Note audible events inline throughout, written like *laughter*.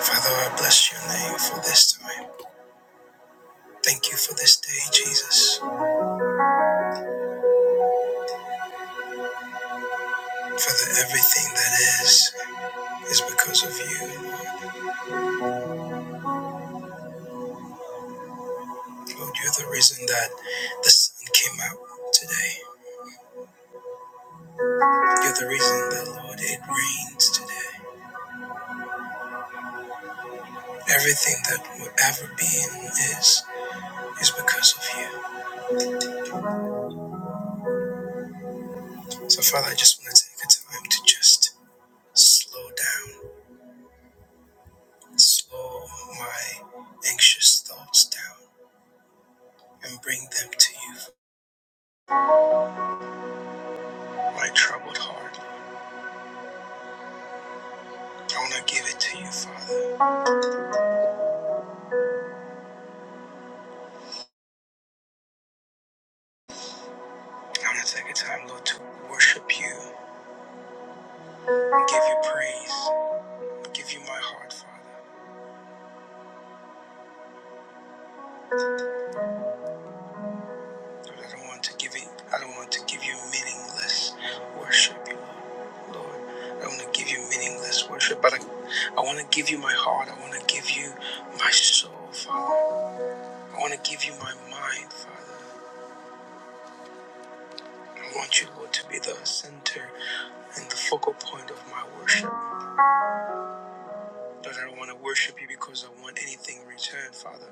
Father, I bless your name for this time. Thank you for this day, Jesus. Father, everything that is is because of you. Lord, you're the reason that the sun came out today. You're the reason that, Lord, it rains today. Everything that will ever be and is is because of you. So, Father, I just want to take a time to just slow down, slow my anxious thoughts down, and bring them to you, my troubled heart. I want to give it to you, Father. I want to take a time, Lord, to worship you and give you praise. Give you my heart, Father. Lord, I don't want to give it, I don't want to give you meaningless worship, Lord. Lord, I don't want to give you meaningless worship, but I, I want to give you my heart. I want to give you my soul, Father. I want to give you my mind, Father. I want you, Lord, to be the center and the focal point of my worship. Lord, I don't want to worship you because I want anything in return, Father.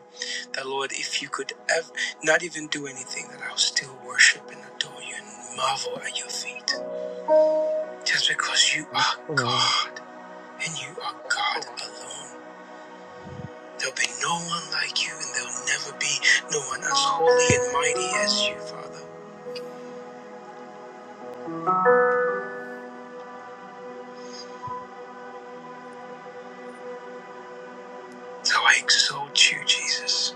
That, Lord, if you could ev- not even do anything, that I'll still worship and adore you and marvel at your feet. Just because you Yes, are Lord. God and you are God alone. There'll be no one like you, and there'll never be no one as holy and mighty as you, Father. So I exalt you, Jesus.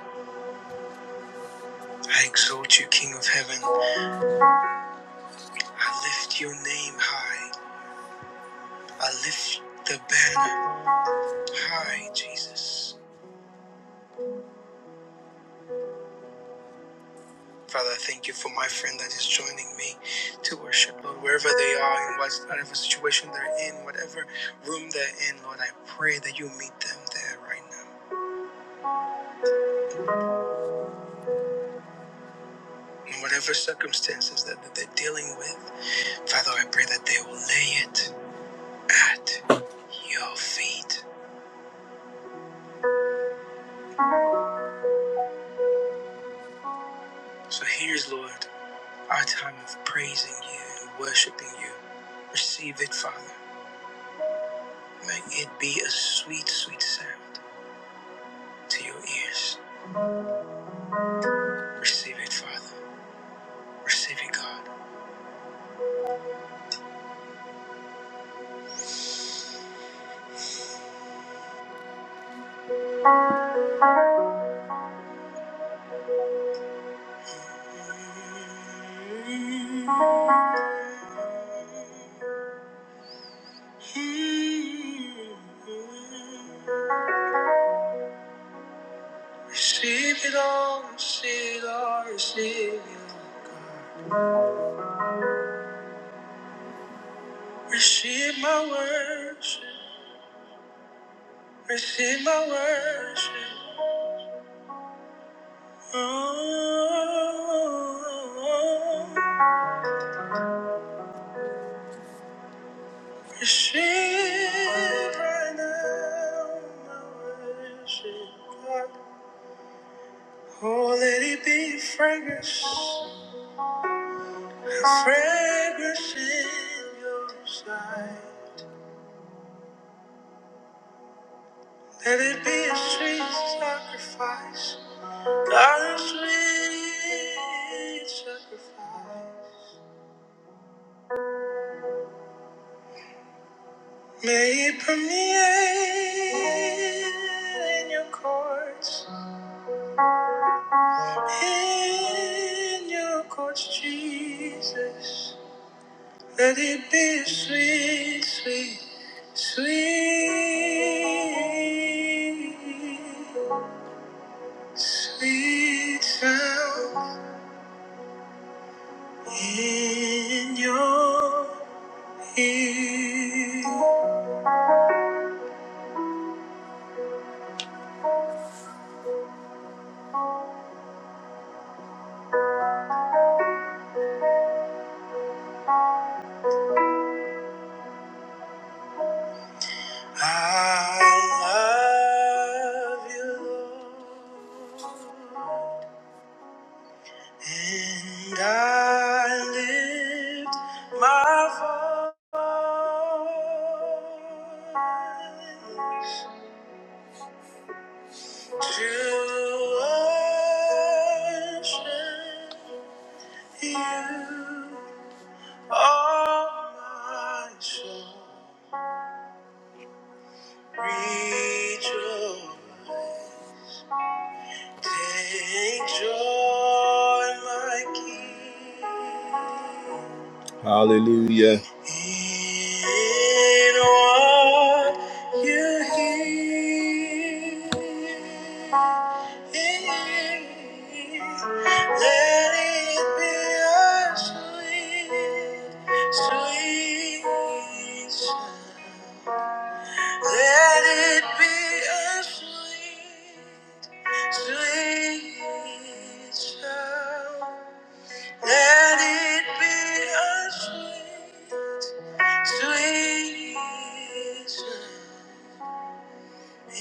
I exalt you, King of heaven. I lift your name high. I lift the banner high, Jesus. Father, I thank you for my friend that is joining me to worship, Lord, wherever they are, in whatever situation they're in, whatever room they're in, Lord, I pray that you meet them there right now. In whatever circumstances that, that they're dealing with, Father, I pray that they will lay it at your feet. So here's, Lord, our time of praising you and worshiping you. Receive it, Father. May it be a sweet, sweet sound to your ears. Receive it, Father. Receive it, God. Receive it all, receive it all, receive it all, God. Receive my worship, receive my worship. Oh, receive right now my worship, God. Oh, let it be fragrance. Fragrance in your sight. Let it be a sweet sacrifice. God, a sweet sacrifice. May it permeate in your courts, in your courts, Jesus. Let it be a sweet, sweet, sweet. Sweet sound in your ear. I love you, Lord. And I lift my voice to worship you. All my soul rejoice. Take joy, my King. Hallelujah. In what you hear. Let it be a sweet, sweet sound. Let it be a sweet, sweet sound. Let it be a sweet, sweet sound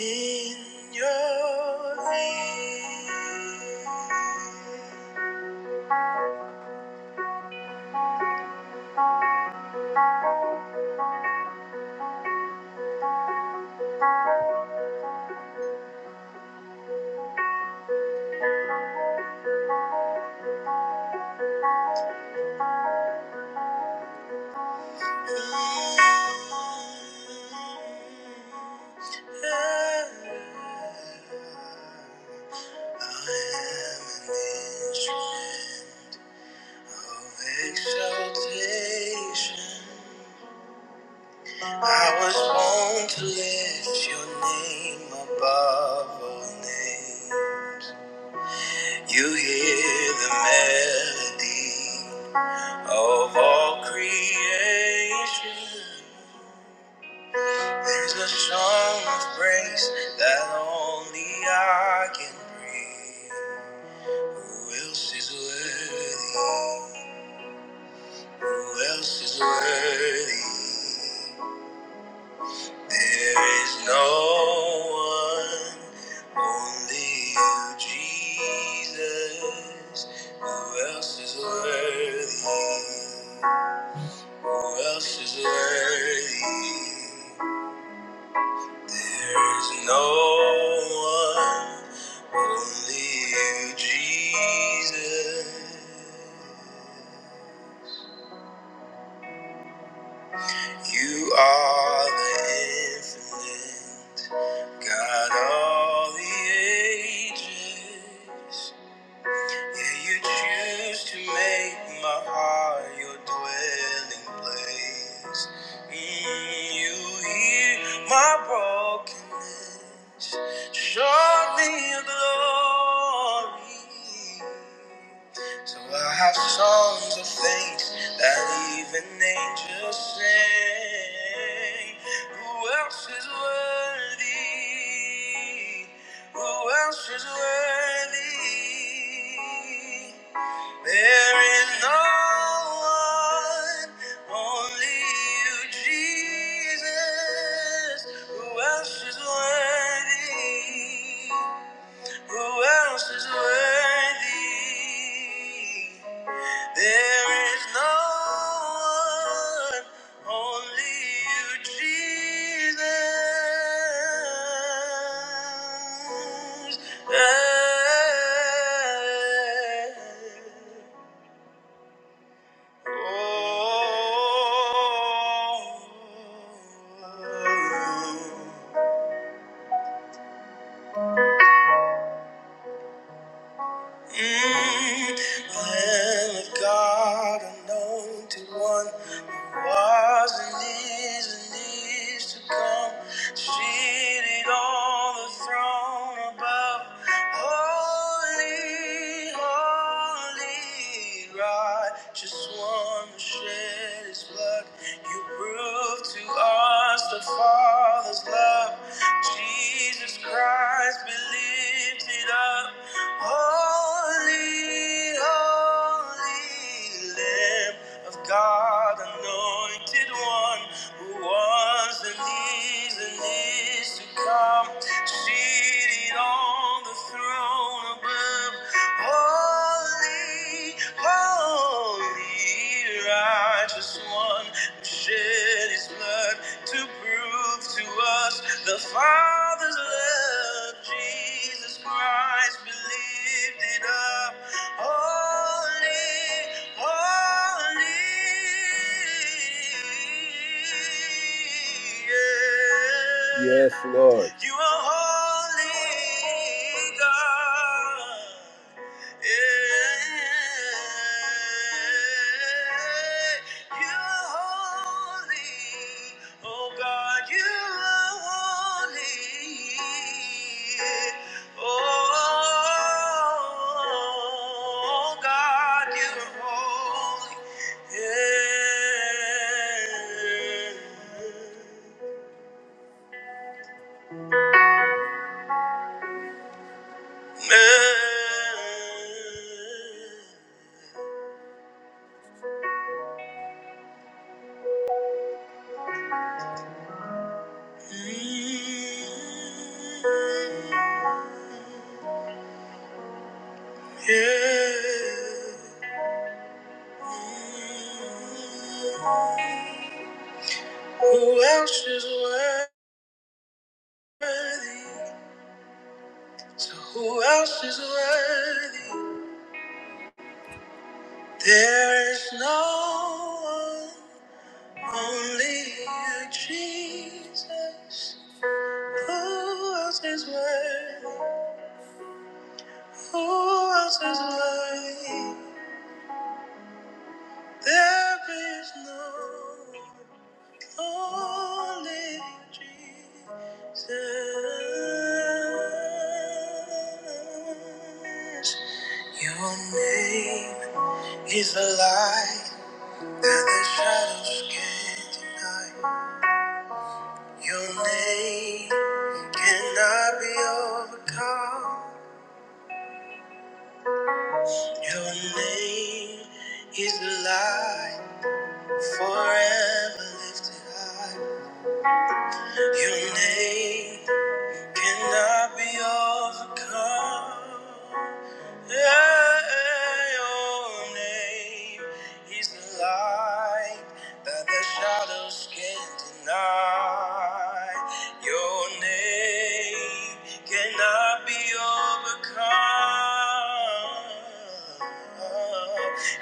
in your ear. I am an instrument of exaltation. I was born to lift your name above all names. You hear the melody of all creation. There's a song of praise that only I can bring. Who else is worthy? Who else is worthy? There is no one, only you, Jesus. Who else is worthy? Who else is worthy? There is no one, only you, Jesus. You are the infinite God all the ages. Yeah, you choose to make my heart your dwelling place. Mm, you hear my brokenness, show me your glory. So I have songs of thanks that even angels sing. Who else is worthy? Who else is worthy? There is no one, only you, Jesus. Who else is worthy? Who else is worthy? There is no one, only you, Jesus. Eh. Oh. Mm, I am of God, anointed one, who was and is and is to come, seated on the throne above. Holy, holy, righteous one, who shed his his blood. You prove to us the Father's love. Jesus Christ be lifted up. Holy, holy Lamb of God, anointed one who was and is and is to come. Lamb, seated on the throne above. Holy, holy, righteous one, who shed his blood to prove to us the Father's love. Jesus Christ, be lifted up. Holy. Holy. Yes, Lord. You are holy, God. Yeah. You are holy, oh God. You are holy. yeah. Oh, God, you're holy. Yeah. Yeah. Who else is worthy? So who else is worthy? There's no one, only you, Jesus. Who else is worthy? Who else is worthy? There is no one, only you, Jesus. Your name is a light that the shadows can't deny. Your name cannot be overcome. Your name is a light forever lifted high. Your name cannot be overcome. Yeah, Your name is the light that the shadows can't deny. Your name cannot be overcome.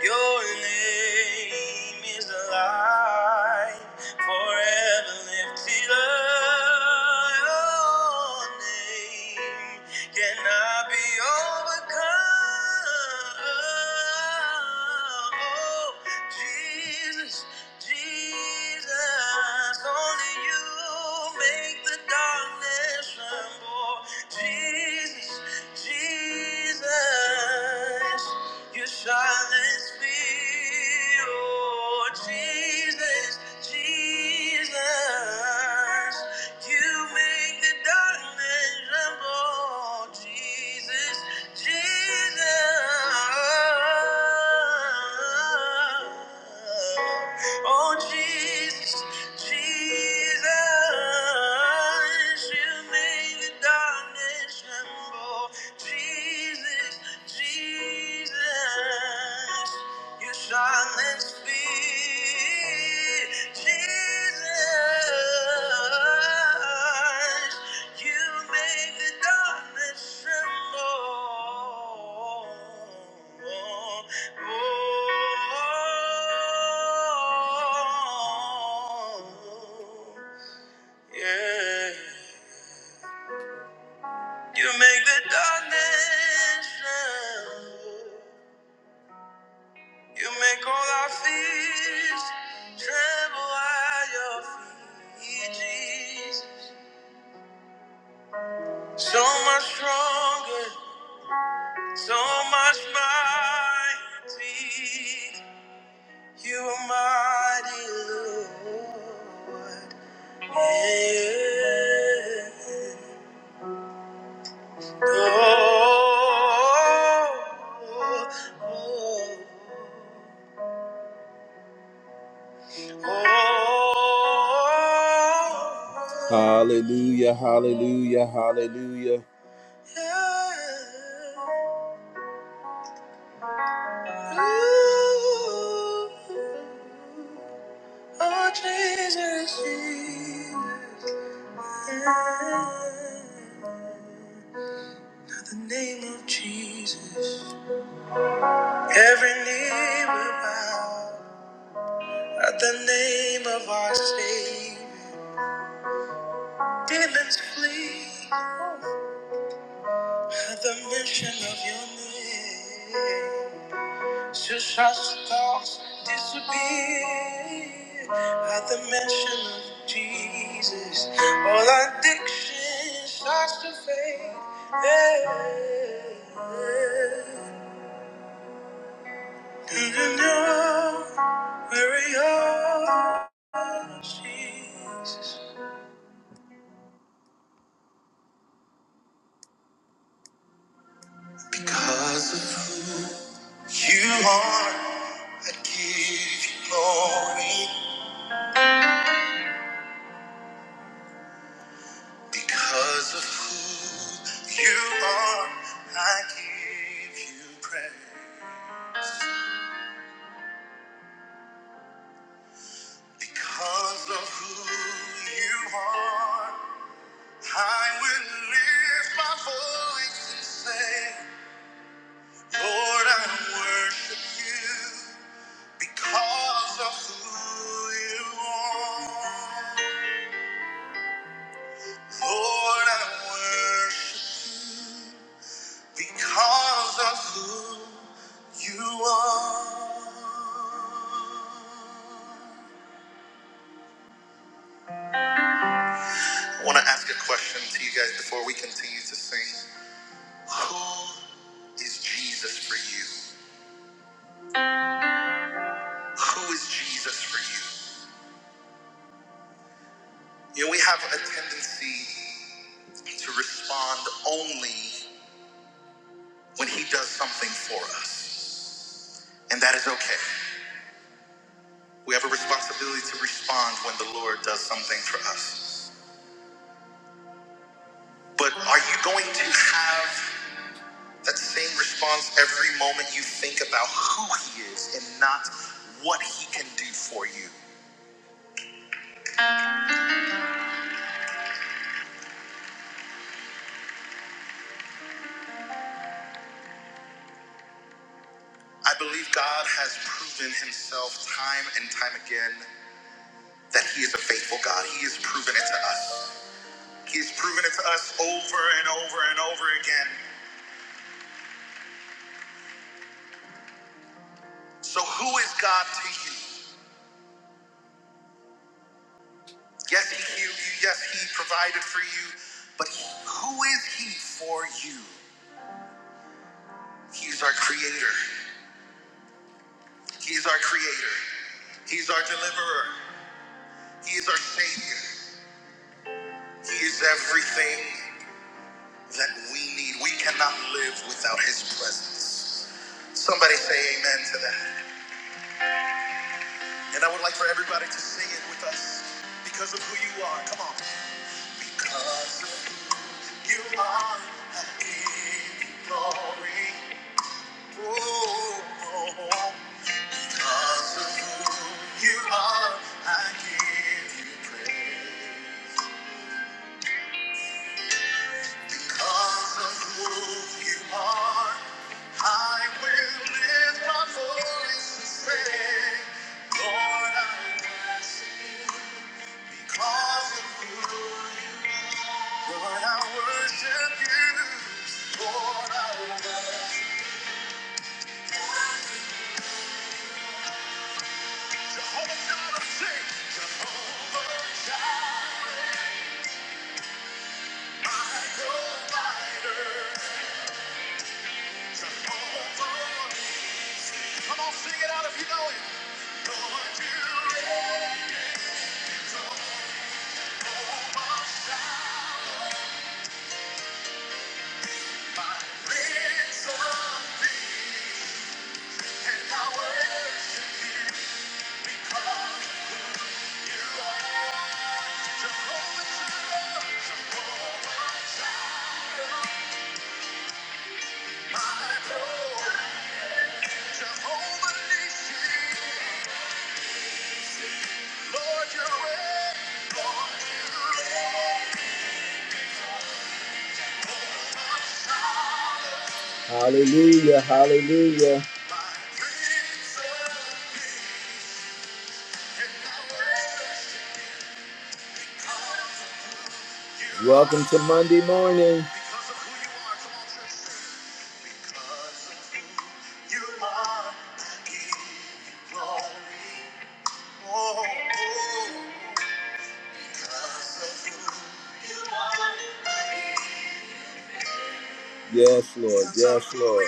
Your name is the light forever lifted up. Your name can I be overcome? Oh, Jesus, Jesus, only you make the darkness tremble. Jesus, Jesus. Your silence me, oh Jesus, Jesus. You make the darkness tremble, Jesus, Jesus. Oh Jesus, Jesus. You make the darkness Jesus, Jesus, you silence fear. Jesus, you make the darkness tremble. Oh, oh, yeah. You make the darkness tremble. You make all our fears tremble at your feet, Jesus. So much stronger, so much mighty. You are mighty, Lord. Yeah. oh. oh, oh. Hallelujah, hallelujah, hallelujah. Oh, Jesus, Jesus. The name of Jesus. Every knee will bow at the name of our Savior. Demons flee. At the mention of your name, Suicide's thoughts disappear. At the mention of Jesus, all addiction starts to fade. And I know where we are, Jesus. Because of you are, I give you glory. Because of who you are, I give you praise. Because of who you are, I will lift my voice and say, Lord, I worship you because of who you are. Lord, I worship you. Because of who you are. I want to ask a question to you guys before we continue to sing. Who is Jesus for you? Who is Jesus for you? You know, we have a tendency to respond only when He does something for us, and that is okay. We have a responsibility to respond when the Lord does something for us. But are you going to have That same response every moment you think about who He is and not what He can do for you. I believe God has proven Himself time and time again that He is a faithful God. He has proven it to us. He has proven it to us over and over and over again. So, who is God to you? Yes, He healed you. Yes, He provided for you. But who is He for you? He's our Creator. He's our Creator. He's our Deliverer. He is our Savior. He is everything that we need. We cannot live without His presence. Somebody say amen to that. And I would like for everybody to sing it with us because of who you are. Come on. Because of who you are, I give you glory. Oh, oh, oh. because of who you are, I give you praise. Because of who you are, I will lift my voice and say, Lord, I worship you. Because of who you are, Lord, I worship you. Lord, I worship you. Come on, sing it, you know it. Lord, you Prince of Peace, and I worship you. Jehovah Jireh, my Lord, Jehovah Nissi. Hallelujah, hallelujah. Welcome to Monday morning. Yes, Lord, yes, Lord.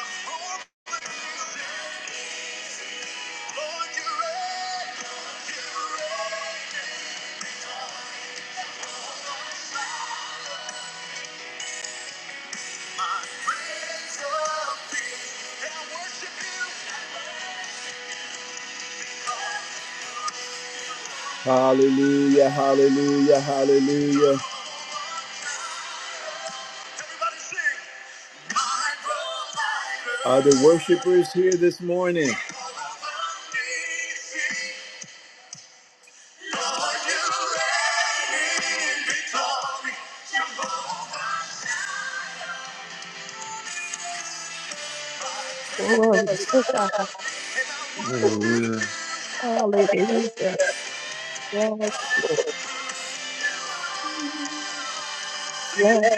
Oh, Hallelujah, hallelujah, hallelujah. Are the worshipers here this morning? Glory to God. Hallelujah. Hallelujah. Yes, Lord. Yes.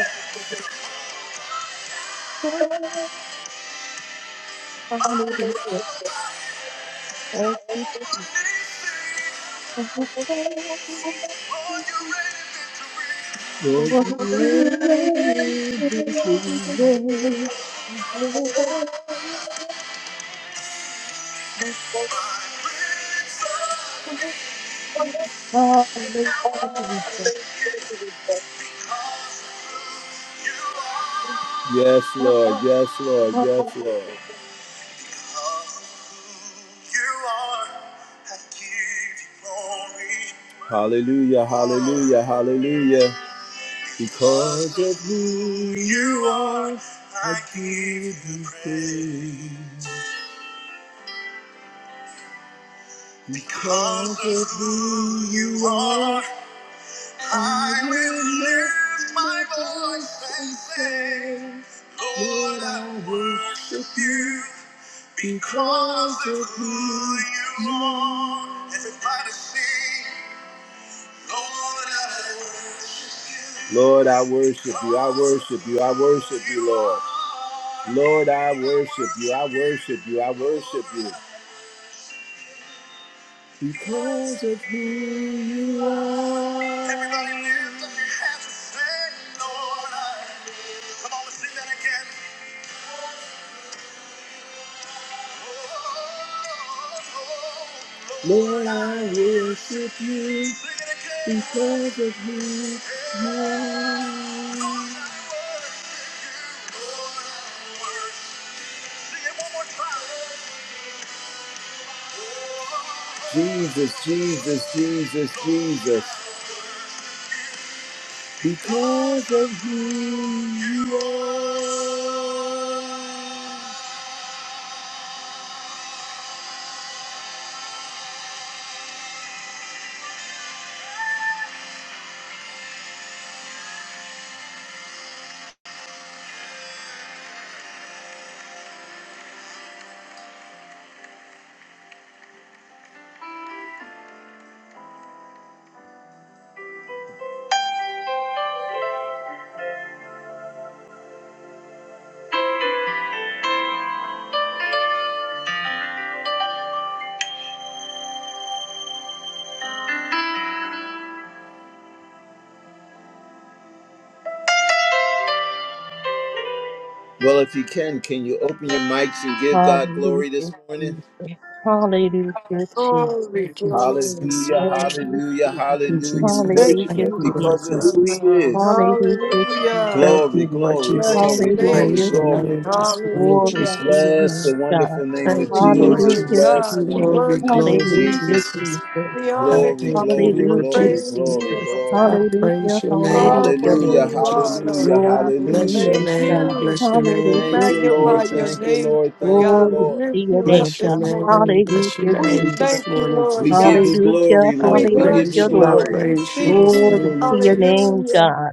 Hallelujah. Thank you, Jesus. Thank you For the rain today. Yes, Lord. Yes, Lord. Yes, Hallelujah. Lord. Hallelujah. Hallelujah. Hallelujah. Because of who you are, I give you praise. Because of who you are, Lord, I worship you. Lord, I worship you. I worship you. I worship you, Lord. Lord, I worship you. I worship you. I worship you. Because of who you are. Everybody lift up your hands and say, Lord, I. Come on, let's sing that again. Lord, I worship you because of who you are. Jesus, Jesus, Jesus, Jesus, because of who you are. Well, if you can, can you open your mics and give God glory this Hallelujah, morning? Jesus. Hallelujah, Glory, Thank Jesus. you, glory, Jesus. Hallelujah, Thank glory. you, hallelujah, Thank Jesus. you, hallelujah. We Jesus. Hallelujah, Thank worship Thank you, him you, Lord Lord because Jesus. of who he Jesus. God. is. Hallelujah, Hallelujah. Thank Jesus. Glory, you, Lord glory, Bless Jesus. glory, your I glory, praise Hallelujah, name, your Lord. glory. name Jesus. this morning, Glory Hallelujah. to Jesus. your Bless name, the God. wonderful name Thank of Glory, you, Lord Jesus. glory, Hallelujah, Bless Jesus. the God. We Jesus. wonderful Glory, name worship of glory, Hallelujah, you. Jesus. Jesus. Jesus. We I honor Glory, thank you, you. glory, Lord Hallelujah, glory, Praise Jesus. glory, you, Jesus. Lord glory. I God. praise Hallelujah, your name hallelujah, Oh, for today, who Hallelujah, Lord Lord. you are, Jesus. hallelujah, Lord Glory God. to We your Bless hallelujah. your thank name, name, God. you. bless your We name Thank Hallelujah, this you, morning, Lord. magnify Jesus. your Thank you, Jesus. name, Lord. Lord Thank you, God. We Glory Lord. to lift your you up name, Bless your this God. name, morning. bless your Hallelujah, We name Jesus. this thank you, morning, Lord We give you Jesus. God. Hallelujah, glory, I We Lord. We give bless you you, hallelujah, praise you, I Lord. glory. Lord. We praise you seek this Glory you. to morning, your name, Jesus. Hallelujah. God.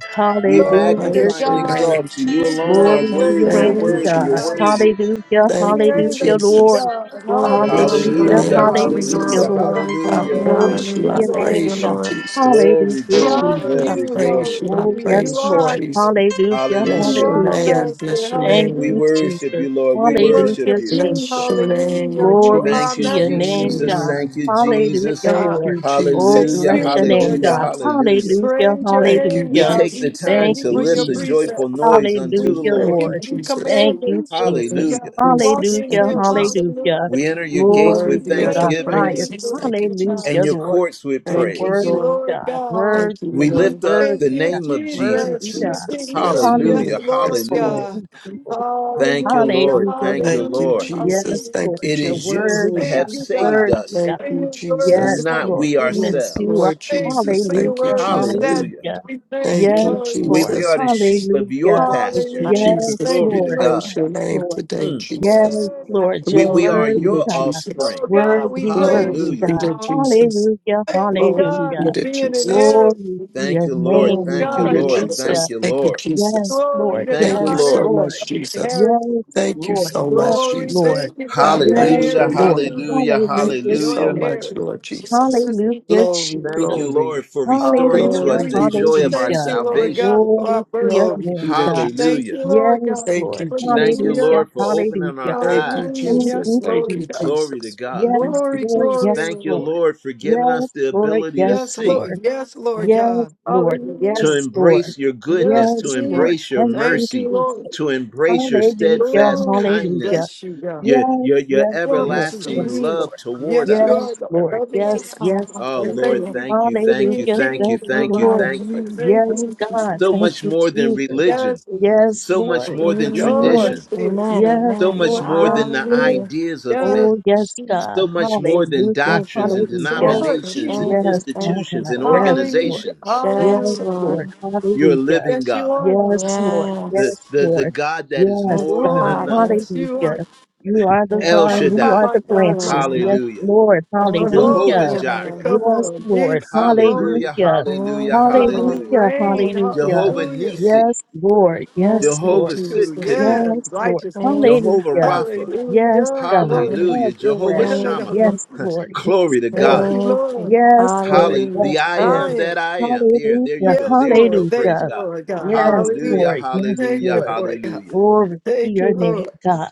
We I Hallelujah, Glory to magnify praise and your God. Jesus. name, exalt you. You We alone Jesus. Glory bless are to Thank your you, your worthy. You're name, Thank Father. name, you, worthy. Lord You're God. God. Jesus. worthy. Hallelujah, We Thank you, Jesus. aim hallelujah, at you, Jesus. Lord. God. I Glory, bless glory, Hallelujah. your We Hallelujah, glory, Hallelujah. name, search for glory, you, hallelujah, glory, Hallelujah. Jesus. Lord Lord. glory, God. I glory. We Hallelujah. thank Glory praise you. to Hallelujah. you, I your Thank Lord. name, you, praise you, God. Lord. Jesus. Glory, Hallelujah, We glory, honor Jesus. I glory, you. glory. praise you. I Oh, Hallelujah. yes, You praise you, are our Lord. Jesus. King. Hallelujah. You Bless Hallelujah. your are our Hallelujah. name. Master. Bless your Thank We name. you, Hallelujah. worship Jesus. you, Lord. We We worship Hallelujah, worship you. you. Bless Jesus. your Hallelujah. name, You Glory are our Thank to you, Jesus. your Bless your name, majesty. Jesus. God. Thank name. you, Glory to Hallelujah, Jesus. Thank God. Lord. you, Oh, Thank Jesus. Hallelujah. bless you, Thank your you, name, Lord Hallelujah. God. God. Jesus. Hallelujah. Hallelujah. Praise your Thank you, name, We Hallelujah. God. take the We Jesus. thank time Thank you Thank to you, for you, your lift a Jesus. Jesus. joyful precepts. noise We unto the Mm, thank Hallelujah, Lord. Thank you you, Lord. for your Jesus. Thank you, commandments, Lord Thank Jesus. you, God. Hallelujah. We walk Jesus. in Thank Hallelujah. you, them. Jesus. Hallelujah. Hallelujah. We enter your You gates with Glory worthy to of Bless the the your thanksgiving highest. name, praises. Thank you, Lord God. and Hallelujah, your Jesus. Lord. courts with You're Thank you, Thank praise. worthy, you, Lord. Lord God. God. Hallelujah. Thank you, Worthy. We We Lord. lift up thank the Worthy you, God, name of Thank you, Jesus. worthy Jesus. We God. thank Jesus. you up. Yes, Hallelujah. Yes, Hallelujah. Lord. Lord Yes, for Lord. Hallelujah. God. these people, God. Thank you, Hallelujah. Lord. Hallelujah, Thank Lord. you, Thank you, Hallelujah. Lord. Yes, Jesus. Thank Lord, you, It the Hallelujah. is you Jesus. who worthy God, Thank have you, God. saved worthy us, God. Thank Thank you, you, Yes, Lord. Jesus. not Lord, we we lift Hallelujah. Yes, you up. ourselves. Lord Thank you Jesus. for your Thank you, Hallelujah, word. You Jesus. said Hallelujah. hallelujah. we thank you, Thank Yes, you, Lord. We, Lord, we Jesus. are the sheep of your hallelujah. Thank you, pasture. Hallelujah. Yes, *laughs* Jesus. Thank Glory We you, to Lord, Lord. God. praise your yes, name Lord, today, Mm. yes, Jesus. Lord, We, you're we Glory are be worthy to your God, Jesus. offspring. Oh God, we worthy, praise worthy Glory Hallelujah. you, be God. to Lord. Jesus. Hallelujah, Thank you, Glory God be hallelujah. for to being in Jesus. Glory to Thank your you, Thank Lord. you, name. Glory Thank you, be God. to Lord. Hallelujah. Thank Jesus. you, Thank you, Lord. Yes, Jesus. Glory Lord. to Thank you, Thank you Yes, God. Lord. so Have Lord. much, Jesus. inheritance. Yes, Thank you Lord. so Yes, much, Glory. Jesus. Thank Lord. you for I being Yes, praise Hallelujah. your heirs of Lord. you, name. Lord Hallelujah. God. Thank you Hallelujah, Joint so Hallelujah. much, Jesus. heirs. Lord Jesus. Jesus, we Hallelujah, thank you, Glory, Lord. Thank you, Jesus. glory, Lord, for restoring to Hallelujah, us glory the Hallelujah. be to We joy of our Thank hallelujah. Jesus. you, Lord Thank salvation. God, for Glory our to your birthright. Glory be name, to God. Thank Jesus. Hallelujah. you, Lord God. Yes, Thank Lord. you, Thank you, Jesus. Hallelujah. Hallelujah, Lord, for opening hallelujah. our Thank you, Hallelujah. eyes. Thank Yes, Jesus. you, Thank Lord you, God. Jesus. Glory to Jesus. God. Thank Yes, you, Glory, Lord. glory, Jesus. Yes, Thank you, Lord. Lord. Lord, for giving us Yes, the Lord. ability to Yes, Yes, see, Lord. Lord. Yes, Lord you. Yes, God. Lord. to Hallelujah. Yes, Lord. embrace your goodness, Yes, to Yes, Jesus. Lord. embrace your Thank you, Thank you, mercy, Lord. Jesus. to embrace your Hallelujah. steadfast Oh, we Hallelujah. kindness, bless you, God. your, Yes, your, your yes, Glory Yes, Lord. to the Yes, everlasting Jesus. name. love Lord. toward Yes, you are, us. Yes, Lord. Lord. Love me Yes, Yes, tonight. yes, Father. Oh, Lord. Thank you, Lord, Thank Lord. you for thank you, thank you, being Hallelujah. thank king you, Thank in you, our thank you, life, Lord. thank Lord. you. Hallelujah. Thank Yes, Thank you. you, God. Jesus. So Thank much you, more than Jesus. religion Yes, Lord. Yes, so much Lord. more than Yes, Oh, Lord. Mm, tradition, yes, it is, Amen, God. Yes, so amen. much Lord. more Yes, than the Lord. Hallelujah. ideas of Yes, men, Oh, yes, Jesus. God. so much more than Hallelujah. Thank doctrines you. and Hallelujah. Thank Lord, you. denominations Jesus. and Thank you. Yes, my Thank you. institutions God. and Thank Yes, you. Hallelujah. Lord. organizations. Yes, Yes, Hallelujah. Lord. Lord. You're a Hallelujah. living Yes, you God, are, Lord. Yes, Lord. the, Yes. Yes, the, the Lord. God that is Yes, Thank more you, than God. Glory. enough. Father. Yes, you are. Hallelujah. You are the Thank El vine. We Oh, are Shaddai, my the you, God, my branches. Lord. Yes, God. hallelujah. Lord. Thank you, Jehovah Jehovah Hallelujah. Lord. Jireh, Thank Jireh, come Yes, on. Lord. Yes, glory, hallelujah, God. Hallelujah. hallelujah, you, Oh, you Lord. hallelujah. Hallelujah. reign. Thank you, Hallelujah. Jehovah Lord. Hallelujah. Nisi, Yes, Lord. Thank Yes, you, Lord. Jehovah Jesus. Yes, Sitkanu, Yes, Lord. Thank righteousness. you. Jehovah Hallelujah. Rapha, Yes, Hallelujah. God. Thank Glory. hallelujah, Have your way. Jehovah Yes, you. Shammah. Lord. Yes, Lord. Yes, Glory to Thank God. Lord. you, Thank you. Lord. Yes, Lord. Hallelujah. Hallelujah. Yes, The I Lord. I am am. that I am. There, there you Hallelujah. go. Yes, There you go. Lord. Thank Praise Hallelujah. you, God. Lord God. Yes, Hallelujah. Hallelujah. Lord. Yes, Thank Hallelujah. you Lord. for it, God. Hallelujah. Glory to Thank your you, Lord. name, God.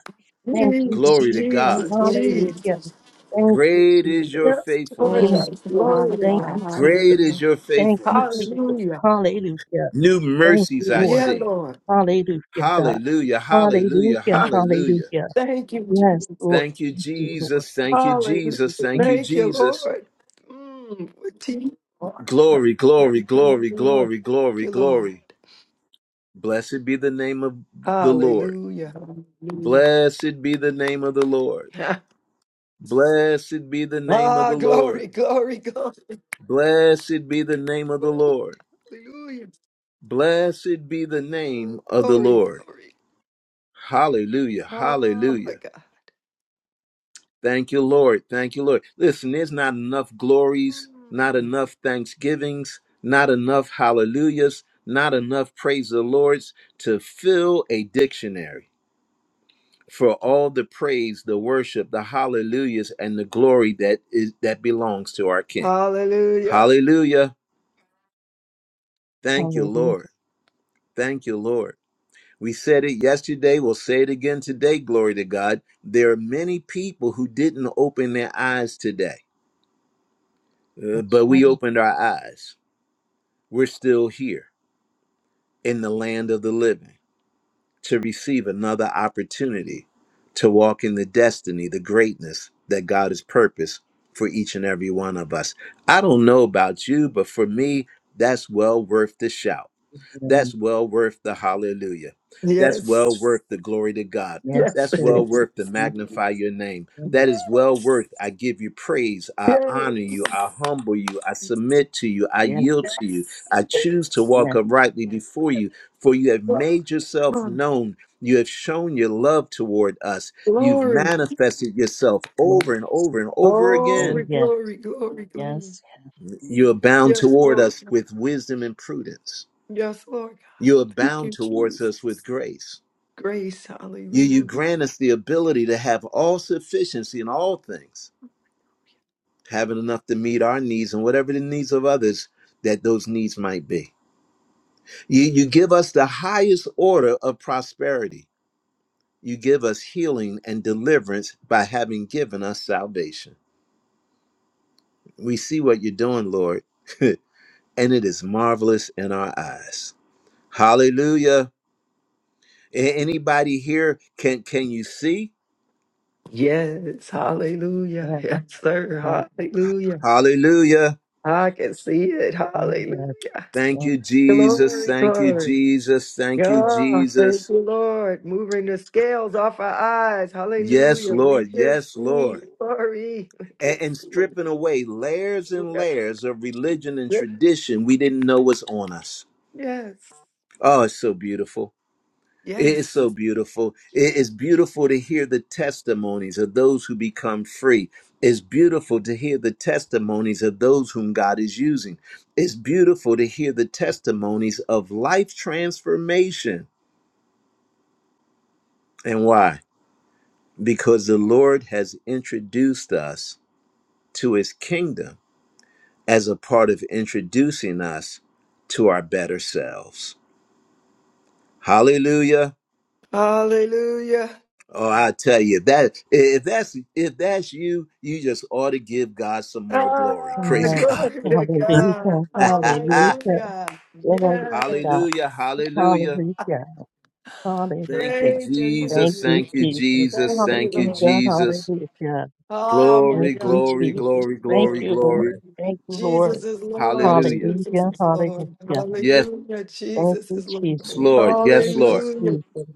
Thank you, Jesus, Glory Jesus. to Thank God. Jesus, you, Jesus. Hallelujah. Jesus. Thank you, Great is Jesus. your Yes, Yes, faithfulness. Thank gorgeous. you, Lord. Father Glory to Thank God. God. you, Great Jesus. is Hallelujah. your Thank you, faithfulness. Jesus. Hallelujah. Hallelujah. New Thank mercies you, I Lord. Yeah, see. Lord. Hallelujah, God. Hallelujah. Hallelujah. Hallelujah, *laughs* Hallelujah. hallelujah. Thank you, Yes, Jesus. Lord. Thank you, Thank you, Lord. Jesus. Thank you, Hallelujah. Jesus. Thank Mm, you, Thank you, Jesus. Lord. Mm, what to you are. Glory, glory, Thank you, glory, Lord. glory, Thank glory, you, Lord. glory. Blessed be the name of the Lord. Hallelujah. Hallelujah. Blessed be the name of the Lord. *laughs* Blessed be the name of Ah, the Lord. glory, glory, glory. Blessed be the name of the Woo. Lord. Hallelujah. Blessed be the name Woo, of the Glory, Lord. glory. Hallelujah. Oh my Hallelujah. God. Thank you, Lord. Thank you, Lord. Listen, there's not enough glories, not Mm. enough thanksgivings, not enough hallelujah,s not enough praise the Lord's to fill a dictionary for all the praise, the worship, the hallelujahs, and the glory that is that belongs to our King. Hallelujah. Hallelujah. Thank you, Lord. Hallelujah. Thank you, Lord. We said it yesterday. We'll say it again today. Glory to God. There are many people who didn't open their eyes today, uh, That's but right. we opened our eyes. We're still here in the land of the living to receive another opportunity to walk in the destiny, the greatness that God has purposed for each and every one of us. I don't know about you, but for me, that's well worth the shout. That's Mm, well worth the hallelujah. That's well Yes. worth the glory to God. Yes, Yes. That's it well it is. worth to is. magnify your name. That Yes, is well worth. I give you praise. I Yes. honor you. I humble you. I submit to you. I yes, yield to you. I choose to Yes. walk yes, uprightly before you, for you have Come made yourself on. known. You have shown your love toward us. You've Glory. manifested yourself yes. over and over and over Oh, Glory, again. yes, glory, glory, glory. yes, You abound Yes, toward Lord. us with wisdom and prudence. Yes, Lord. God. You Thank abound you, towards us with Jesus. grace Grace. You, you Hallelujah. grant us the ability to have all sufficiency in all things, having enough to meet our needs and whatever the needs of others that those needs might be. You, you give us the highest order of prosperity. You give us healing and deliverance by having given us salvation. We see what you're doing, Lord, *laughs* and it is marvelous in our eyes. Hallelujah. A- Anybody here can can you see? Yes. Hallelujah. yes. Yes, sir. Oh, Hallelujah. Hallelujah. I can see it. oh, Hallelujah. yes. Thank Oh, you, Jesus. Glory, Thank you, glory. Jesus. Thank you, Yeah, thank Jesus. you, Lord. Moving the scales off our eyes. Yes, Hallelujah. We Lord. can Yes, see. Lord. Glory. *laughs* We can A- And stripping away layers and layers of religion and see. tradition we didn't know was on us. Yes. Oh, it's so beautiful. It is Yes. so beautiful. It is beautiful to hear the testimonies of those who become free. It's beautiful to hear the testimonies of those whom God is using. It's beautiful to hear the testimonies of life transformation. And why? because the Lord has introduced us to his kingdom as a part of introducing us to our better selves. Hallelujah. Hallelujah. Oh, I tell you that if that's if that's you, you just ought to give God some more glory. Ah, *laughs* Praise yes. God. glory to God. Hallelujah, *laughs* hallelujah. Hallelujah. Glory to Yes. God. hallelujah. Hallelujah. Hallelujah, Thank hallelujah. you, Praise your Thank Jesus. name, you, Thank you, Lord. Jesus. Jesus. Thank you, Thank you, Lord. Hallelujah, Jesus. hallelujah. Oh, my Glory, Thank you, God. We glory, Jesus. lift you, glory, Thank glory, Lord. you, glory. Lord. Thank you, Lord. Jesus is Lord. Hallelujah. Jesus Hallelujah, is Lord. hallelujah. Yes, Hallelujah. Thank Jesus you, is Lord. Jesus. Lord. Yes, Thank you, Lord. Hallelujah. Jesus.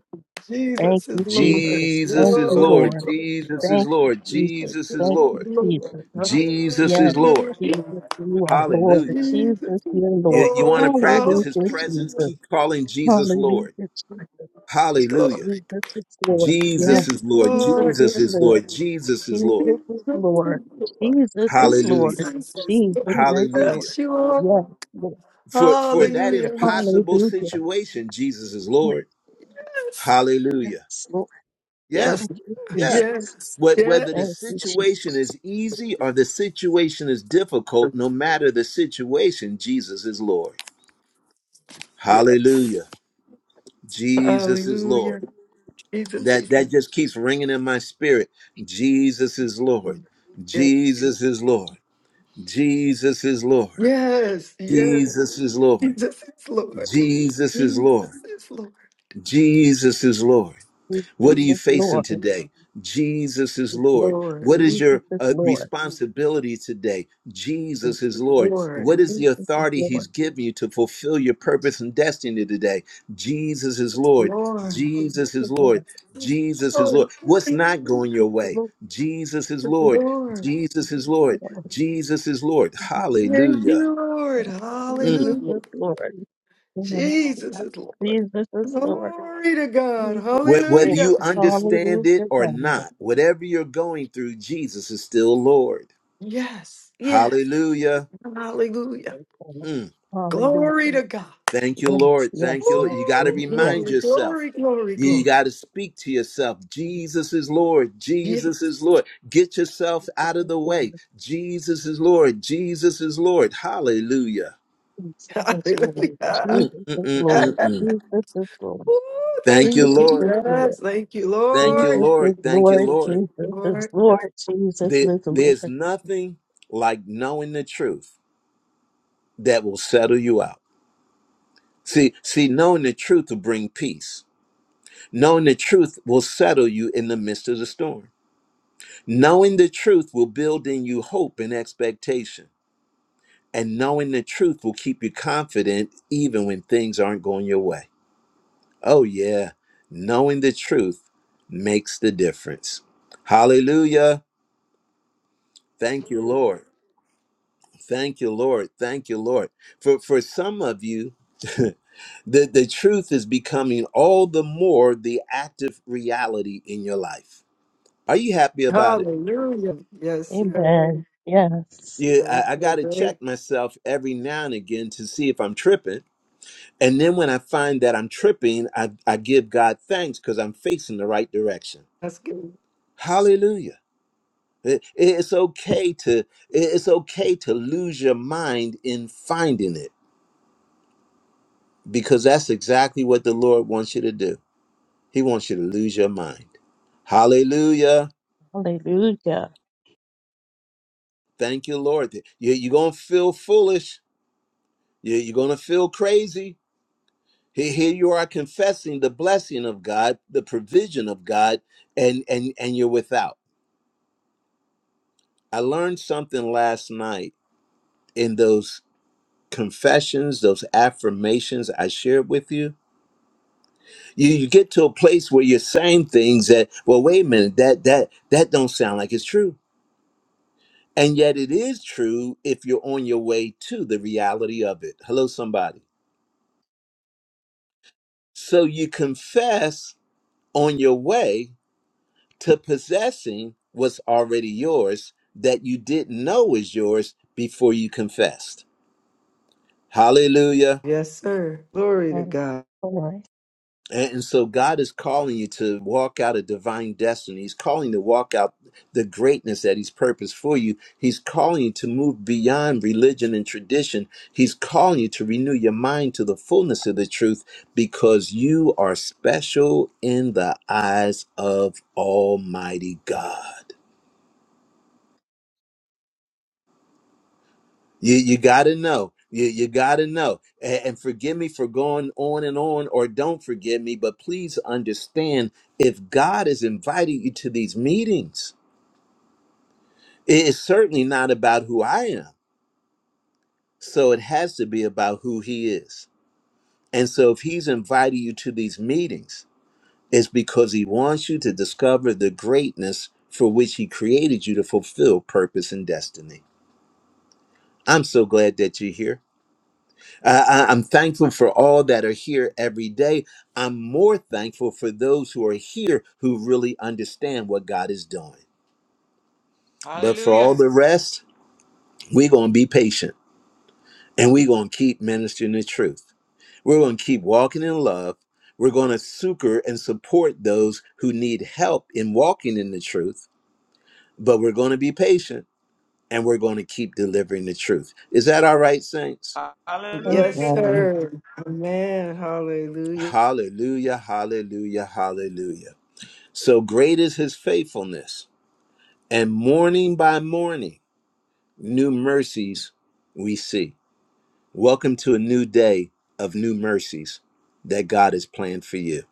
Thank Jesus you, is Lord. Jesus. Jesus Thank is you, Glory, Lord. Lord. glory, Jesus is glory. Thank you, Lord. Jesus. Jesus Jesus is Thank is you, Lord. Lord. Jesus. Jesus Yes, is Lord. Jesus, Hallelujah. you are Lord. Hallelujah. Jesus Jesus, is you are Lord. You, you want to Lord. practice his Hallelujah, presence? Hallelujah. Jesus. Keep calling Jesus Hallelujah, Lord. Jesus. Hallelujah. Glory. Jesus is Lord. Yes, Jesus Yes, is Lord. Jesus Lord. is Jesus is Lord. Lord. Jesus is Lord. Jesus Jesus is is Lord. Lord. Jesus is Jesus Hallelujah. Lord. is Jesus Lord. is Hallelujah. Lord. Yes, you Yes, are. Lord For for Jesus. that Hallelujah. impossible Hallelujah. situation, Jesus is Lord. Hallelujah. Yes, Lord. Yeah. Yes. Thank you, Yeah. Jesus. Yes, What- yes, Whether the Thank you, situation Jesus. is easy or the situation is difficult, no matter the situation, Jesus is Lord. yes. Hallelujah. Jesus is Lord. Hallelujah. Jesus That is that just keeps ringing in my spirit. Jesus is Lord. Lord. Yes, Jesus is Lord. Jesus is Lord. yes. yes. Jesus is Lord. Jesus is Lord. Jesus is Lord. Jesus is Lord. Jesus is Lord. Jesus What are you is facing Lord. today? Jesus is Lord. Lord. What is your Jesus is uh, Lord. responsibility today? Jesus is Lord. What Lord. is Jesus the is authority He's Lord. given you to fulfill your purpose and destiny today? Jesus is Lord. Lord. Jesus Jesus is is Lord. Lord. Jesus is Lord. Lord. What's not going your Jesus is way? Jesus is Lord. Lord. Jesus is Lord. Lord. Jesus is Lord. Yes, Thank Hallelujah. you, yes. Lord. Mm. Jesus Hallelujah. is Lord. Yes, Jesus yes. is Lord. Jesus is Lord. Glory to God. Jesus is Wh- Whether Lord. Hallelujah. you understand it Hallelujah, or God. not, whatever you're going through, Jesus is still Lord. Yes. Yes. Hallelujah. Hallelujah. Mm. Glory Hallelujah. to God. Thank you, Yes, Lord. Thank yes, you. Lord. yes, You got to yes, Woo! yes, remind Glory, yourself. glory, glory, You, you yes. glory. got to speak to yourself. Jesus is Lord. Yes. Jesus is Lord. Get yourself out of Jesus the way. Jesus is Lord. Jesus is Lord. Hallelujah. is Lord. Jesus Hallelujah. Mm, mm, is Lord. Jesus is mm, Lord. mm, Yes. mm. Jesus is Lord. Woo! Thank Thank you, Jesus you, is Lord. Lord. Jesus. Thank you, Thank you, Lord. Jesus Lord. is Thank you, Praise Lord. Lord. the Jesus is Lord. Lord. Jesus There- is there's Lord. nothing like knowing the truth that will settle you out. See, see, knowing the truth will bring peace Knowing the truth will settle you in the midst of the storm. Knowing the truth will build in you hope and expectation. And knowing the truth will keep you confident even when things aren't going your way. Oh, yeah. Knowing the truth makes the difference. Hallelujah. Thank you, Lord. Thank you, Lord. Thank you, Lord. For, for some of you, *laughs* the, the truth is becoming all the more the active reality in your life. Are you happy about it? Hallelujah. Yes, Amen. sir. Yes. Yeah, Thank I, I got you. to Great. check myself every now and again to see if I'm tripping. And then when I find that I'm tripping, I, I give God thanks because I'm facing the right direction. That's Hallelujah. It- it's okay to it- it's okay to lose your mind in finding it because that's exactly what the Lord wants you to do. He wants you to lose your mind. Hallelujah. Hallelujah. Thank you, Lord. You, you're going to feel foolish. You, you're going to feel crazy Here here you are confessing the blessing of God, the provision of God, and and and you're without. I learned something last night in those confessions, those affirmations I shared with you. You you get to a place where you're saying things that, well, wait a minute, that that that don't sound like it's true. And yet it is true if you're on your way to the reality of it. Hello, somebody. So you confess on your way to possessing what's already yours that you didn't know was yours before you confessed. Hallelujah. Yes, sir. Glory to And God. glory. And and so God is calling you to walk out a divine destiny. He's calling you to walk out the greatness that He's purposed for you. He's calling you to move beyond religion and tradition. He's calling you to renew your mind to the fullness of the truth because you are special in the eyes of Almighty God. You you gotta know. You you gotta know. And, and forgive me for going on and on, or don't forgive me, but please understand if God is inviting you to these meetings, it is certainly not about who I am. So it has to be about who he is. And so if he's inviting you to these meetings, it's because he wants you to discover the greatness for which he created you to fulfill purpose and destiny. I'm so glad that you're here. I, I- I'm thankful for all that are here every day. I'm more thankful for those who are here who really understand what God is doing. But for all Hallelujah. the rest, we're going to be patient and we're going to keep ministering the truth. We're going to keep walking in love. We're going to succor and support those who need help in walking in the truth, but we're going to be patient and we're going to keep delivering the truth. Is that all right, saints? Hallelujah. Yes, Amen. sir. Amen. Hallelujah. Hallelujah, hallelujah, hallelujah. So great is his faithfulness. And morning by morning, new mercies we see. Welcome to a new day of new mercies that God has planned for you.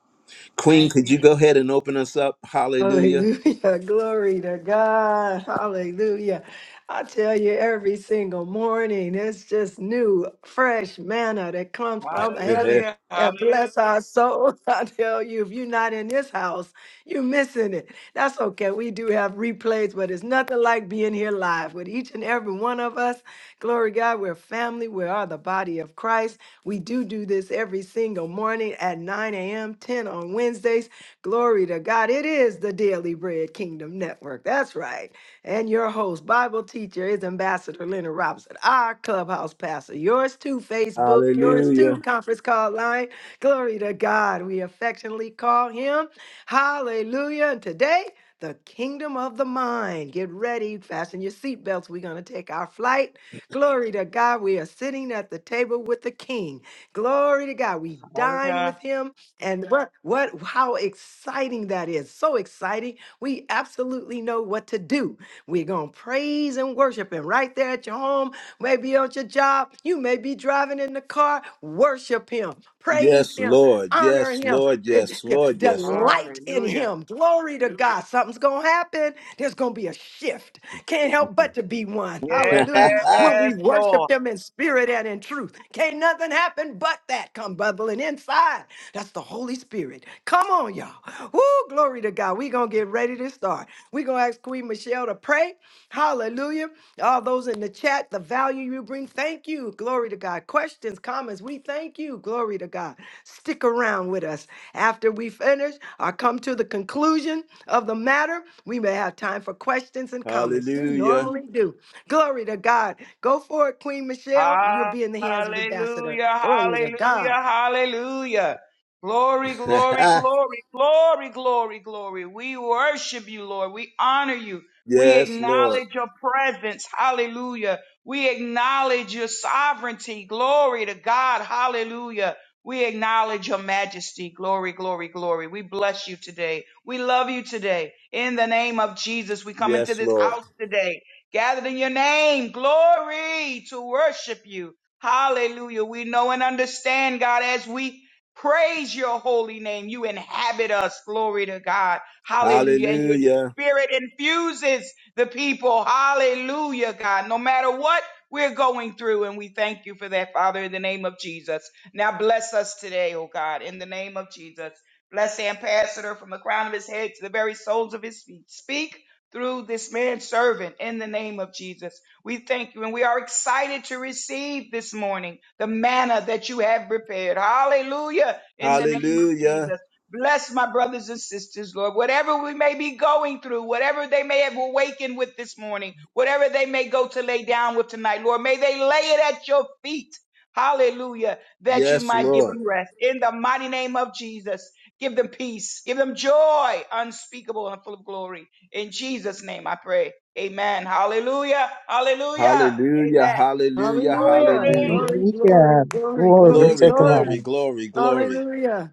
Queen, Thank could you. you go Jesus. ahead and open us up? Hallelujah. Hallelujah. *laughs* Glory to God. Hallelujah. I tell you, every single morning, it's just new, fresh manna that comes from heaven *laughs* Hallelujah. Hallelujah. that Hallelujah. bless our soul. *laughs* I tell you, if you're not in this house, you're missing it. That's okay. We do have replays, but it's nothing like being here live with each and every one of us. Glory to God, we're family. We are the body of Christ. We do do this every single morning at 9 a.m., 10 on Wednesdays. Glory to God. It is the Daily Bread Kingdom Network. That's right. And your host, Bible teacher, is Ambassador Leonard Robinson, our clubhouse pastor. Yours too, Facebook. Yours too, conference call line. Glory to God. We affectionately call him. Hallelujah. And today, the kingdom of the mind. Get ready, fasten your seatbelts. We're going to take our flight. Glory to God. We are sitting at the table with the King. Glory to God. We dine Hallelujah. with him. And what what how exciting that is. So exciting. We absolutely know what to do. We're going to praise and worship and right there at your home, maybe on your job, you may be driving in the car, worship him. Praise Yes, him, Lord. honor Yes, him, Lord. and, Yes, yeah, Lord. Yes, Lord. delight in Hallelujah. him. Glory to God. Something's going to happen. There's going to be a shift. Can't help but to be one. Hallelujah. When *laughs* Yes, we Lord. worship him in spirit and in truth, can't nothing happen but that come bubbling inside. That's the Holy Spirit. Come on, y'all. Woo, glory to God. We're going to get ready to start. We're going to ask Queen Michelle to pray. Hallelujah. All those in the chat, the value you bring, thank you. Glory to God. Questions, comments, we thank you. Glory to God. Stick around with us. After we finish or come to the conclusion of the matter, we may have time for questions and comments. We Hallelujah. normally do. Glory to God. Go for it, Queen Michelle. You'll Hallelujah, be in the hands of Ambassador. Glory to hallelujah, God. hallelujah. Glory, *laughs* glory, glory, glory, glory, glory. We worship you, Lord. We honor you. We yes, Lord. acknowledge your presence. Hallelujah. We acknowledge your sovereignty. Glory to God. Hallelujah. We acknowledge your majesty. Glory, glory, glory. We bless you today. We love you today. In the name of Jesus, we come into Yes, this Lord. house today gathered in your name, glory, to worship you. Hallelujah. We know and understand, God, as we praise your holy name, you inhabit us, glory to God. Hallelujah. And your Hallelujah. spirit infuses the people. Hallelujah, God. No matter what we're going through, and we thank you for that, Father, in the name of Jesus. Now bless us today, oh God, in the name of Jesus. Bless the ambassador from the crown of his head to the very soles of his feet. Speak through this man servant in the name of Jesus. We thank you and we are excited to receive this morning the manna that you have prepared. Hallelujah in the name of Hallelujah. Jesus. Bless my brothers and sisters, Lord. Whatever we may be going through, whatever they may have awakened with this morning, whatever they may go to lay down with tonight, Lord, may they lay it at your feet. Hallelujah. That you Yes, might give Lord. them rest. In the mighty name of Jesus, give them peace. Give them joy unspeakable and full of glory in Jesus' name I pray. Amen. Hallelujah. Hallelujah. Hallelujah, Amen. hallelujah, Hallelujah. hallelujah. Glory. Glory, Hallelujah. glory, glory, Glory glory, Glory, to glory. glory, God. glory, glory. Hallelujah.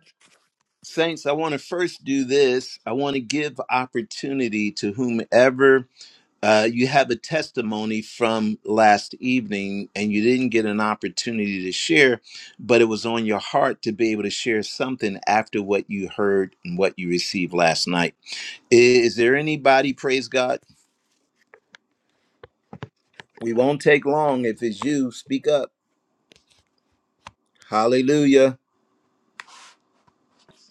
Saints, I want to first do this. I want to give opportunity to whomever uh, you have a testimony from last evening and you didn't get an opportunity to share, but it was on your heart to be able to share something after what you heard and what you received last night. Is there anybody, praise God? We won't take long. If it's you, speak up. Hallelujah.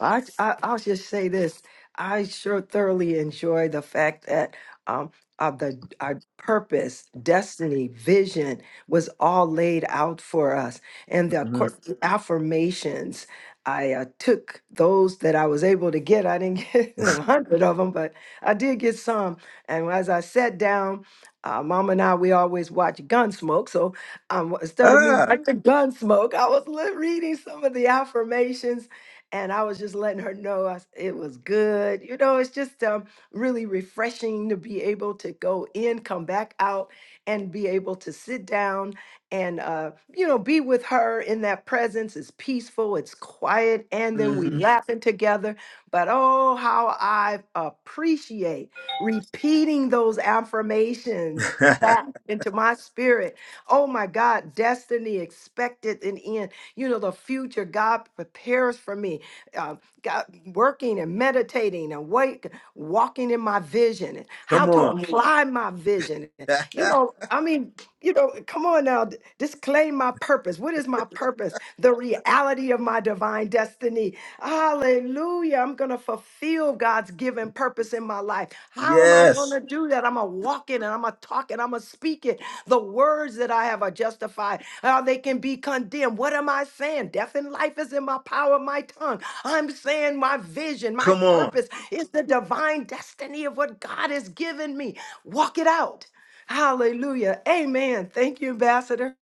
I, I I'll just say this. I sure thoroughly enjoy the fact that um of the our purpose, destiny, vision was all laid out for us, and the hmm cor- affirmations. I uh, took those that I was able to get. I didn't *laughs* get a hundred of them, but I did get some. And as I sat down, uh, Mom and I we always watch Gunsmoke, so um, instead of me Ah. watching Gunsmoke, I was li- reading some of the affirmations and I was just letting her know I s- it was good. You know, it's just um, really refreshing to be able to go in, come back out, and be able to sit down and, uh, you know, be with her in that presence. It's peaceful, it's quiet, and then we hmm Yes. laughing together. But oh, how I appreciate repeating those affirmations *laughs* back into my spirit. Oh my God, destiny expected and in. You know, the future God prepares for me uh, got, working and meditating and wake, walking in my vision, and how Come to on. Mhm. apply my vision. and, *laughs* You know, I mean, you know, come on now, d- disclaim my purpose. What is my purpose? The reality of my divine destiny. Hallelujah. I'm going to fulfill God's given purpose in my life. How am I going yes. to do that? I'm going to walk it and I'm going to talk it. I'm going to speak it. The words that I have are justified. How they can be condemned. What am I saying? Death and life is in my power of my tongue. I'm saying my vision, my Come on. purpose is the divine destiny of what God has given me. Walk it out. Hallelujah. Amen. Thank you, Ambassador.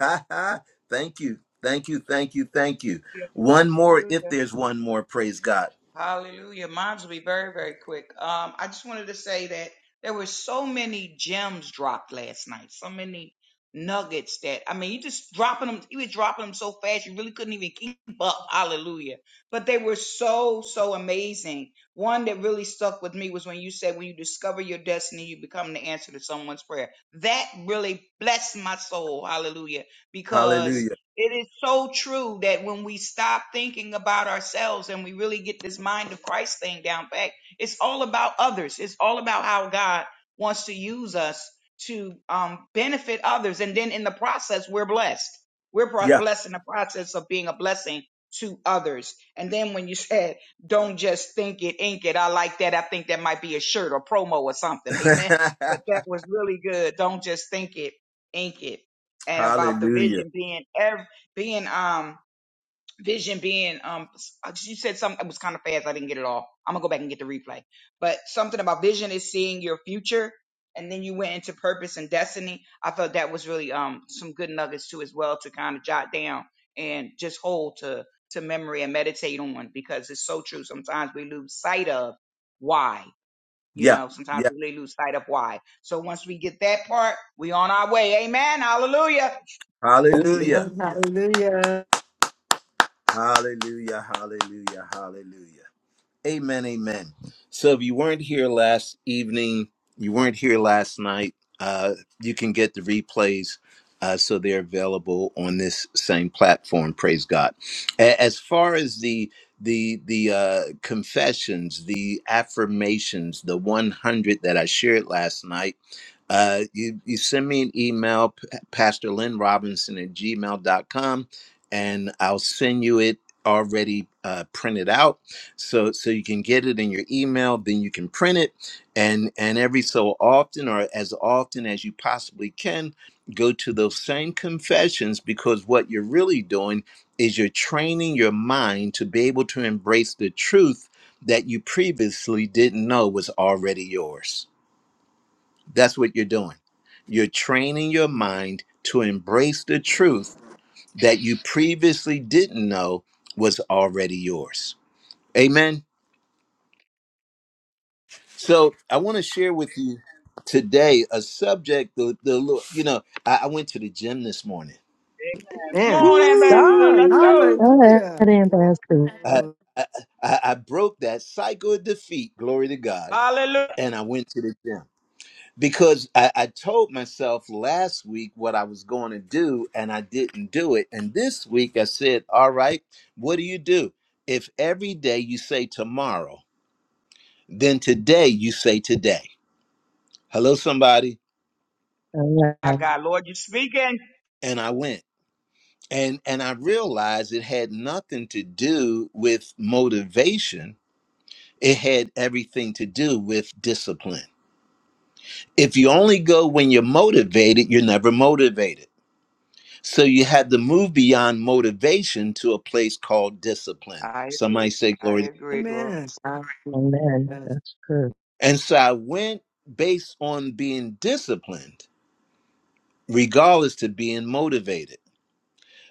*laughs* thank you. Thank you. Thank you. Thank you. One more, if Hallelujah. there's one more, praise God. Hallelujah. Mine's will be very, very quick. Um, I just wanted to say that there were so many gems dropped last night, so many nuggets that I mean, you just dropping them, you was dropping them so fast you really couldn't even keep up. Hallelujah. But they were so, so amazing. One that really stuck with me was when you said when you discover your destiny, you become the answer to someone's prayer. That really blessed my soul. Hallelujah. Because Hallelujah. it is so true that when we stop thinking about ourselves and we really get this mind of Christ thing down back, it's all about others. It's all about how God wants to use us to um, benefit others. And then in the process, we're blessed. We're bro- Yeah. blessed in the process of being a blessing to others. And then when you *laughs* said, don't just think it, ink it, I like that. I think that might be a shirt or promo or something. *laughs* Amen. *laughs* But that was really good. Don't just think it, ink it and about the Hallelujah. vision being every being um vision being um uh, you said something it was kind of fast i didn't get it all i'm gonna go back and get the replay but something about vision is seeing your future and then you went into purpose and destiny i thought that was really um some good nuggets too as well to kind of jot down and just hold to to memory and meditate on because it's so true sometimes we lose sight of why you Yeah. know sometimes Yeah. we really lose sight of why so once we get that part we on our way amen hallelujah Hallelujah. Amen. Hallelujah. Hallelujah. Hallelujah. Hallelujah. Amen, amen. So if you weren't here last evening, you weren't here last night, uh, you can get the replays. Uh, so they're available on this same platform. Praise God. A- As far as the the the uh, confessions, the affirmations, the 100 that I shared last night. Uh, you, you send me an email, p- Pastor Lynn Robinson at gmail dot com, and I'll send you it already uh, printed out so so you can get it in your email then you can print it and and every so often or as often as you possibly can go to those same confessions because what you're really doing is you're training your mind to be able to embrace the truth that you previously didn't know was already yours that's what you're doing. You're training your mind to embrace the truth that you previously didn't know was already yours. Amen. So I want to share with you today a subject. The the lo- you know I, I went to the gym this morning. come Amen. on ambassador God, let's go Woo! God hallelujah. ambassador. I, I I I broke that cycle of defeat. Glory to God. Hallelujah. And I went to the gym. because I, I told myself last week what I was going to do and I didn't do it. And this week I said, All right, what do you do? If every day you say tomorrow, then today you say today. Hello, somebody. My Amen. God, Lord, you're speaking. And I went. And and I realized it had nothing to do with motivation. It had everything to do with discipline. If you only go when you're motivated, you're never motivated. So you had to move beyond motivation to a place called discipline. I agree. Somebody say glory. to- I God. agree. Glory to Amen. Amen. Hallelujah. That's true. And so I went based on being disciplined, regardless to being motivated.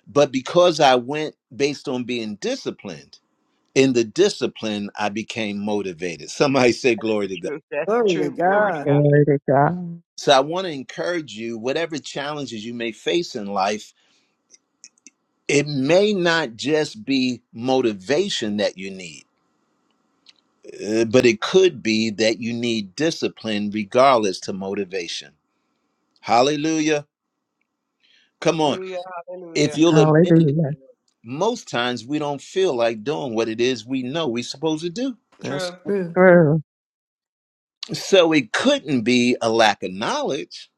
But because I went based on being disciplined, in the discipline, I became motivated. Somebody say glory the to God. truth. That's the Glory to truth. Glory to God. God. Glory to God. So I want to encourage you, whatever challenges you may face in life, it may not just be motivation that you need Uh, but it could be that you need discipline regardless to motivation. Hallelujah. Come on. Hallelujah. If Hallelujah. you'll admit it, Hallelujah. most times we don't feel like doing what it is we know we're supposed to do. That's True. true. True. So it couldn't be a lack of knowledge.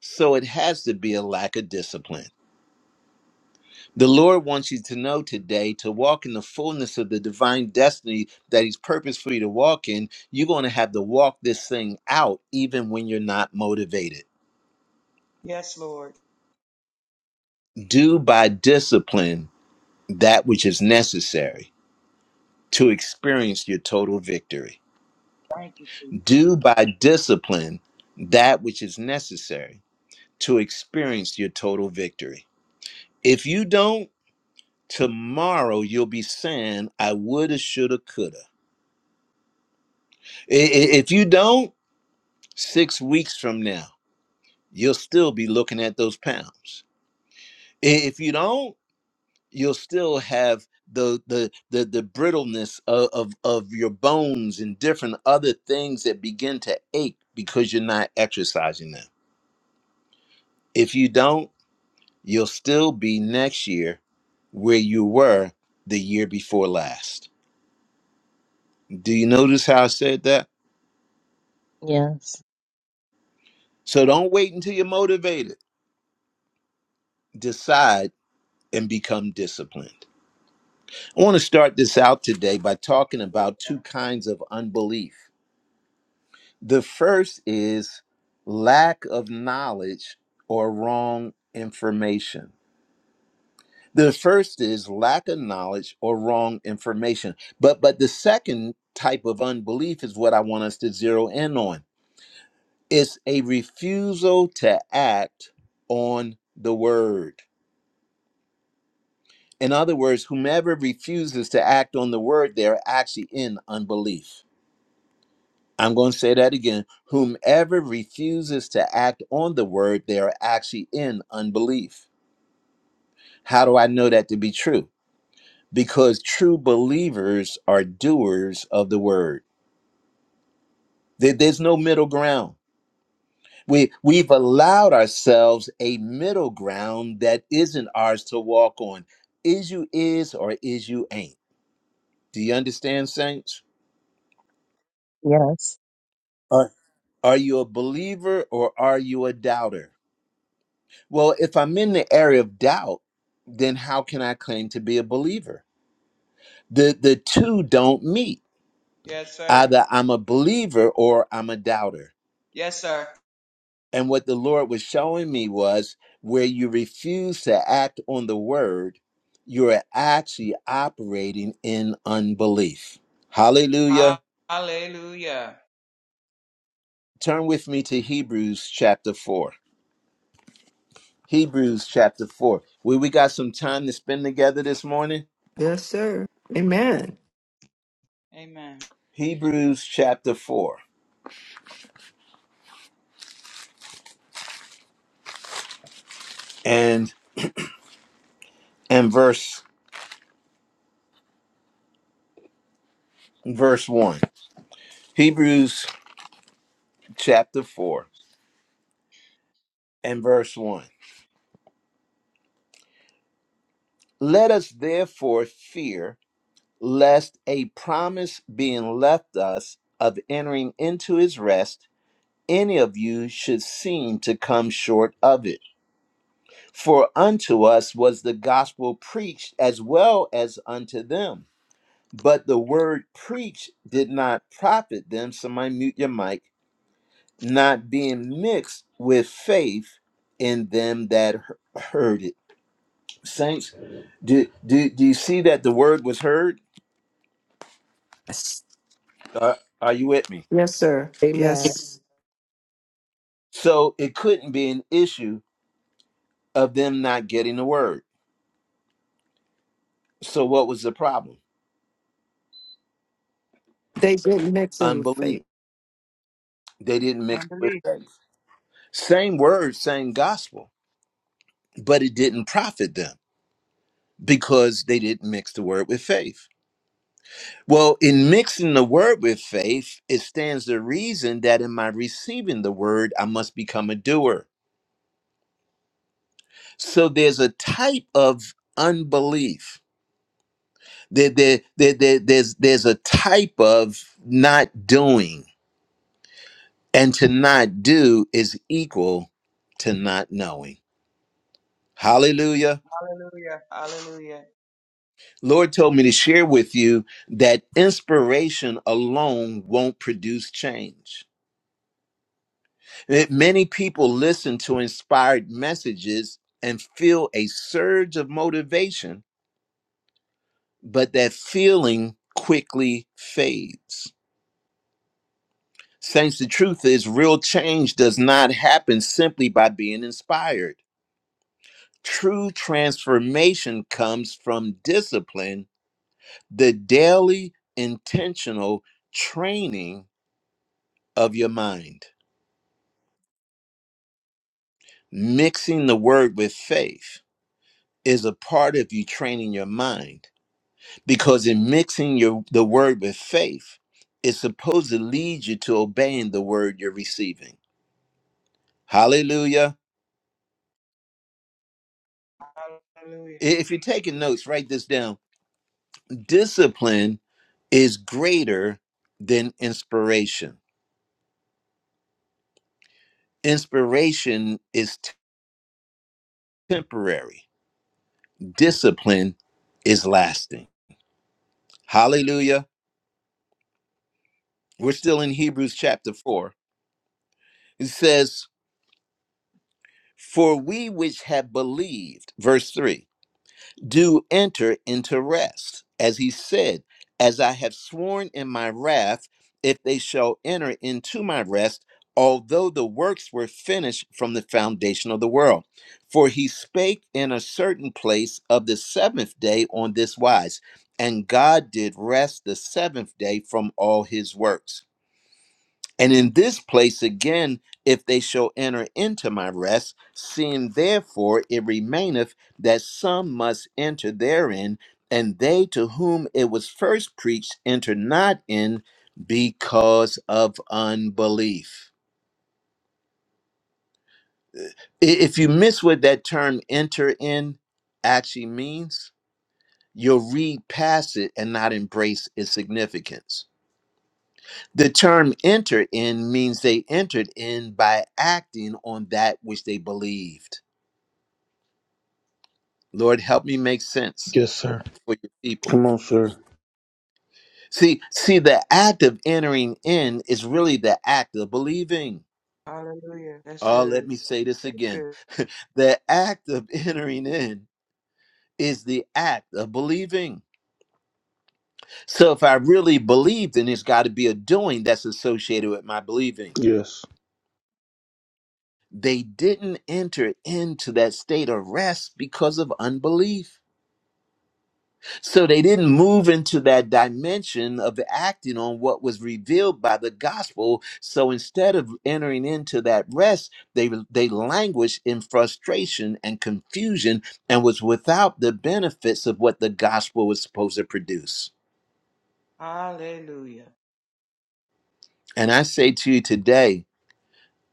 So it has to be a lack of discipline. The Lord wants you to know today to walk in the fullness of the divine destiny that He's purposed for you to walk in. You're going to have to walk this thing out even when you're not motivated. Yes, Lord. Do by discipline that which is necessary to experience your total victory. Thank you. Jesus. Do by discipline that which is necessary to experience your total victory. If you don't, tomorrow you'll be saying, I woulda, shoulda, coulda. I- i- If you don't, six weeks from now, you'll still be looking at those pounds. I- If you don't, you'll still have the the the, the brittleness of, of of your bones and different other things that begin to ache because you're not exercising them if you don't you'll still be next year where you were the year before last do you notice how i said that Yes. so don't wait until you're motivated decide and become disciplined i want to start this out today by talking Hallelujah. about two kinds of unbelief The first is lack of knowledge or wrong information. The first is lack of knowledge or wrong information. But but the second type of unbelief is what I want us to zero in on. It's a refusal to act on the word. In other words, whomever refuses to act on the word, they're actually in unbelief. I'm going to say that again. Whomever refuses to act on the word, they are actually in unbelief. How do I know that to be true? Because true believers are doers of the word. There- There's no middle ground. We, we've allowed ourselves a middle ground that isn't ours to walk on. Is you is or is you ain't. Do you understand, saints? Yes. Are Are you a believer or are you a doubter? Well, if I'm in the area of doubt, then how can I claim to be a believer? The the two don't meet. Yes, sir. Either I'm a believer or I'm a doubter. Yes, sir. And what the Lord was showing me was where you refuse to act on the word, you're actually operating in unbelief. Hallelujah. Ha- Hallelujah. Turn with me to Hebrews chapter 4. Hebrews chapter 4. We we got some time to spend together this morning. Yes, sir. Amen. Amen. Hebrews chapter 4. and. and verse verse 1 hebrews chapter 4 and verse 1 let us therefore fear lest a promise being left us of entering into his rest any of you should seem to come short of it for unto us was the gospel preached as well as unto them but the word preached did not profit them somebody mute your mic not being mixed with faith in them that he- heard it. Saints, do, do, do you see that the word was heard? Yes, Uh, are you with me? yes sir. Amen. Yes. So it couldn't be an issue of them not getting the word. So what was the problem? They didn't mix it with Unbelief. faith. They didn't mix with Unbelief. faith. Same word, same gospel, but it didn't profit them because they didn't mix the word with faith. Well, in mixing the word with faith, it stands to reason that in my receiving the word, I must become a doer. So there's a type of unbelief. There, there, there, there- there's, there's a type of not doing. And to not do is equal to not knowing. Hallelujah. Hallelujah. Hallelujah. Lord told me to share with you that inspiration alone won't produce change That many people listen to inspired messages and feel a surge of motivation, but that feeling quickly fades. Saints, the truth is, real change does not happen simply by being inspired. True transformation comes from discipline, the daily, intentional training of your mind. Mixing the word with faith is a part of you training your mind because in mixing your the word with faith it's supposed to lead you to obeying the word you're receiving hallelujah Hallelujah. I- if you're taking notes write this down discipline is greater than inspiration inspiration is t- temporary discipline is lasting hallelujah we're still in hebrews chapter 4 it says for we which have believed verse 3 do enter into rest. As he said, As I have sworn in my wrath, if they shall enter into my rest, although the works were finished from the foundation of the world. For he spake in a certain place of the seventh day on this wise, and God did rest the seventh day from all his works. And in this place again, if they shall enter into my rest, seeing therefore it remaineth that some must enter therein, and they to whom it was first preached enter not in because of unbelief. I- If you miss what that term enter in actually means, you'll read past it and not embrace its significance The term enter in means they entered in by acting on that which they believed. Lord, help me make sense Yes, sir. for your people. Come on, sir. See, see, the act of entering in is really the act of believing. Hallelujah. That's Oh, good. let me say this That's again. good. *laughs* the act of entering in is the act of believing. So if I really believe, then it's got to be a doing that's associated with my believing. Yes. They didn't enter into that state of rest because of unbelief. So they didn't move into that dimension of acting on what was revealed by the gospel. So instead of entering into that rest, they they languished in frustration and confusion and was without the benefits of what the gospel was supposed to produce. Hallelujah. And I say to you today,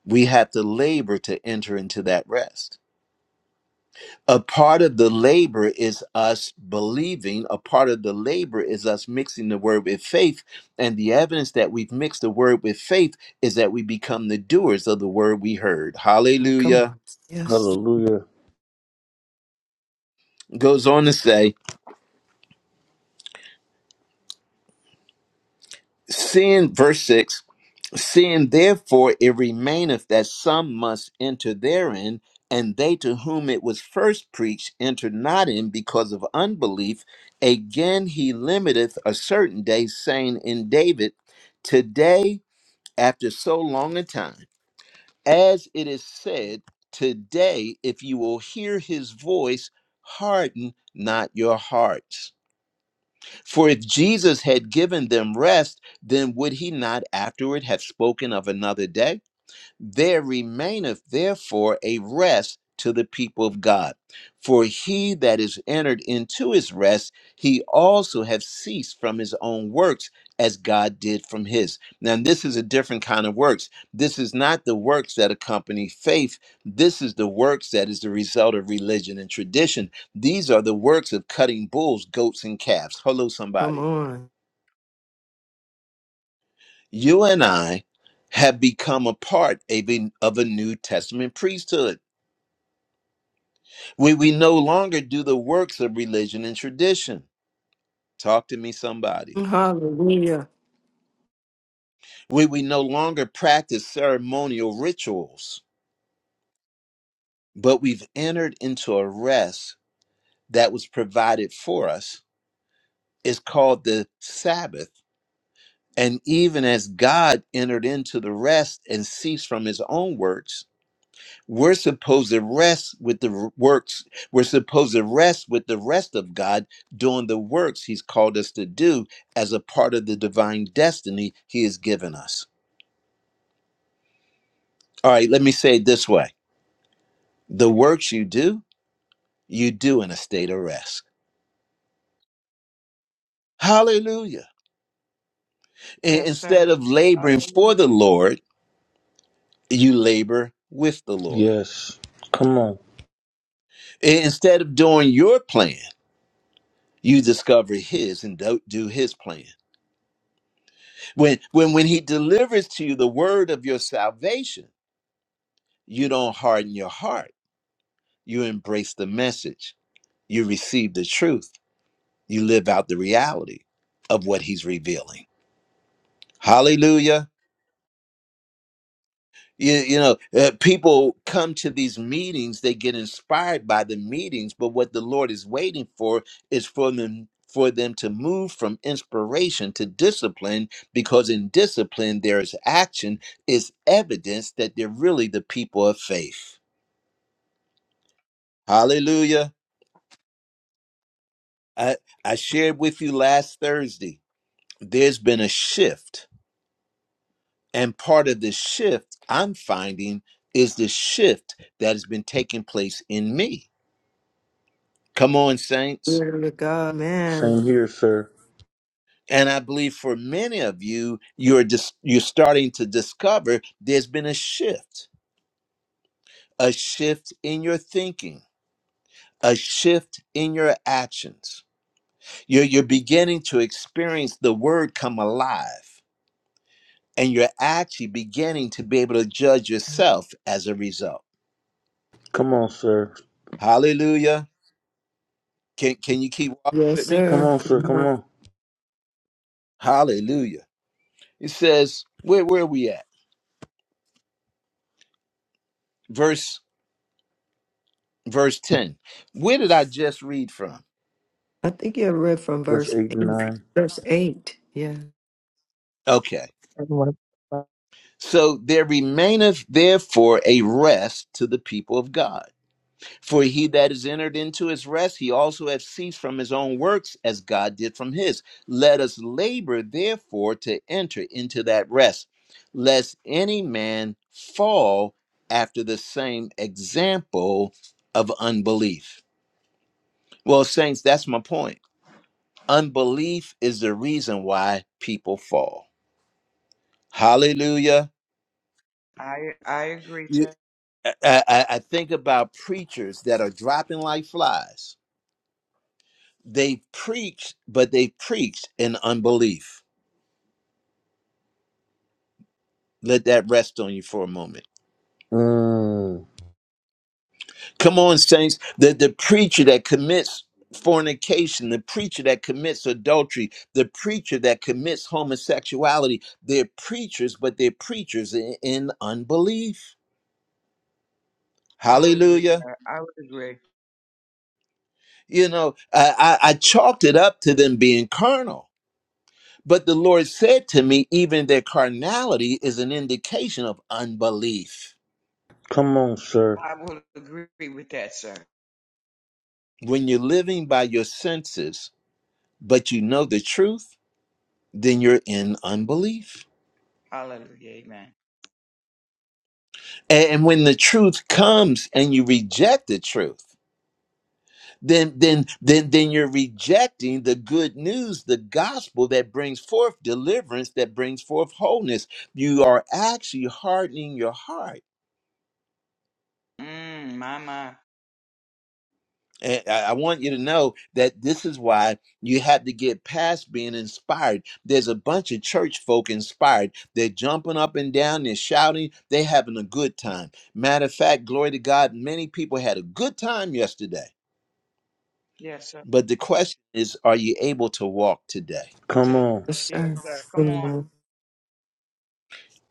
we have to labor to enter into that rest. a part of the labor is us believing a part of the labor is us mixing the word with faith and the evidence that we've mixed the word with faith is that we become the doers of the word we heard Come hallelujah on. Yes. Hallelujah. goes on to say seeing verse 6 Seeing therefore it remaineth that some must enter therein, and they to whom it was first preached entered not in because of unbelief, again he limiteth a certain day, saying in David, Today, after so long a time, as it is said, Today, if you will hear his voice, harden not your hearts. For if Jesus had given them rest, then would he not afterward have spoken of another day? there remaineth therefore a rest to the people of God. For he that is entered into his rest, he also have ceased from his own works as God did from his. Now, this is a different kind of works. This is not the works that accompany faith. This is the works that is the result of religion and tradition. These are the works of cutting bulls, goats, and calves. Hello, Come somebody. on. You and I have become a part of a, of a New Testament priesthood We, we no longer do the works of religion and tradition. Talk to me, somebody. Hallelujah. We, we no longer practice ceremonial rituals, but we've entered into a rest that was provided for us. It's called the Sabbath. And even as God entered into the rest and ceased from his own works, We're supposed to rest with the r- works. We're supposed to rest with the rest of God doing the works He's called us to do as a part of the divine destiny He has given us. All right, let me say it this way the works you do, you do in a state of rest. Hallelujah. I- Yes, sir. Instead of laboring for Hallelujah. the Lord, you labor with the Lord. Yes. Come on. I- Instead of doing your plan, you discover His and do do His plan When when when he delivers to you the word of your salvation, you don't harden your heart. You embrace the message. You receive the truth. You live out the reality of what he's revealing. Hallelujah. You, you know, uh, people come to these meetings, they get inspired by the meetings, but what the Lord is waiting for is for them for them to move from inspiration to discipline because in discipline there is action is evidence that they're really the people of faith. Hallelujah. I, I shared with you last Thursday. There's been a shift, and part of the shift I'm finding is the shift that has been taking place in me Come on, saints. Glory to God, man. Same here, sir. And I believe for many of you, you're just you're starting to discover there's been a shift, a shift in your thinking, a shift in your actions. You're you're beginning to experience the word come alive, and you're actually beginning to be able to judge yourself as a result. Come on, sir. Hallelujah. Can can you keep walking Yes, with me? Come sir. on, Good sir. Come morning. on. Hallelujah. It says, where where are we at? Verse verse 10. Where did I just read from? I think you read from Verse verse 8 and eight. 9. Verse eight. Yeah. Okay. And what So there remaineth therefore a rest to the people of God. For he that is entered into his rest, he also hath ceased from his own works, as God did from his. Let us labor therefore to enter into that rest, lest any man fall after the same example of unbelief. Well, saints, that's my point. Unbelief is the reason why people fall. Hallelujah. I I agree, You, sir. I, I I think about preachers that are dropping like flies. They preach, but they preach in unbelief. Let that rest on you for a moment. Mm. Come on, saints. The, the preacher that commits fornication, the preacher that commits adultery, the preacher that commits homosexuality, they're preachers, but they're preachers in, in unbelief. I would agree, Hallelujah. sir. I would agree. You know, I, I, I chalked it up to them being carnal But the Lord said to me, even their carnality is an indication of unbelief. Come on, sir. I will agree with that, sir. When you're living by your senses, but you know the truth, then you're in unbelief. Hallelujah. Amen. And when the truth comes and you reject the truth, then then then then you're rejecting the good news, the gospel that brings forth deliverance, that brings forth wholeness. You are actually hardening your heart Mm, my, my. And I I want you to know that this is why you have to get past being inspired. There's a bunch of church folk inspired. They're jumping up and down, they're shouting, they're having a good time. Matter of fact, glory to God, many people had a good time yesterday. Yes, sir. But the question is, are you able to walk today? Come Jesus. on. Yes, Yes, sir. sir. Come on. Amen.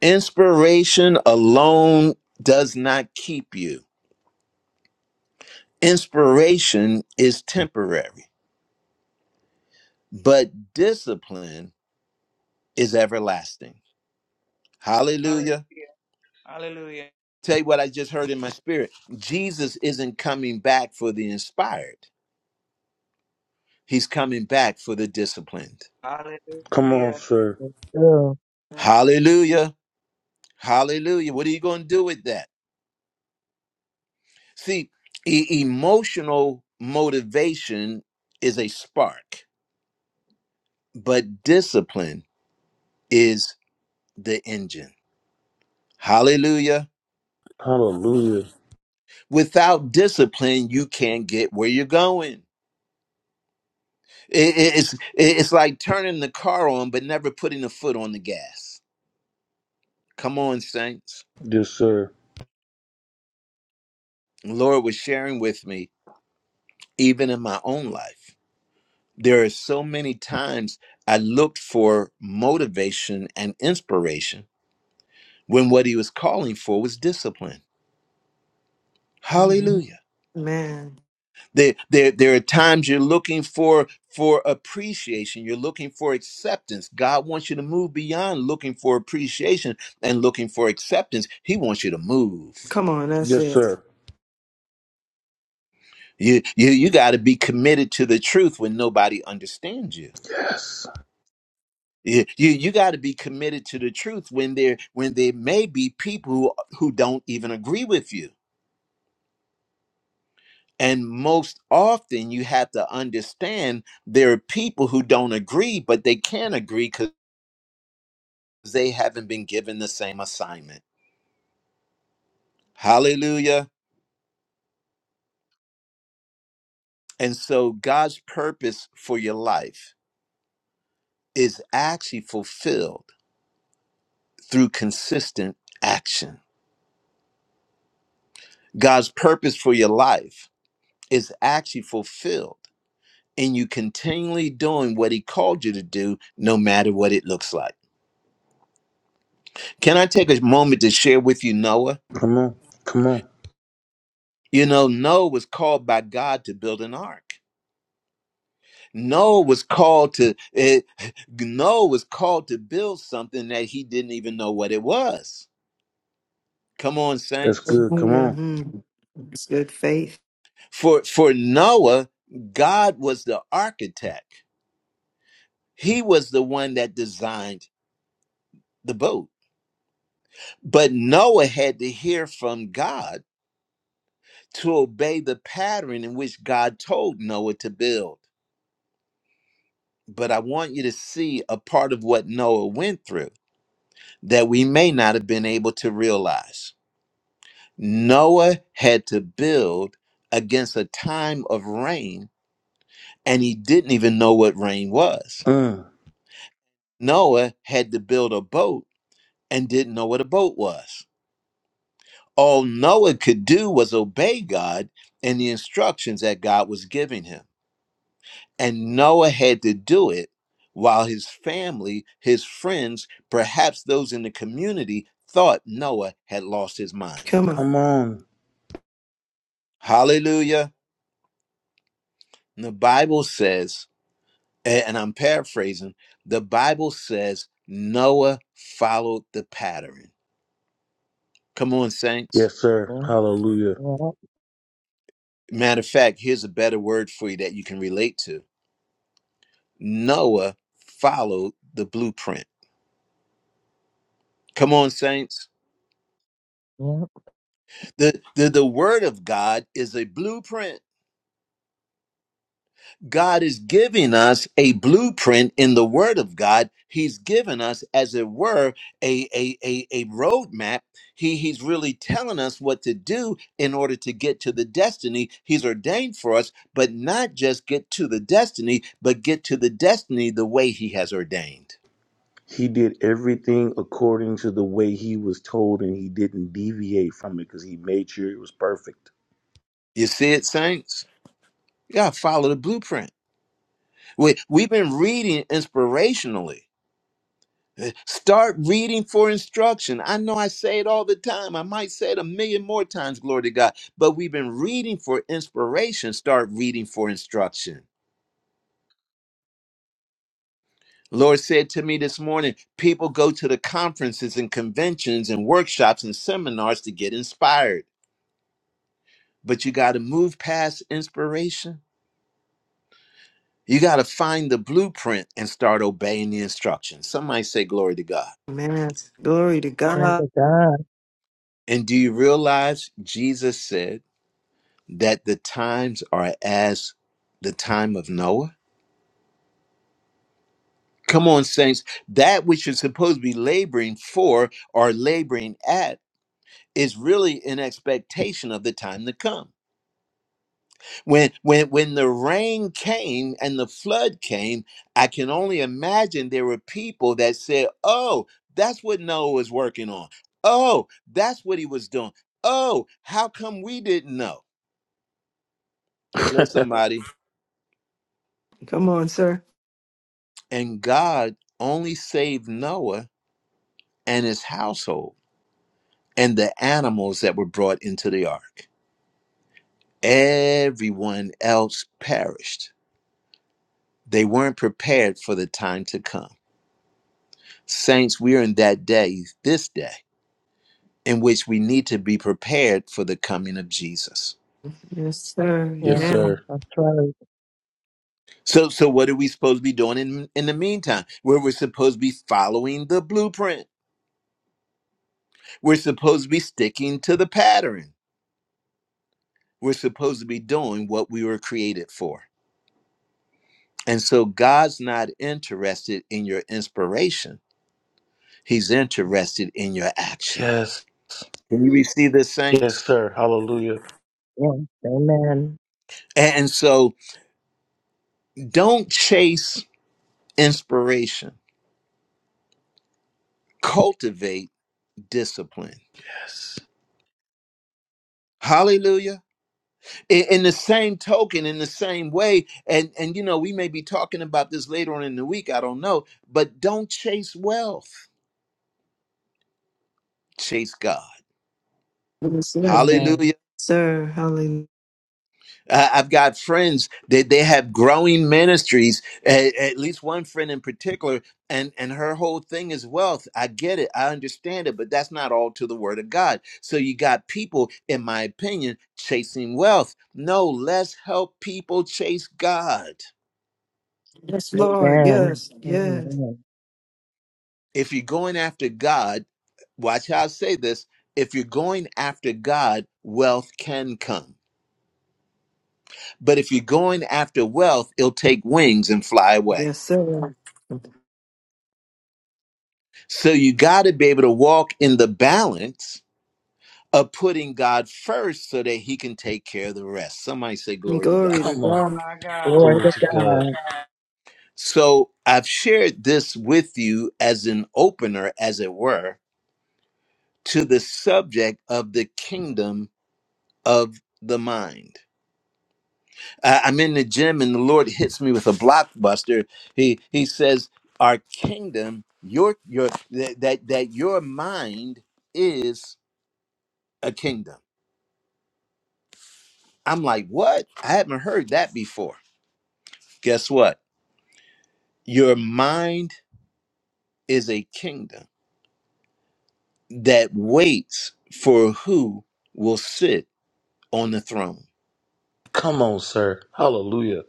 Inspiration alone does not keep you, inspiration is temporary, but discipline is everlasting. Hallelujah. Hallelujah. Hallelujah. Tell you what I just heard in my spirit. Jesus isn't coming back for the inspired. He's coming back for the disciplined. Come on, Hallelujah. sir. true. Hallelujah. Hallelujah. What are you going to do with that? See, e- emotional motivation is a spark, but discipline is the engine. Hallelujah. Hallelujah. Without discipline, you can't get where you're going. It- it- it's, it's like turning the car on, but never putting a foot on the gas. Come on, Saints. Yes, sir. Lord was sharing with me, even in my own life, there are so many times I looked for motivation and inspiration when what he was calling for was discipline. Mhm. Hallelujah. Man. There, there, there are times you're looking for for appreciation. You're looking for acceptance. God wants you to move beyond looking for appreciation and looking for acceptance. He wants you to move. Come on, that's Yes, it. sir. You, you, you got to be committed to the truth when nobody understands you Yes. you you, you got to be committed to the truth when there when there may be people who, who don't even agree with you and most often you have to understand there are people who don't agree but they can't agree because they haven't been given the same assignment hallelujah and so god's purpose for your life is actually fulfilled through consistent action god's purpose for your life is actually fulfilled and you continually doing what he called you to do, no matter what it looks like. Can I take a moment to share with you Noah? Come on. Come on. You know, Noah was called by God to build an ark. Noah was called to eh, *laughs* Noah was called to build something that he didn't even know what it was. Come on, That's saints. good. Come Hallelujah. on. Mm. It's good faith. For for Noah, God was the architect. He was the one that designed the boat. But Noah had to hear from God to obey the pattern in which God told Noah to build. But I want you to see a part of what Noah went through that we may not have been able to realize. Noah had to build against a time of rain, and he didn't even know what rain was. Mm. Noah had to build a boat and didn't know what a boat was. All Noah could do was obey God and the instructions that God was giving him And Noah had to do it while his family, his friends, perhaps those in the community thought Noah had lost his mind. Come on. Come on. Hallelujah. And the Bible says, a- and I'm paraphrasing, the Bible says Noah followed the pattern. Come on, saints. Yes, sir. Yeah. Hallelujah. Yeah. Matter of fact, here's a better word for you that you can relate to Noah followed the blueprint. Come on, saints. Yeah. The, the, the word of God is a blueprint God is giving us a blueprint in the Word of God. He's given us, as it were, a, a, a, a roadmap. He, he's really telling us what to do in order to get to the destiny He's ordained for us, but not just get to the destiny, but get to the destiny the way He has ordained. He did everything according to the way he was told, and he didn't deviate from it because he made sure it was perfect. You see it, saints? You gotta follow the blueprint. We, we've been reading inspirationally Start reading for instruction. I know I say it all the time. I might say it a million more times, glory to God. But we've been reading for inspiration. Start reading for instruction. Lord said to me this morning people go to the conferences and conventions and workshops and seminars to get inspired. But you got to move past inspiration. You got to find the blueprint and start obeying the instructions. Somebody say, Glory to God. Man. Glory to Glory God. to God. And do you realize Jesus said, that the times are as the time of Noah? Come on, saints. That which you're supposed to be laboring for or laboring at is really in expectation of the time to come. When when when the rain came and the flood came, I can only imagine there were people that said, "Oh, that's what Noah was working on. Oh, that's what he was doing. Oh, how come we didn't know?" Hello, somebody. Come on, sir. And God only saved Noah and his household and the animals that were brought into the ark. Everyone else perished. They weren't prepared for the time to come. Saints, we are in that day, this day, in which we need to be prepared for the coming of Jesus. Yes, sir. *laughs* Yeah, yes, sir. Amen. that's right. So, so what are we supposed to be doing in, in the meantime? Where we're supposed to be following the blueprint. We're supposed to be sticking to the pattern. We're supposed to be doing what we were created for. And so God's not interested in your inspiration. He's interested in your action. Yes. Can you receive this, Yes, saints? sir. Hallelujah. Yeah. Amen. And so don't chase inspiration. Cultivate discipline. Yes. Hallelujah. In, in the same token, in the same way, and, and you know, we may be talking about this later on in the week, I don't know, but don't chase wealth. Chase God. Yes, sir. Hallelujah. Amen. Sir. Hallelujah. Uh, I've got friends that they have growing ministries. At, at least one friend in particular, and and her whole thing is wealth. I get it, I understand it, but that's not all to the Word of God. So you got people, in my opinion, chasing wealth. No, let's help people chase God. Yes, Lord. Amen. Yes. Yes. Amen. If you're going after God, watch how I say this. If you're going after God, wealth can come. But if you're going after wealth, it'll take wings and fly away. Yes, sir. So you got to be able to walk in the balance of putting God first so that he can take care of the rest. Somebody say, Glory to God. Glory to Come on. God. My God. Glory Glory to to Glory to God. God. God. So I've shared this with you as an opener, as it were, to the subject of the kingdom of the mind. I- I'm in the gym and the Lord hits me with a blockbuster. He he says, "Our kingdom, your your that that, that your mind is a kingdom." I'm like, what? I haven't heard that before. Guess what? Your mind is a kingdom that waits for who will sit on the throne. Come on, sir. Hallelujah.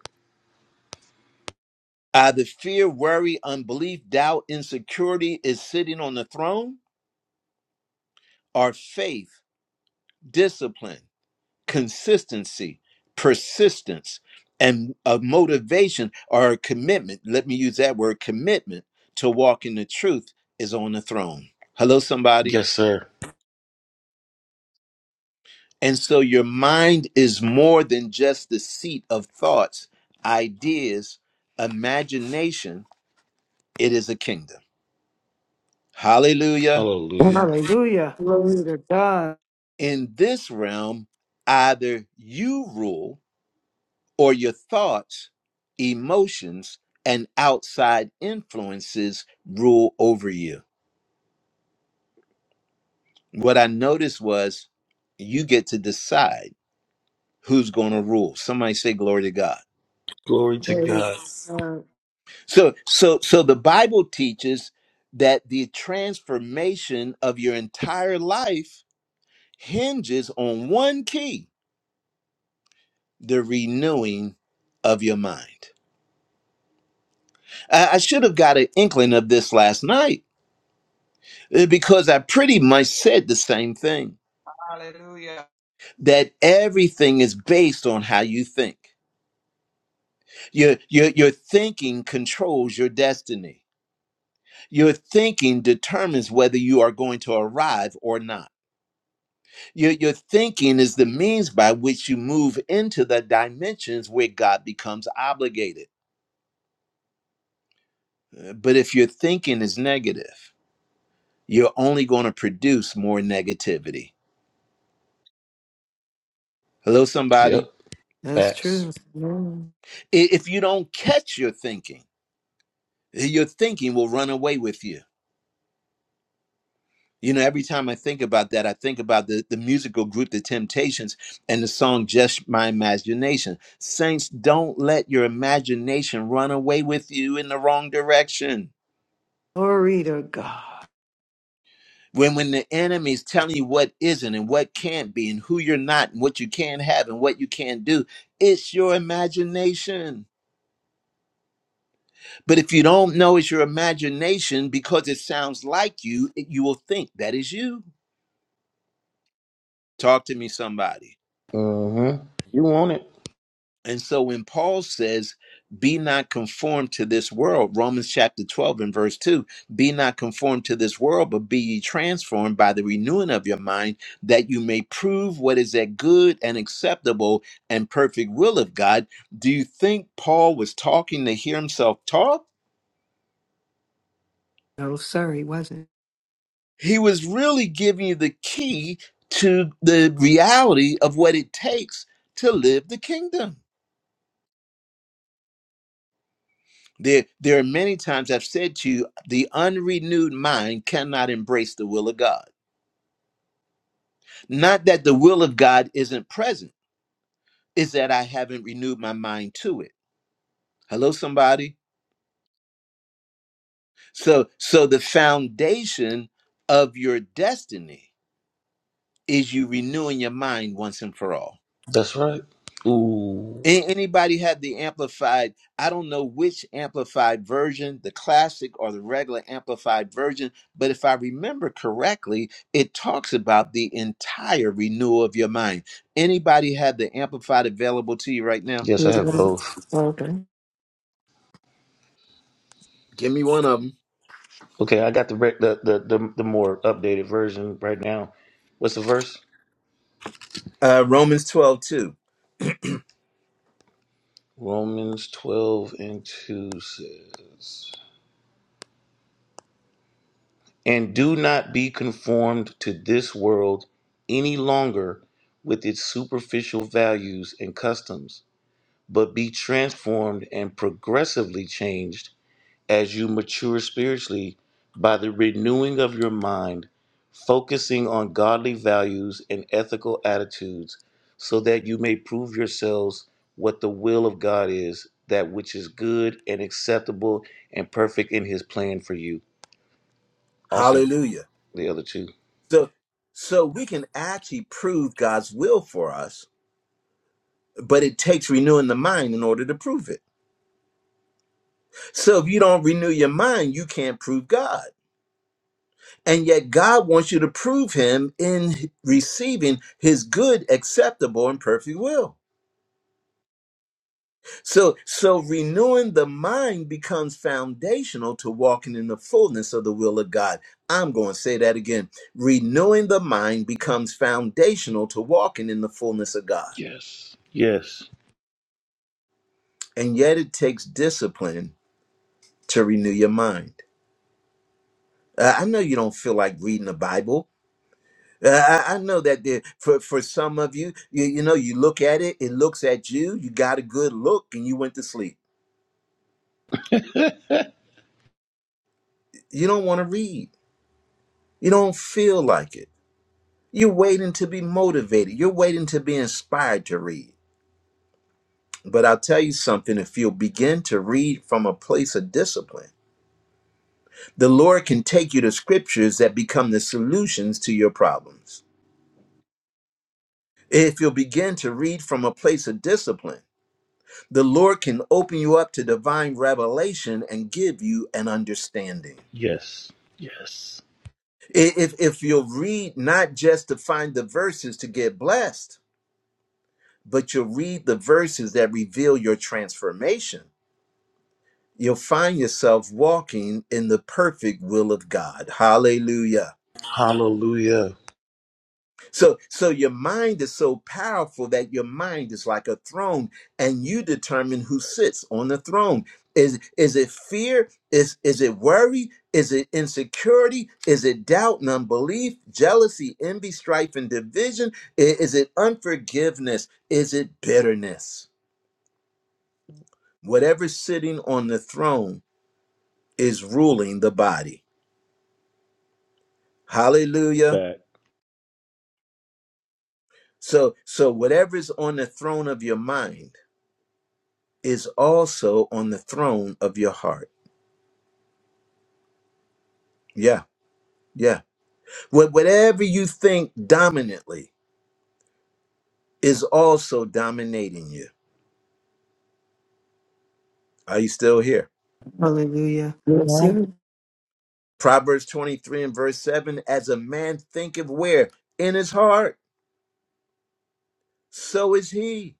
Either fear, worry, unbelief, doubt, insecurity is sitting on the throne, or faith, discipline, consistency, persistence, and a motivation or a commitment. Let me use that word commitment to walk in the truth is on the throne. Hello, somebody. Yes, sir. And so your mind is more than just the seat of thoughts, ideas, imagination. It is a kingdom. Hallelujah. Hallelujah. Hallelujah. Glory to God. In this realm, either you rule or your thoughts, emotions, and outside influences rule over you. What I noticed was you get to decide who's going to rule. Somebody say, Glory to God. Glory to Glory to God. God. So so so the Bible teaches that the transformation of your entire life hinges on one key, the renewing of your mind. I, I should have got an inkling of this last night uh, because I pretty much said the same thing Hallelujah. that everything is based on how you think. Your, your, your thinking controls your destiny. Your thinking determines whether you are going to arrive or not Your, your thinking is the means by which you move into the dimensions where God becomes obligated. Uh, But if your thinking is negative, you're only going to produce more negativity. Hello, somebody? Yep. That's Facts. true. Mm. I- If you don't catch your thinking, uh, your thinking will run away with you. You know, every time I think about that, I think about the, the musical group The Temptations and the song Just My Imagination. Saints, don't let your imagination run away with you in the wrong direction. Glory to God. when when the enemy's telling you what isn't and what can't be and who you're not and what you can have and what you can't do it's your imagination but if you don't know it's your imagination because it sounds like you it- you will think that is you talk to me somebody Mm-hmm. You want it? And so when Paul says, be not conformed to this world, Romans chapter 12 and verse 2, be not conformed to this world, but be ye transformed by the renewing of your mind, that you may prove what is that good and acceptable and perfect will of God. Do you think Paul was talking to hear himself talk? No, sir, he wasn't. He was really giving you the key to the reality of what it takes to live the kingdom. There, there are many times I've said to you, the unrenewed mind cannot embrace the will of God. Not that the will of God isn't present, is that I haven't renewed my mind to it. Hello, somebody. So, so the foundation of your destiny is you renewing your mind once and for all. That's right. Ooh. A- Anybody have the amplified? I don't know which amplified version, the classic or the regular amplified version, but if I remember correctly, it talks about the entire renewal of your mind. Anybody have the amplified available to you right now? Yes, He I have both. Okay. Give me one of them. Okay, I got the re- the, the the the more updated version right now. What's the verse? Uh, Romans 12 2. Romans twelve and two says, "And do not be conformed to this world any longer with its superficial values and customs, but be transformed and progressively changed." as you mature spiritually by the renewing of your mind, focusing on godly values and ethical attitudes, so that you may prove yourselves what the will of God is, that which is good and acceptable and perfect in His plan for you. Also, Hallelujah. the other two. So, so we can actually prove God's will for us, but it takes renewing the mind in order to prove it. So if you don't renew your mind, you can't prove God. And yet, God wants you to prove Him in receiving His good, acceptable, and perfect will. So, so renewing the mind becomes foundational to walking in the fullness of the will of God. I'm going to say that again. Renewing the mind becomes foundational to walking in the fullness of God. Yes. Yes. And yet, it takes discipline to renew your mind. Uh, I know you don't feel like reading the Bible. I, I know that the, for for some of you, you, you know, you look at it, it looks at you. You got a good look, and you went to sleep. You don't want to read. You don't feel like it. You're waiting to be motivated. You're waiting to be inspired to read. But I'll tell you something: if you'll begin to read from a place of discipline, the Lord can take you to scriptures that become the solutions to your problems. If you'll begin to read from a place of discipline the Lord can open you up to divine revelation and give you an understanding. Yes. Yes. If, if you'll read not just to find the verses to get blessed, but you'll read the verses that reveal your transformation, you'll find yourself walking in the perfect will of God. Hallelujah. Hallelujah. So, so your mind is so powerful that your mind is like a throne, and you determine who sits on the throne. Is is it fear? Is is it worry? Is it insecurity? Is it doubt and unbelief, jealousy, envy, strife, and division? I- Is it unforgiveness? Is it bitterness? Whatever's sitting on the throne is ruling the body. Hallelujah. Fact. So so whatever's on the throne of your mind is also on the throne of your heart. Yeah, yeah. Wha- Whatever you think dominantly is also dominating you. Are you still here? Hallelujah. Yes, Amen. sir. Proverbs 23 and verse 7 As a man thinketh where? In his heart, so is he.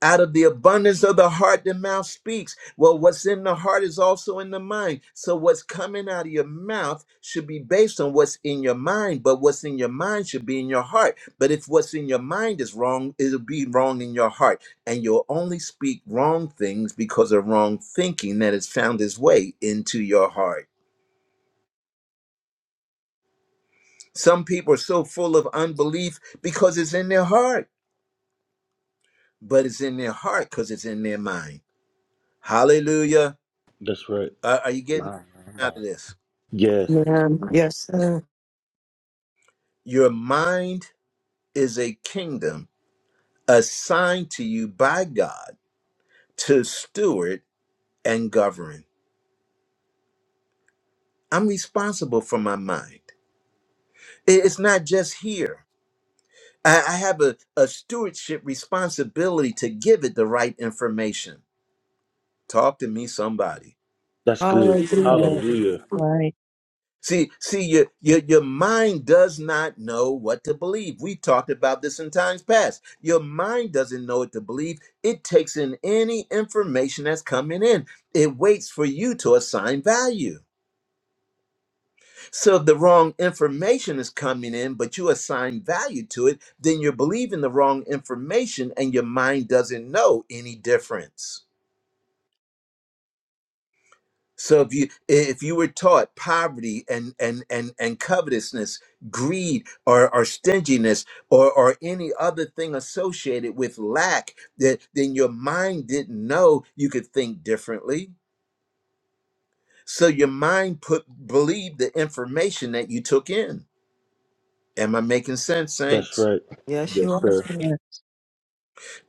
Out of the abundance of the heart, the mouth speaks. Well, what's in the heart is also in the mind. So, what's coming out of your mouth should be based on what's in your mind, but what's in your mind should be in your heart. But if what's in your mind is wrong, it'll be wrong in your heart. And you'll only speak wrong things because of wrong thinking that has found its way into your heart. Some people are so full of unbelief because it's in their heart, but it's in their heart because it's in their mind. Hallelujah. That's right. Uh, are you getting My, my, my. out of this? Yes. Ma'am. Yes, sir. Your mind is a kingdom assigned to you by God to steward and govern. I'm responsible for my mind. I- It's not just here. I I have a, a stewardship responsibility to give it the right information. Talk to me, somebody. That's good. Hallelujah. Amen. That's Hallelujah. right. See, see, your, your your mind does not know what to believe. We talked about this in times past. Your mind doesn't know what to believe. It takes in any information that's coming in. It waits for you to assign value. So if the wrong information is coming in, but you assign value to it, then you're believing the wrong information and your mind doesn't know any difference. So if you if you were taught poverty and and and and covetousness, greed or, or stinginess or or any other thing associated with lack, that then your mind didn't know you could think differently. So your mind put believed the information that you took in. Am I making sense, That's saints? right. Yes, you Yes, are, sir. sir. Yeah.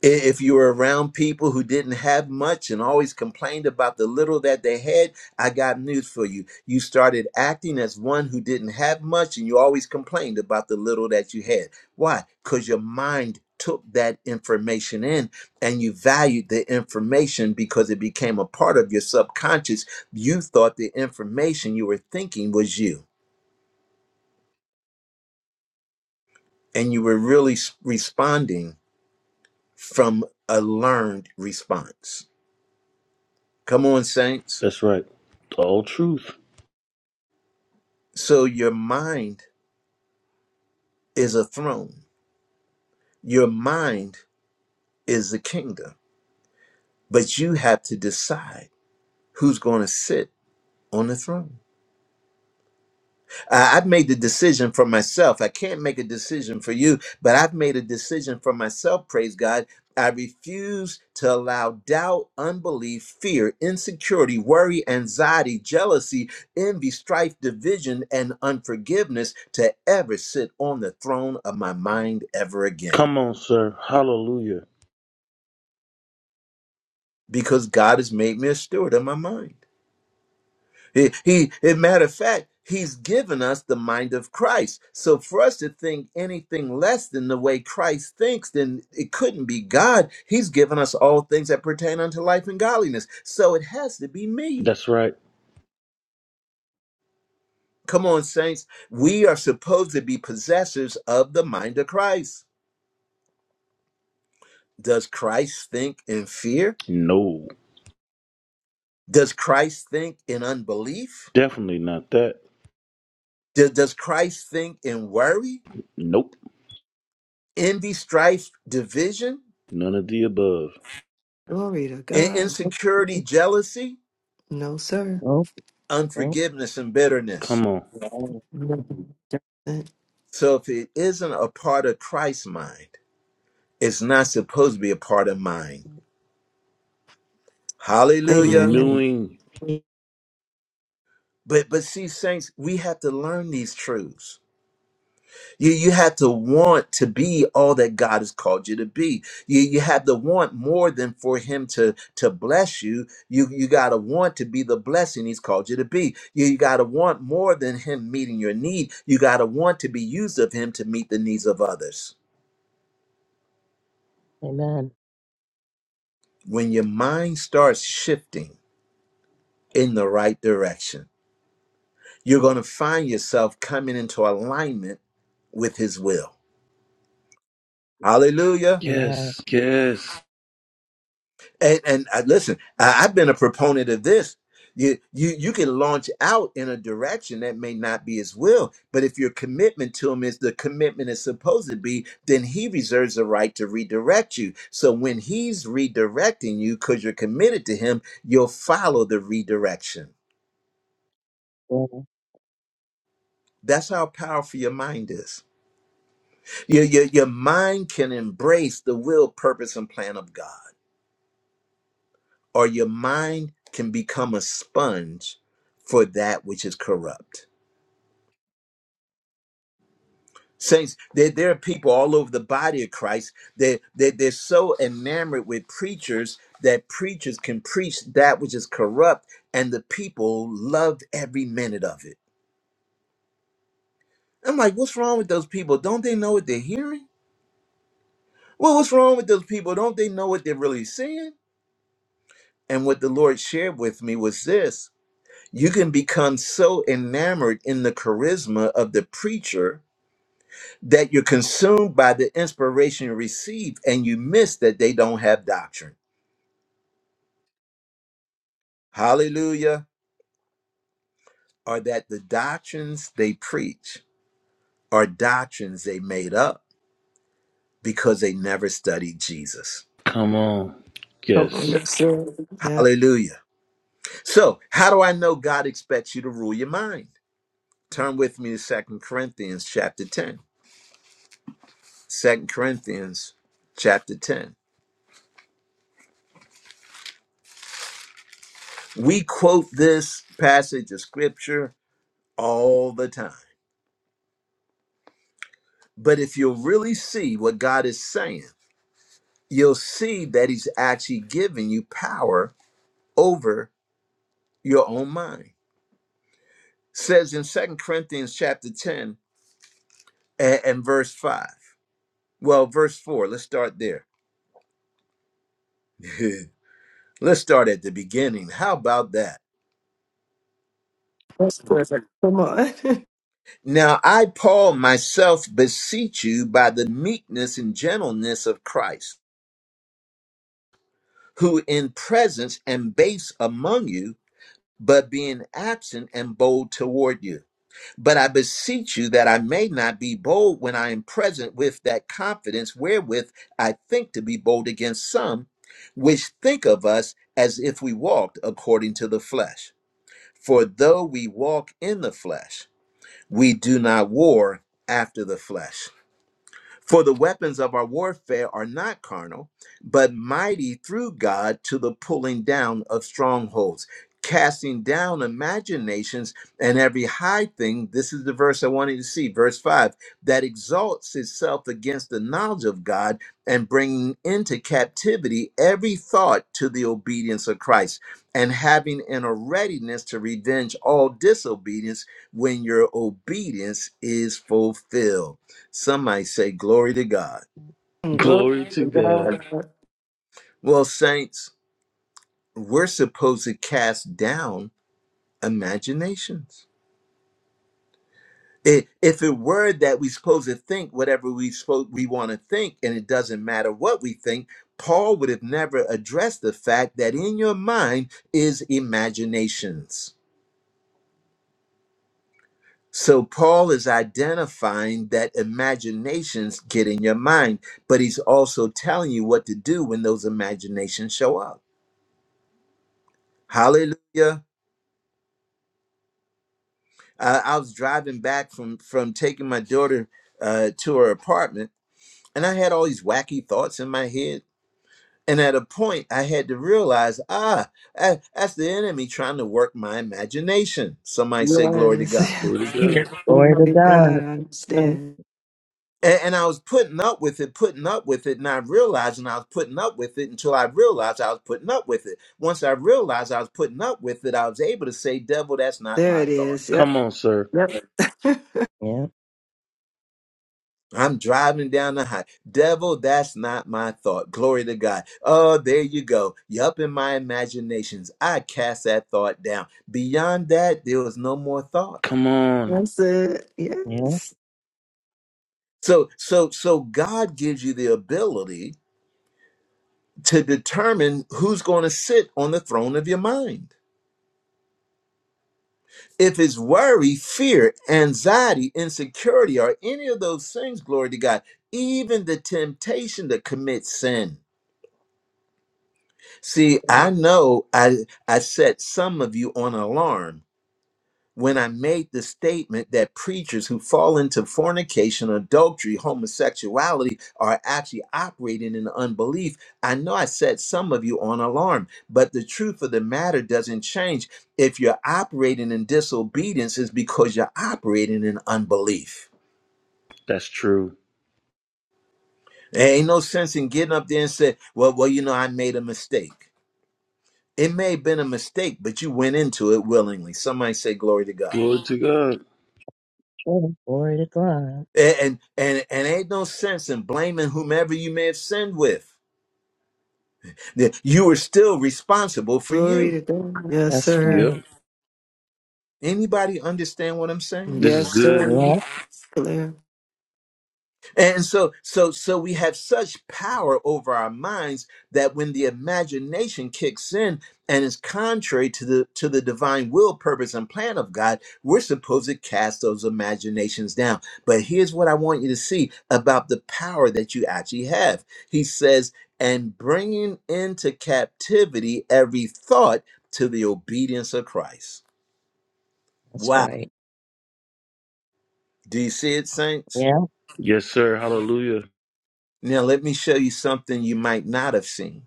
If you were around people who didn't have much and always complained about the little that they had, I got news for you. You started acting as one who didn't have much and you always complained about the little that you had. Why? Because your mind took that information in and you valued the information because it became a part of your subconscious. You thought the information you were thinking was you, and you were really s- responding from a learned response. Come on, Saints. That's right. The old truth. So your mind is a throne. Your mind is the kingdom. But you have to decide who's going to sit on the throne. I- I've made the decision for myself. I can't make a decision for you, but I've made a decision for myself, praise God. I refuse to allow doubt, unbelief, fear, insecurity, worry, anxiety, jealousy, envy, strife, division, and unforgiveness to ever sit on the throne of my mind ever again. Come on, sir. Hallelujah. because God has made me a steward of my mind. He, he as a matter of fact, He's given us the mind of Christ. So for us to think anything less than the way Christ thinks, then it couldn't be God. He's given us all things that pertain unto life and godliness. So it has to be me. That's right. Come on, saints. We are supposed to be possessors of the mind of Christ. Does Christ think in fear? No. Does Christ think in unbelief? Definitely not that. Does does Christ think in worry? Nope. envy, strife, division, None of the above. Glory to in- God. insecurity, jealousy, No, sir. Nope. Nope. unforgiveness, and bitterness. Come on. Yeah. No. So if it isn't a part of Christ's mind, it's not supposed to be a part of mine. Hallelujah. Amen. Renewing. But but see, saints, we have to learn these truths. You, you have to want to be all that God has called you to be. You, you have to want more than for Him to, to bless you. You, you got to want to be the blessing He's called you to be. You, you got to want more than Him meeting your need. You got to want to be used of Him to meet the needs of others. Amen. When your mind starts shifting in the right direction, you're going to find yourself coming into alignment with His will. Hallelujah. Amen. Yes. Yes. And, and I, listen, I, I've been a proponent of this. You, you you can launch out in a direction that may not be his will, but if your commitment to him is the commitment is supposed to be, then he reserves the right to redirect you. So when he's redirecting you because you're committed to him, you'll follow the redirection. Yeah. That's how powerful your mind is. Your, your, your mind can embrace the will, purpose, and plan of God. or your mind can become a sponge for that which is corrupt. Saints, there, there are people all over the body of Christ that they, they're so enamored with preachers that preachers can preach that which is corrupt, and the people loved every minute of it. I'm like, what's wrong with those people? Don't they know what they're hearing? Well, what's wrong with those people? Don't they know what they're really seeing? And what the Lord shared with me was this you can become so enamored in the charisma of the preacher that you're consumed by the inspiration you receive and you miss that they don't have doctrine. Hallelujah. Or that the doctrines they preach are doctrines they made up because they never studied Jesus. Come on. Come on, Yes. yes, sir. Yeah. Hallelujah. So, how do I know God expects you to rule your mind? Turn with me to Second Corinthians chapter 10. Second Corinthians chapter 10. We quote this passage of scripture all the time But if you'll really see what God is saying, you'll see that He's actually giving you power over your own mind. Says in Second Corinthians chapter 10 and, and verse 5. Well, verse 4, let's start there. *laughs* let's start at the beginning. How about that? That's perfect. Come on. Now I, Paul, myself beseech you by the meekness and gentleness of Christ, who in presence and base among you, but being absent and bold toward you But I beseech you that I may not be bold when I am present with that confidence wherewith I think to be bold against some, which think of us as if we walked according to the flesh. For though we walk in the flesh, we do not war after the flesh. For the weapons of our warfare are not carnal, but mighty through God to the pulling down of strongholds, casting down imaginations and every high thing. This is the verse I wanted to see, verse 5 that exalts itself against the knowledge of God and bringing into captivity every thought to the obedience of Christ, and having in a readiness to revenge all disobedience when your obedience is fulfilled. Some might say, Glory to God. *laughs* Glory Glory to to God. God. Well, saints, we're supposed to cast down imaginations. I- If it were that we're supposed to think whatever we spo- we want to think, and it doesn't matter what we think, Paul would have never addressed the fact that in your mind is imaginations. So Paul is identifying that imaginations get in your mind, but he's also telling you what to do when those imaginations show up. Hallelujah. I, I was driving back from from taking my daughter uh, to her apartment, and I had all these wacky thoughts in my head. And at a point, I had to realize, ah, that- that's the enemy trying to work my imagination. Somebody say, "Glory to Yes. *laughs* God." Glory to God. Glory Glory to to God. God. I Mm. understand. And, and I was putting up with it, putting up with it, and I realized, and I was putting up with it until I realized I was putting up with it. Once I realized I was putting up with it, I was able to say, "Devil, that's not There my it thought." is. Yep. Come on, sir. Yep. Yeah. I'm driving down the high. Devil, that's not my thought. Glory to God. Oh, there you go. You up in my imaginations. I cast that thought down. Beyond that, there was no more thought. Come on. That's it. Yeah. Yes. So, so, so God gives you the ability to determine who's going to sit on the throne of your mind. If it's worry, fear, anxiety, insecurity, or any of those things, glory to God, even the temptation to commit sin See, I Glory, know I I set some of you on alarm when I made the statement that preachers who fall into fornication, adultery, homosexuality are actually operating in unbelief. I know I set some of you on alarm, but the truth of the matter doesn't change. If you're operating in disobedience, it's because you're operating in unbelief. That's true. There ain't no sense in getting up there and say, "Well, well, you know, I made a mistake." It may have been a mistake, but you went into it willingly. Somebody say glory to God. Glory to God. glory glory to God. And and and, ain't no sense in blaming whomever you may have sinned with. You are still responsible for Glory you. to God. Yes, That's sir. Yep. right. Anybody understand what I'm saying? This is Yes, good. sir. Yeah. Clear. And so so so we have such power over our minds that when the imagination kicks in and is contrary to the to the divine will, purpose, and plan of God, we're supposed to cast those imaginations down. But here's what I want you to see about the power that you actually have. He says, and bringing into captivity every thought to the obedience of Christ. That's Wow. right. Do you see it, saints? Yeah. Yes, sir. Hallelujah. Now let me show you something you might not have seen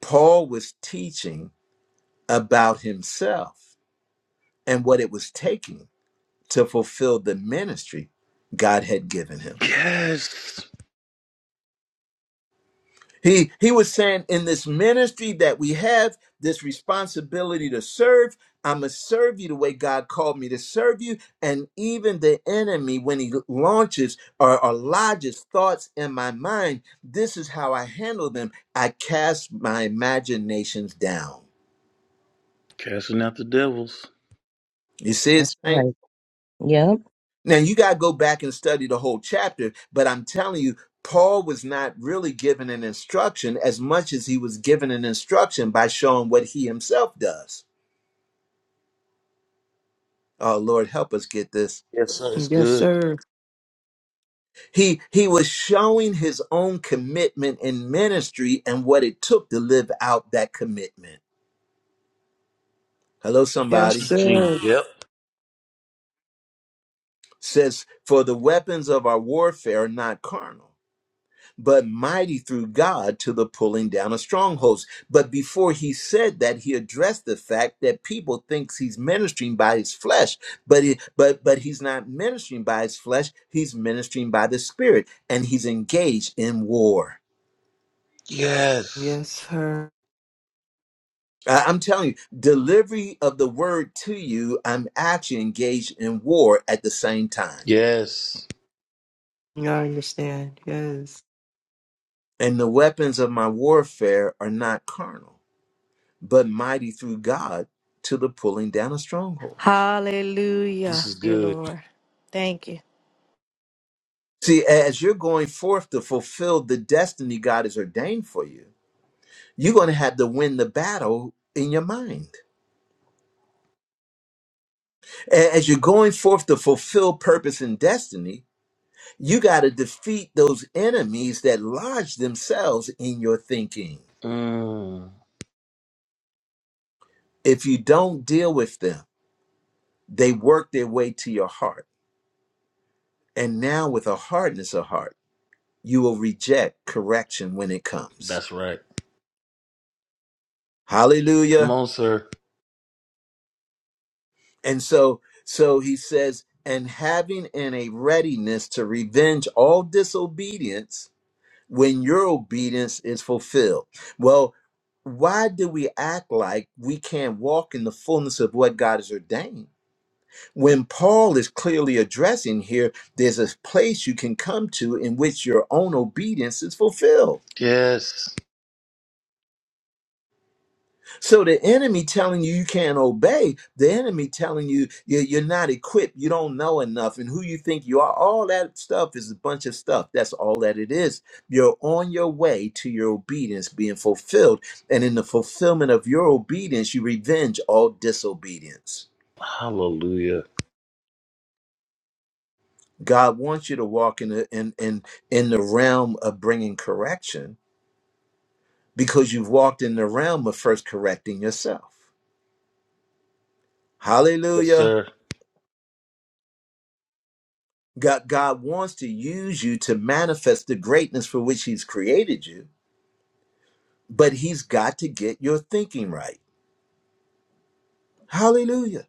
Paul was teaching about himself and what it was taking to fulfill the ministry God had given him. Yes. He, he was saying, in this ministry that we have, this responsibility to serve, I'm going to serve you the way God called me to serve you. And even the enemy, when he launches or, or lodges thoughts in my mind, this is how I handle them. I cast my imaginations down. Casting out the devils. You see it, That's Saint? right. Yep. Now you got to go back and study the whole chapter, but I'm telling you, Paul was not really given an instruction as much as he was given an instruction by showing what he himself does. Oh Lord, help us get this. Yes, sir. It's Yes, good. sir. He he was showing his own commitment in ministry and what it took to live out that commitment. Hello, Yes, somebody Teaching. sir. Yep. says, for the weapons of our warfare are not carnal but mighty through God to the pulling down of strongholds. But before he said that, he addressed the fact that people thinks he's ministering by his flesh, but he, but but he's not ministering by his flesh. He's ministering by the Spirit, and he's engaged in war. Yes. Yes, sir. I- I'm telling you, delivery of the word to you, I'm actually engaged in war at the same time. Yes. I understand. Yes. And the weapons of my warfare are not carnal, but mighty through God to the pulling down of strongholds. Hallelujah, This is Thank you good. Lord. Thank you. See, as you're going forth to fulfill the destiny God has ordained for you, you're going to have to win the battle in your mind. A- As you're going forth to fulfill purpose and destiny, you got to defeat those enemies that lodge themselves in your thinking. Mm, If you don't deal with them, they work their way to your heart. And now, with a hardness of heart, you will reject correction when it comes. that's right. Hallelujah. Come on, sir. And so, so he says, and having in a readiness to revenge all disobedience when your obedience is fulfilled. Well, why do we act like we can't walk in the fullness of what God has ordained? When Paul is clearly addressing here, there's a place you can come to in which your own obedience is fulfilled. Yes. So the enemy telling you you can't obey, the enemy telling you you- you're not equipped, you don't know enough, and who you think you are, all that stuff is a bunch of stuff. That's all that it is. You're on your way to your obedience being fulfilled, and in the fulfillment of your obedience, you revenge all disobedience. Hallelujah. God wants you to walk in the, in, in, in the realm of bringing correction because you've walked in the realm of first correcting yourself. Yes, Hallelujah. sir. God, God wants to use you to manifest the greatness for which He's created you, but He's got to get your thinking right. Hallelujah.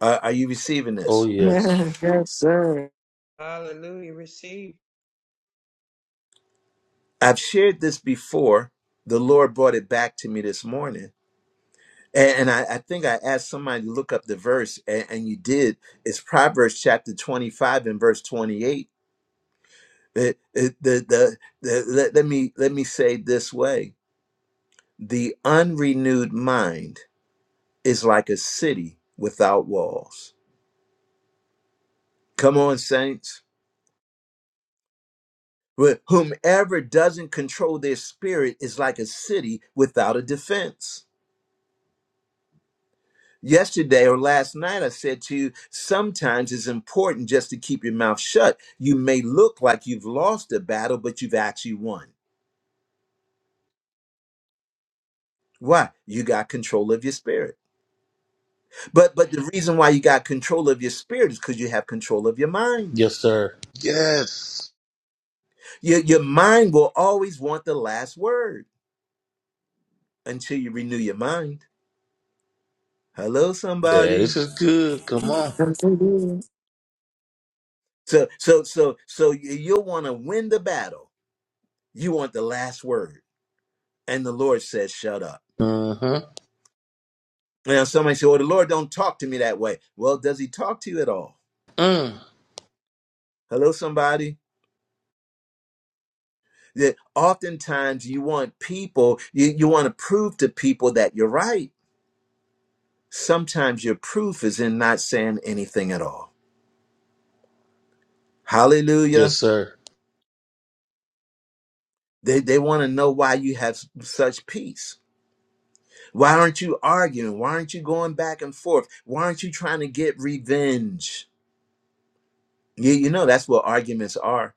Are, are you receiving Oh, this? *laughs* yes. yes, sir. Hallelujah. Receive I've shared this before. The Lord brought it back to me this morning. And, and I, I think I asked somebody to look up the verse, and, and you did. It's Proverbs chapter 25 and verse 28. It- it- the, the, the, let, let, me, let me say it this way the unrenewed mind is like a city without walls. Come on, saints. Wh- Whomever doesn't control their spirit is like a city without a defense. Yesterday or last night, I said to you, sometimes it's important just to keep your mouth shut. You may look like you've lost a battle, but you've actually won. Why? You got control of your spirit. But but the reason why you got control of your spirit is because you have control of your mind. Yes, sir. Yes. Your, your mind will always want the last word until you renew your mind. Hello, Yeah, somebody. this is good. Come on. Yes, indeed. So, so, so, so y- you'll want to win the battle. You want the last word, and the Lord says, "Shut up." Mm-hmm. Now, somebody say, "Well, the Lord don't talk to me that way." Well, does He talk to you at all? Mm. Hello, somebody. That oftentimes you want people, you, you want to prove to people that you're right. Sometimes your proof is in not saying anything at all. Yes, Hallelujah. sir. They they want to know why you have such peace Why aren't you arguing? Why aren't you going back and forth? Why aren't you trying to get revenge? You, you know, that's what arguments are.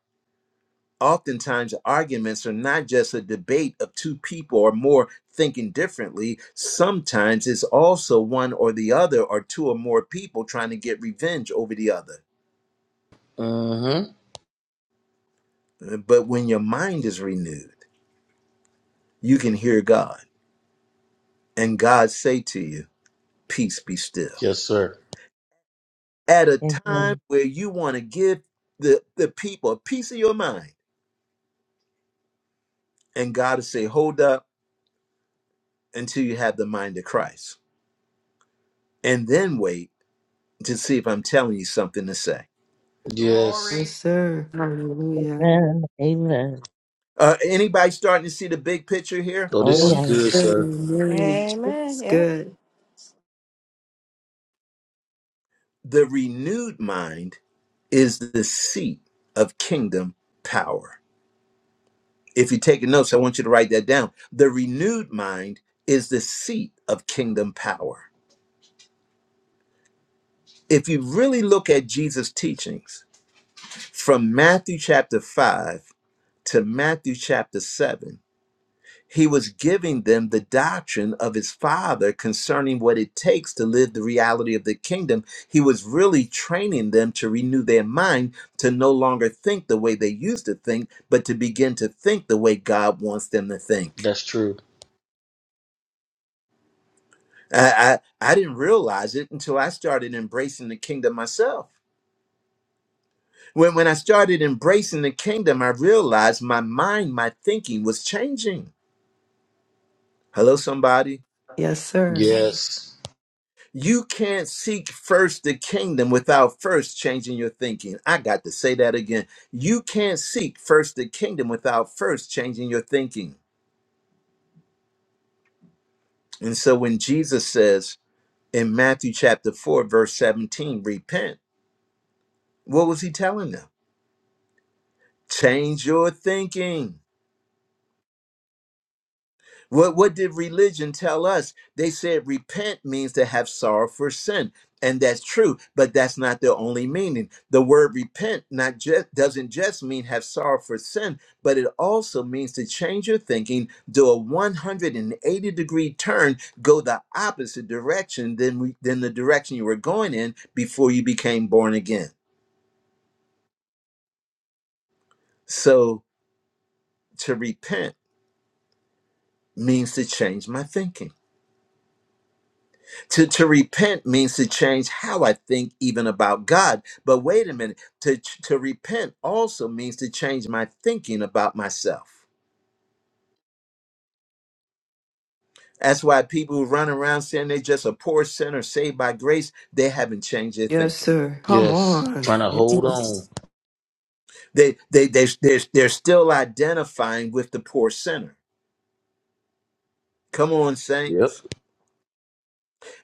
Oftentimes, arguments are not just a debate of two people or more thinking differently. Sometimes it's also one or the other, or two or more people trying to get revenge over the other. Mm-hmm. Uh, But when your mind is renewed, you can hear God, and God say to you, Peace be still. Yes, sir. At a time Amen. where you want to give the, the people a piece of your mind and God will say, hold up until you have the mind of Christ. And then wait to see if I'm telling you something to say. glory. Yes, Yes. sir. Hallelujah. Amen. Amen. Uh, anybody starting to see the big picture here? Oh, Oh this is Yes, yeah. good, sir. sir. It's Amen. Yep. good. The renewed mind is the seat of kingdom power. If you're taking notes, I want you to write that down. The renewed mind is the seat of kingdom power. If you really look at Jesus' teachings from Matthew chapter 5 to Matthew chapter 7, He was giving them the doctrine of his father concerning what it takes to live the reality of the kingdom. He was really training them to renew their mind to no longer think the way they used to think, but to begin to think the way God wants them to think. That's true. I, I, I didn't realize it until I started embracing the kingdom myself. When, when I started embracing the kingdom, I realized my mind, my thinking was changing. Hello, somebody. Yes, sir. Yes. You can't seek first the kingdom without first changing your thinking. I got to say that again. You can't seek first the kingdom without first changing your thinking. And so when Jesus says in Matthew chapter 4, verse 17, repent, what was he telling them? Change your thinking. What, what did religion tell us? They said repent means to have sorrow for sin. And that's true, but that's not the only meaning. The word repent not just doesn't just mean have sorrow for sin, but it also means to change your thinking, do a 180 degree turn, go the opposite direction than we, than the direction you were going in before you became born again. So to repent means to change my thinking. To, to repent means to change how I think even about God. But wait a minute, to, to repent also means to change my thinking about myself. That's why people who run around saying they're just a poor sinner saved by grace, they haven't changed their Yes, thinking. sir. Come Yes. on. Trying to hold on. Yes. They, they, they, they're, they're still identifying with the poor sinner. Come on, Yep. saints.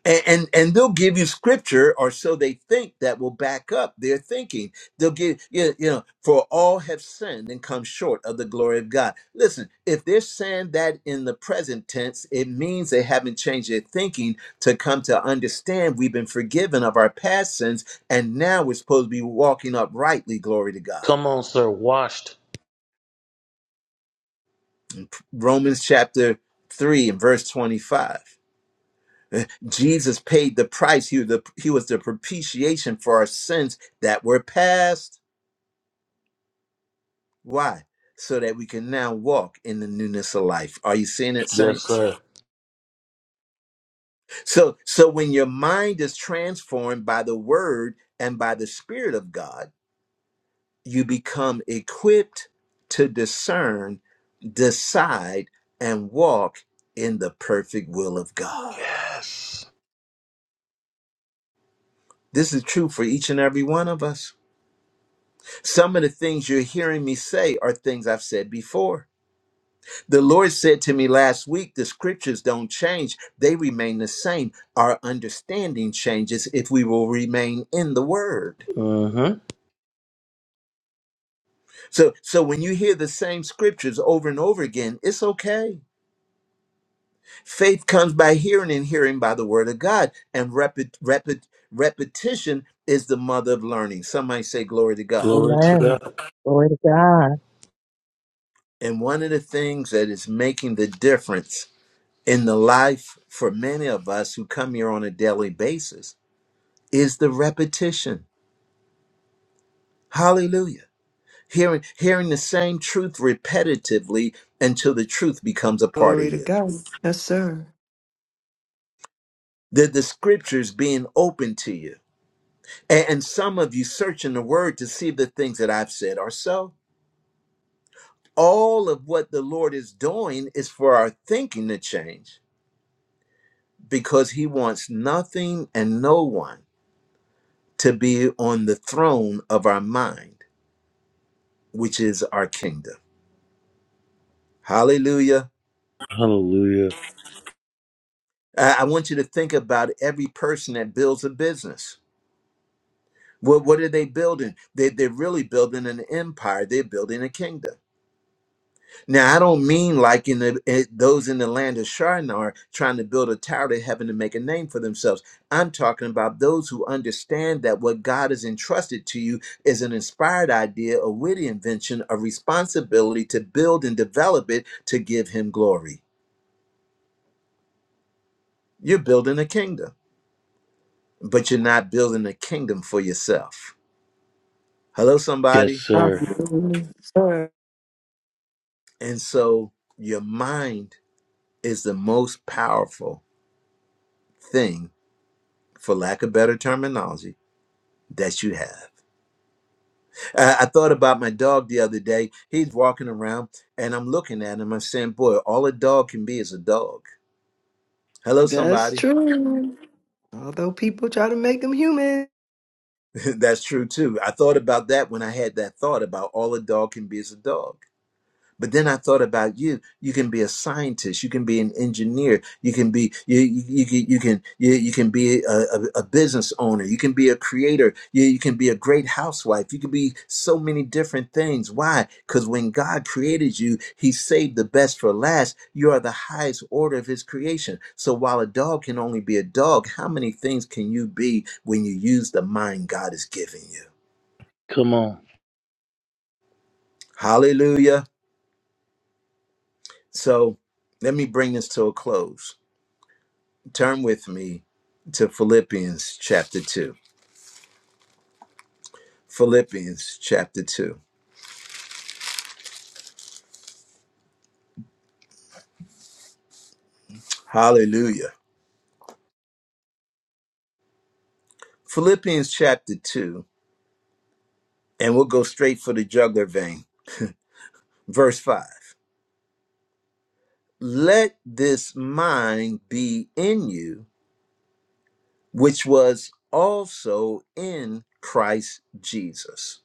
and, and and they'll give you scripture or so they think that will back up their thinking they'll give you you know for all have sinned and come short of the glory of god listen if they're saying that in the present tense it means they haven't changed their thinking to come to understand we've been forgiven of our past sins and now we're supposed to be walking uprightly glory to god Come on, sir. Washed. romans chapter 3 and verse 25 Jesus paid the price. He was the, he was the propitiation for our sins that were past. Why? So that we can now walk in the newness of life. Are you seeing it, Yes, saints? sir. So, so when your mind is transformed by the Word and by the Spirit of God, you become equipped to discern, decide, and walk in the perfect will of God. Yes. This is true for each and every one of us. Some of the things you're hearing me say are things I've said before. The Lord said to me last week the scriptures don't change, they remain the same. Our understanding changes if we will remain in the word. Mm-hmm. So so when you hear the same scriptures over and over again, it's okay. Faith comes by hearing and hearing by the word of God and repet, repet, repetition is the mother of learning. Somebody say glory to God. Glory to Amen. God. Glory to God. And one of the things that is making the difference in the life for many of us who come here on a daily basis is the repetition. Hallelujah. Hearing, hearing the same truth repetitively until the truth becomes a part of Glory to you. God. Yes, sir. The, the scriptures being open to you. A- and some of you searching the word to see if the things that I've said are so. All of what the Lord is doing is for our thinking to change because he wants nothing and no one to be on the throne of our mind which is our kingdom. Hallelujah. Hallelujah. I I want you to think about every person that builds a business. What, what are they building? They, they're really building an empire. They're building a kingdom. Now, I don't mean like in the, eh, those in the land of Shinar trying to build a tower to heaven to make a name for themselves. I'm talking about those who understand that what God has entrusted to you is an inspired idea, a witty invention, a responsibility to build and develop it to give Him glory. You're building a kingdom. but you're not building a kingdom for yourself. Hello, Yes, somebody. sir. Hallelujah. Yes, Sir. And so your mind is the most powerful thing, for lack of better terminology, that you have. I, I thought about my dog the other day. He's walking around, and I'm looking at him. I'm saying, Boy, all a dog can be is a dog. Hello, That's somebody. true. Although people try to make them human. *laughs* That's true too. I thought about that when I had that thought about all a dog can be is a dog. But then I thought about you. You can be a scientist. You can be an engineer. You can be you you, you can you can you, you can be a, a, a business owner. You can be a creator. You, you can be a great housewife. You can be so many different things. Why? Because when God created you, He saved the best for last. You are the highest order of His creation. So while a dog can only be a dog, how many things can you be when you use the mind God has given you? Come on. Hallelujah. So let me bring this to a close Turn with me to Philippians chapter 2. Philippians chapter 2. Hallelujah. Philippians chapter 2, and we'll go straight for the jugular vein. Verse 5. Let this mind be in you, which was also in Christ Jesus,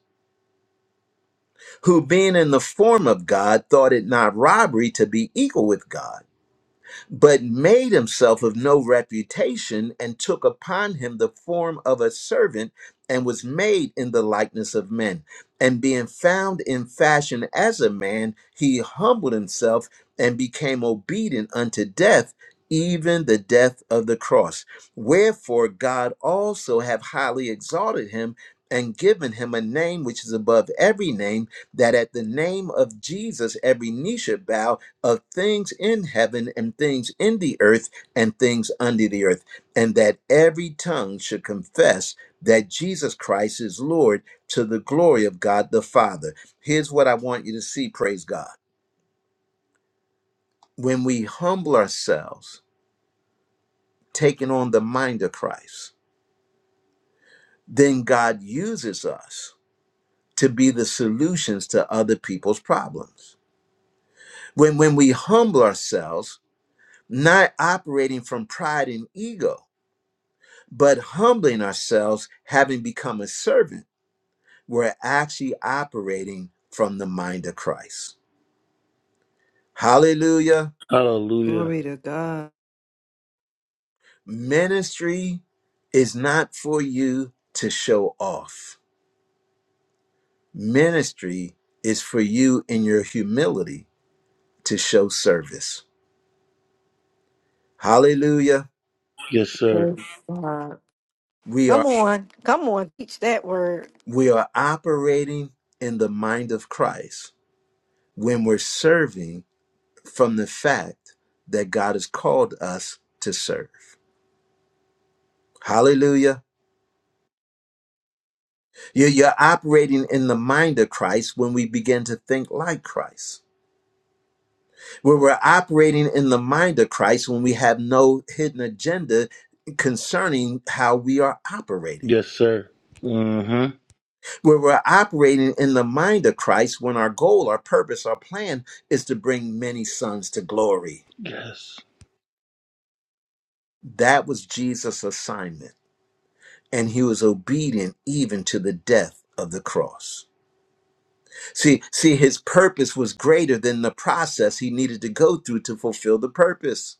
who being in the form of God, thought it not robbery to be equal with God but made himself of no reputation and took upon him the form of a servant and was made in the likeness of men. And being found in fashion as a man, he humbled himself and became obedient unto death, even the death of the cross. Wherefore God also have highly exalted him and given him a name which is above every name, that at the name of Jesus every knee should bow of things in heaven and things in the earth and things under the earth, and that every tongue should confess that Jesus Christ is Lord to the glory of God the Father. Here's what I want you to see, praise God. When we humble ourselves, taking on the mind of Christ, then God uses us to be the solutions to other people's problems. When when we humble ourselves, not operating from pride and ego, but humbling ourselves, having become a servant, we're actually operating from the mind of Christ. Hallelujah. Hallelujah. Glory to God. Ministry is not for you to show off, ministry is for you in your humility to show service. Hallelujah. Yes, sir. Praise God. We are, Come on. Come on, teach that word. we are operating in the mind of Christ when we're serving from the fact that God has called us to serve. Hallelujah. You- You're operating in the mind of Christ when we begin to think like Christ. Where we're operating in the mind of Christ when we have no hidden agenda concerning how we are operating. Yes, sir. Mm-hmm. Where we're operating in the mind of Christ when our goal, our purpose, our plan is to bring many sons to glory. Yes. That was Jesus' assignment, and he was obedient even to the death of the cross. See, see, his purpose was greater than the process he needed to go through to fulfill the purpose.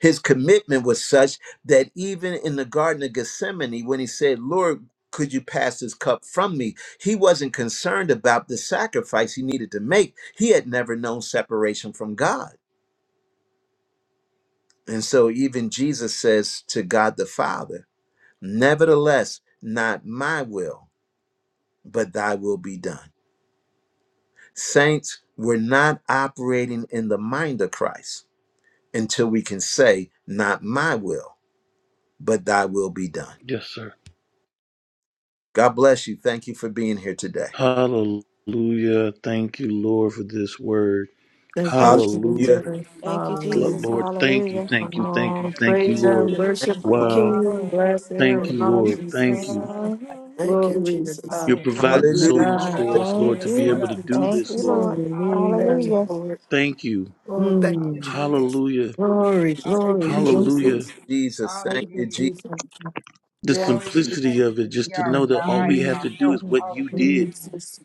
His commitment was such that even in the Garden of Gethsemane, when he said, Lord, could you pass this cup from me? He wasn't concerned about the sacrifice he needed to make. He had never known separation from God. And so even Jesus says to God the Father, Nevertheless, not my will, but thy will be done. Saints, we're not operating in the mind of Christ until we can say, Not my will, but thy will be done. Yes, sir. God bless you. Thank you for being here today. Hallelujah. Thank you, Lord, for this word. Thank you, Hallelujah. Hallelujah. Jesus. Thank you, Lo- Hallelujah. Jesus. Lord, Hallelujah. thank you, Hallelujah. thank Come you, thank you, on, Hallelujah. thank you, praise Thank Lord. Him, you. Thank worship you, our Lord. Thank Wow. you, King, Lord. bless Hallelujah, Thank Him. Lord. you, Thank you, Lord. We're Thank Jesus. you. grateful. Hallelujah. Mhm. Thank you, Glory to Jesus. You're God. Hallelujah. Thank providing you, Because Hallelujah. so of your much God. for Hallelujah. us, love Lord, Thank to Yes, be toward you. able thank to us. you, do Thank this, you, Jesus. Lord. Lord. Thank Hallelujah. you, Hallelujah. Hallelujah. Lord. Thank you. Oh, thank Mm. you, Hallelujah. Jesus. Hallelujah. Glory, Thank glory, you, Hallelujah. glory. Hallelujah. Jesus. Jesus, Jesus. Thank Thank you, you, Hallelujah. Jesus. Jesus. The You always Yes, thank simplicity intended of it, to be just to our know that all guide we and have Mm, to our do help. is you, what you Lord did, Hallelujah. mm. Jesus.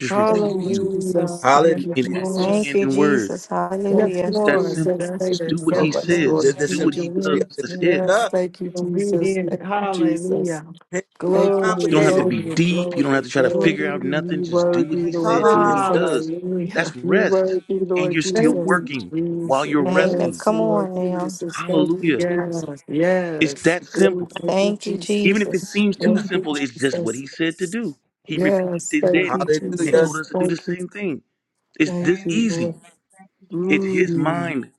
just Yes, Thank repeat you, Lord. you Hallelujah. Jesus. Yes, Thank Hallelujah. you, in action Lord. Jesus. Thank and you, in word. Jesus. Thank you, Hallelujah. It's that simple. Jesus. Thank Just you do what so he Yes, much, Lord. The, says, Lord. the Yes, do what he Lord. simplicity does. of it. That's it. Yes, Yeah. Yes, thank you, Lord. Jesus. Thank you, Jesus. Make it Thank you, Hallelujah. You don't have Jesus. to complicated. be deep. You don't have to try to Lord, figure out nothing. you Just do what worthy, he Lord said, do Hallelujah. what he Hallelujah. Jesus. does. That's You rest. worthy, And Lord you're still Thank Jesus. you, working while Jesus. you're Amen. resting. Yes, Come Lord on now. Jesus. Thank you, Hallelujah. Yes, Jesus. It's yes. that Oh, simple. thank you, Thank you, Jesus. Even if it Jesus. seems too Yeah. Thank you, simple, it's just what Jesus. he said to do. He repeated Yes, this yes, thank daddy you, Jesus. and Hallelujah. told Jesus. us to do the Thank you, same thing. It's thank this Thank you, you, easy. Lord. Jesus. Thank you, It's Jesus. his Mm, mind.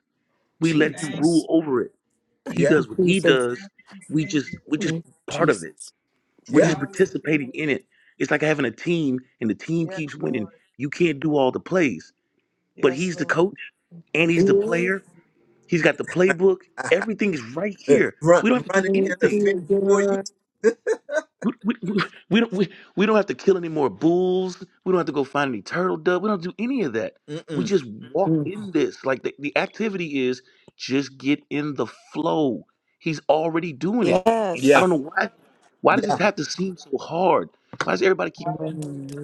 We let him Thank you, rule Jesus. over Jesus. it. He Thank Yeah. you, does what he Jesus. does. Thank We you, just Jesus. we Thank just you, part of it. Jesus. We're Yeah. just Yeah. participating Hallelujah. in it. It's like having a team and the team Yes, keeps winning. Lord. You can't do all the plays, but Yes, he's the Lord. coach and he's the yes. player. He's got the playbook. Everything is right here. Run, We don't have to do running anything. interference for you. *laughs* We, we, we, we don't, we, we don't have to kill any more bulls. We don't have to go find any turtle dove. We don't do any of that. We Mm-mm. just walk Mm. in this. Like the, the activity is just get in the flow. He's already doing it. I Yeah. don't Yes. know why. Why does this Yeah. have to seem so hard? Why does everybody keep?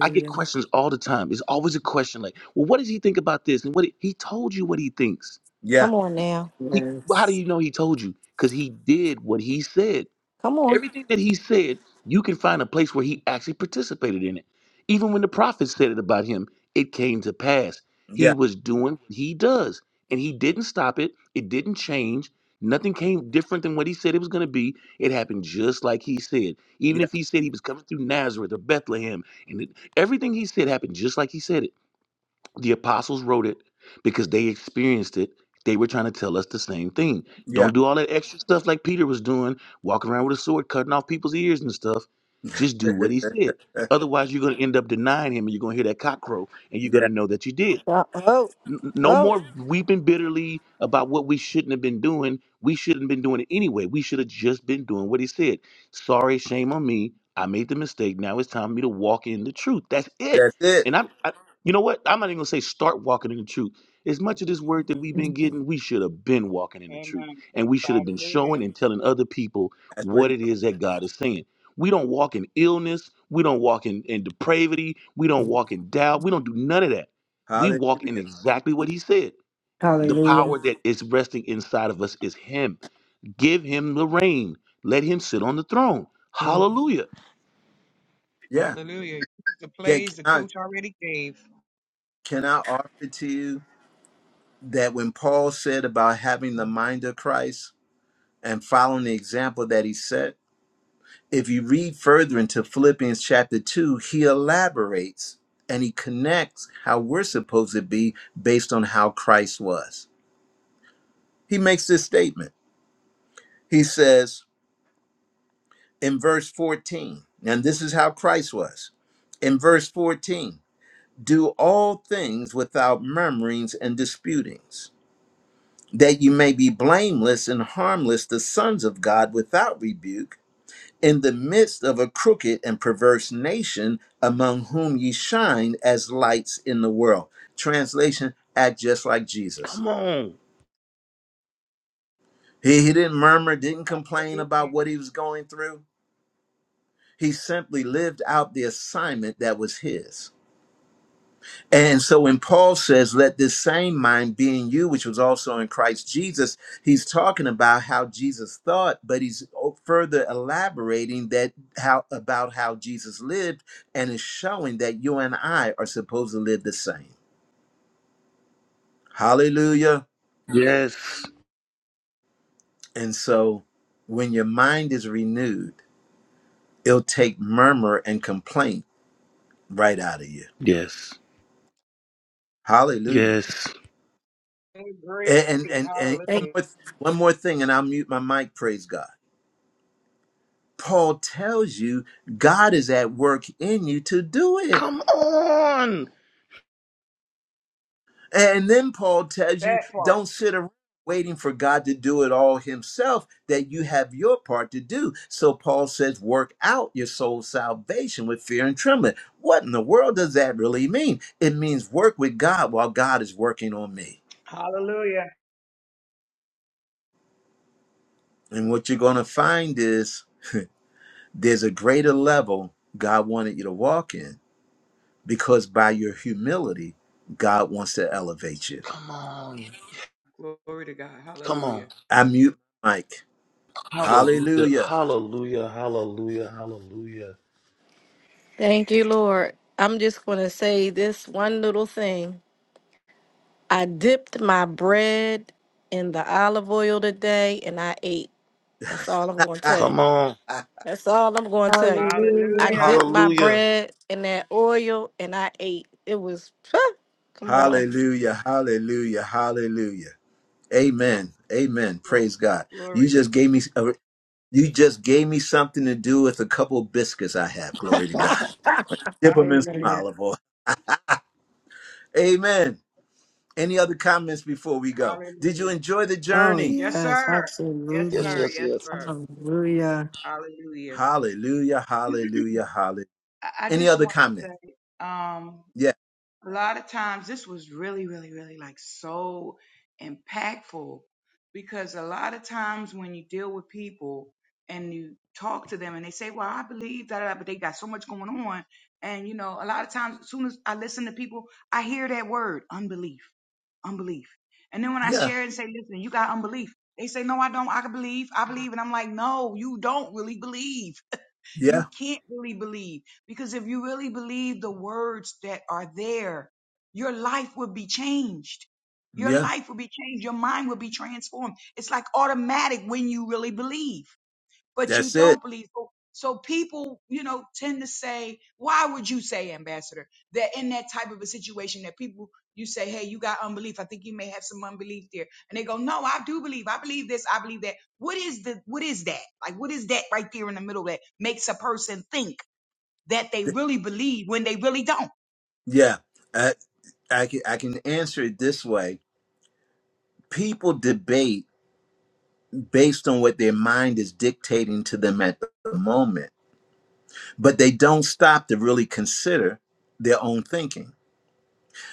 I get questions all the time. It's always a question like, well, what does he think about this? And what he told you what he thinks. Yeah. Come on now. He, how do Yes. you know he told you? Because he did what he said. Come on. Everything that he said, you can find a place where he actually participated in it. Even when the prophets said it about him, it came to pass. He Yeah. was doing what he does, and he didn't stop it. It didn't change. Nothing came different than what he said it was going to be. It happened just like he said. Even if Yeah. he said he was coming through Nazareth or Bethlehem, and it- everything he said happened just like he said it. The apostles wrote it because they experienced it. They were trying to tell us the same thing. Yeah. Don't do all that extra stuff like Peter was doing, walking around with a sword, cutting off people's ears and stuff. Just do *laughs* what he said. Otherwise, you're going to end up denying him and you're going to hear that cock crow and you're going yeah. to know that you did. Uh, Oh, N- No oh. more weeping bitterly about what we shouldn't have been doing. We shouldn't have been doing it anyway. We should have just been doing what he said. Sorry, shame on me. I made the mistake. Now it's time for me to walk in the truth. That's it. That's it. And I'm, I, you know what? I'm not even gonna say start walking in the truth. As much of this word that we've been getting, we should have been walking in the truth, Amen. and we should have been Hallelujah. showing and telling other people That's what what he it told. is that God is saying. We don't walk in illness. We don't walk in, in depravity. We don't walk in doubt. We don't do none of that me. we walk in Hallelujah. exactly what he said. The Hallelujah. power that is resting inside of us is him. Give him the reign. Let him sit on the throne. Hallelujah. Yeah. Hallelujah. The Can, plays can the I coach already gave. can I offer to you that when Paul said about having the mind of Christ and following the example that he set, if you read further into Philippians chapter two, he elaborates and he connects how we're supposed to be based on how Christ was. He makes this statement. He says in verse 14, and this is how Christ was. In verse 14, Do all things without murmurings and disputings, that you may be blameless and harmless, the sons of God without rebuke, in the midst of a crooked and perverse nation, among whom ye shine as lights in the world. Translation Act just like Jesus. Come on. He, he didn't murmur, didn't complain about what he was going through. He simply lived out the assignment that was his. And so when Paul says, let this same mind be in you, which was also in Christ Jesus, he's talking about how Jesus thought, but he's o- further elaborating that how about how Jesus lived and is showing that you and I are supposed to live the same. Hallelujah. Yes. And so when your mind is renewed, it'll take murmur and complaint right out of you. Yes. Hallelujah. Yes. Great. And and and, and Thank, one Hallelujah. more th- one more thing, and I'll mute my mic, praise God Paul tells you God is at work in you to do it. Come on. And then Paul tells you That part. don't sit around waiting for God to do it all himself, that you have your part to do. So Paul says, work out your soul's salvation with fear and trembling. What in the world does that really mean? It means work with God while God is working on me. Hallelujah. And what you're going to find is there's a greater level God wanted you to walk in because by your humility, God wants to elevate you. Come on. Glory to God. Come Hallelujah. on. I mute Mike. Hallelujah. Hallelujah. Hallelujah. Hallelujah. Hallelujah. thank you, Lord. I'm just going to say this one little thing. I dipped my bread in the olive oil today and I ate. That's all I'm going to tell you. Come on. That's all I'm going to tell you. I Hallelujah. Hallelujah. dipped my Hallelujah. bread in that oil and I ate. It was, *laughs* come on. Hallelujah. Hallelujah. Hallelujah. Amen. Amen. Glory Praise God. You glory to just God. gave me a, you just gave me something to do with a couple of biscuits I have. Glory to God. Like, Dip them in some Hallelujah. Hallelujah. olive oil. Amen. Any other comments before we go? Did you Hallelujah. enjoy the Oh, journey? Yes, yes, sir. Yes, Yes, absolutely. sir. yes, Yes, yes. sir. Hallelujah. Hallelujah. Hallelujah. Hallelujah. Hallelujah. I, I Any just other want to comments? say, um. Yeah. a lot of times this was really really really like so impactful because a lot of times when you deal with people and you talk to them and they say well i believe that but they got so much going on and you know a lot of times as soon as i listen to people i hear that word unbelief unbelief and then when i Yeah. share it and say listen you got unbelief they say no i don't i can believe i believe and i'm like no you don't really believe Yeah. you can't really believe because if you really believe the words that are there, your life will be changed. Your Yeah. life will be changed. Your mind will be transformed. It's like automatic when you really believe but you That's it. don't believe. So so people, you know, tend to say, why would you say, Ambassador, that in that type of a situation that people, you say, hey, you got unbelief. I think you may have some unbelief there. And they go, no, I do believe. I believe this. I believe that. What is the, what is that? Like, what is that right there in the middle that makes a person think that they really believe when they really don't? Yeah. I, I can I can answer it this way people debate based on what their mind is dictating to them at the moment, but they don't stop to really consider their own thinking.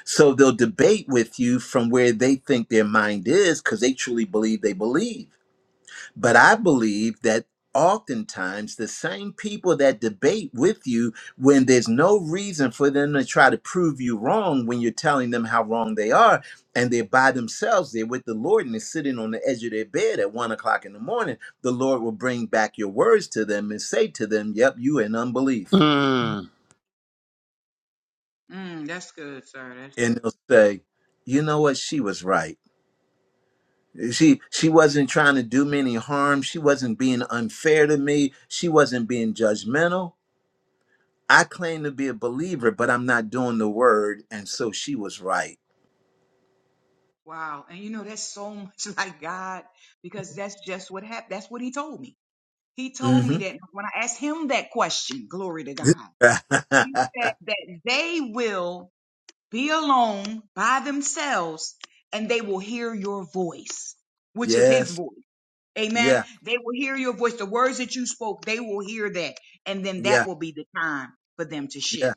So they'll debate with you from where they think their mind is because they truly believe they believe. But I believe that oftentimes the same people that debate with you when there's no reason for them to try to prove you wrong when you're telling them how wrong they are, and they're by themselves, they're with the Lord, and they're sitting on the edge of their bed at one o'clock in the morning, the Lord will bring back your words to them and say to them, Yep, you in unbelief. Mm. Mm, that's good, sir. That's And they'll good. say, You know what? She was right. She she wasn't trying to do me any harm. She wasn't being unfair to me. She wasn't being judgmental I claim to be a believer, but I'm not doing the word. And so she was right. Wow. And you know, that's so much *laughs* like God because that's just what happened. That's what he told me. He told me hmm that when I asked him that question, glory to God, *laughs* he said that they will be alone by themselves and they will hear your voice, which is his yes. voice. Amen. Yeah. They will hear your voice. The words that you spoke, they will hear that. And then that Yeah. will be the time for them to Yeah. shift.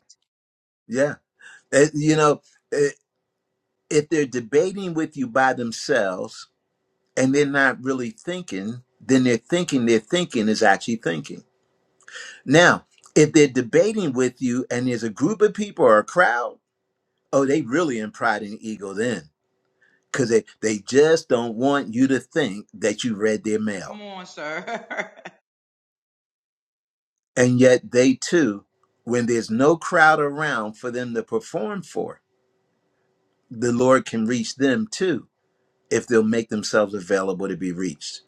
Yeah. Eh, you know, eh, if they're debating with you by themselves and they're not really thinking, then they're thinking their thinking is actually thinking. Now, if they're debating with you and there's a group of people or a crowd, oh, they really in pride and ego then because they, they just don't want you to think that you read their mail. Come on, sir. *laughs* And yet they too, when there's no crowd around for them to perform for, the Lord can reach them too if they'll make themselves available to be reached.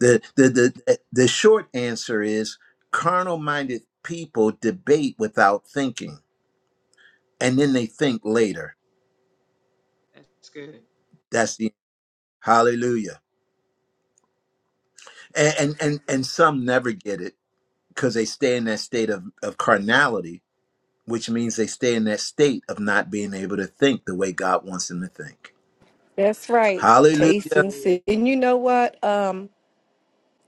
The the the the short answer is carnal minded people debate without thinking and then they think later. That's good. That's the hallelujah. And and Thank and, you. and some never get it because they stay in that state of, of carnality, which means they stay in that state of not being able to think the way God wants them to think. That's right. Taste Hallelujah. and see. Hallelujah. And you know what? Um,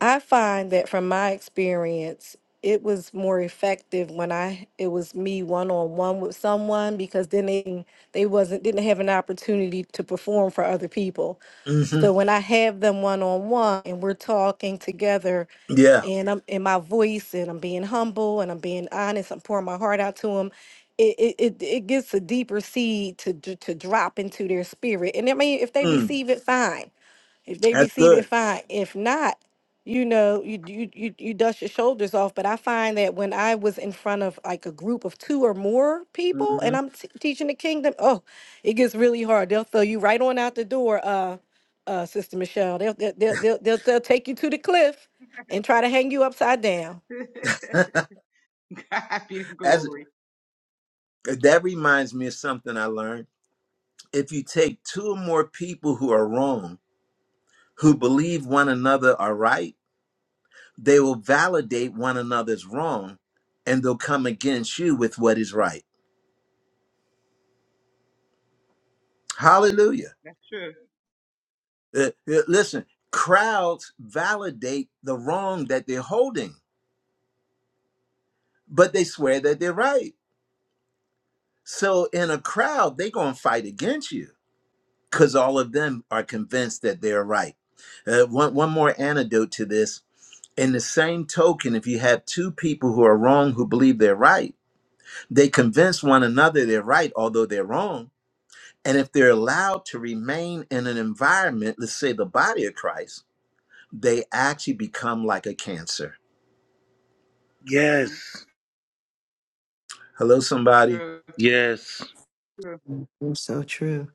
I find that from my experience, it was more effective when I it was me one on one with someone because then they they wasn't didn't have an opportunity to perform for other people. hmm So when I have them one on one and we're talking together Yeah. and I'm in my voice and I'm being humble and I'm being honest, I'm pouring my heart out to them. It it it, it gets a deeper seed to d- to drop into their spirit. And I mean, if they Mm. receive it, fine. If they That's receive it, good. fine. If not, you know, you you you you dust your shoulders off. But I find that when I was in front of like a group of two or more people, and hmm I'm t- teaching the kingdom, oh, it gets really hard. They'll throw you right on out the door, uh, uh, Sister Michelle. They'll they'll they'll they'll, they'll, they'll take you to the cliff and try to hang you upside down. *laughs* God be the As glory. *laughs* that reminds me of something I learned. If you take two or more people who are wrong, who believe one another are right, they will validate one another's wrong, and they'll come against you with what is right. Hallelujah. That's true. Uh, uh, listen, crowds validate the wrong that they're holding, but they swear that they're right. So in a crowd, they're gonna fight against you. because all of them are convinced that they're right. Uh, one, one more antidote to this. In the same token, if you have two people who are wrong who believe they're right, they convince one another they're right, although they're wrong. And if they're allowed to remain in an environment, let's say the body of Christ, they actually become like a cancer. hmm Yes. Hello, somebody. True. Yes. True. You're so true.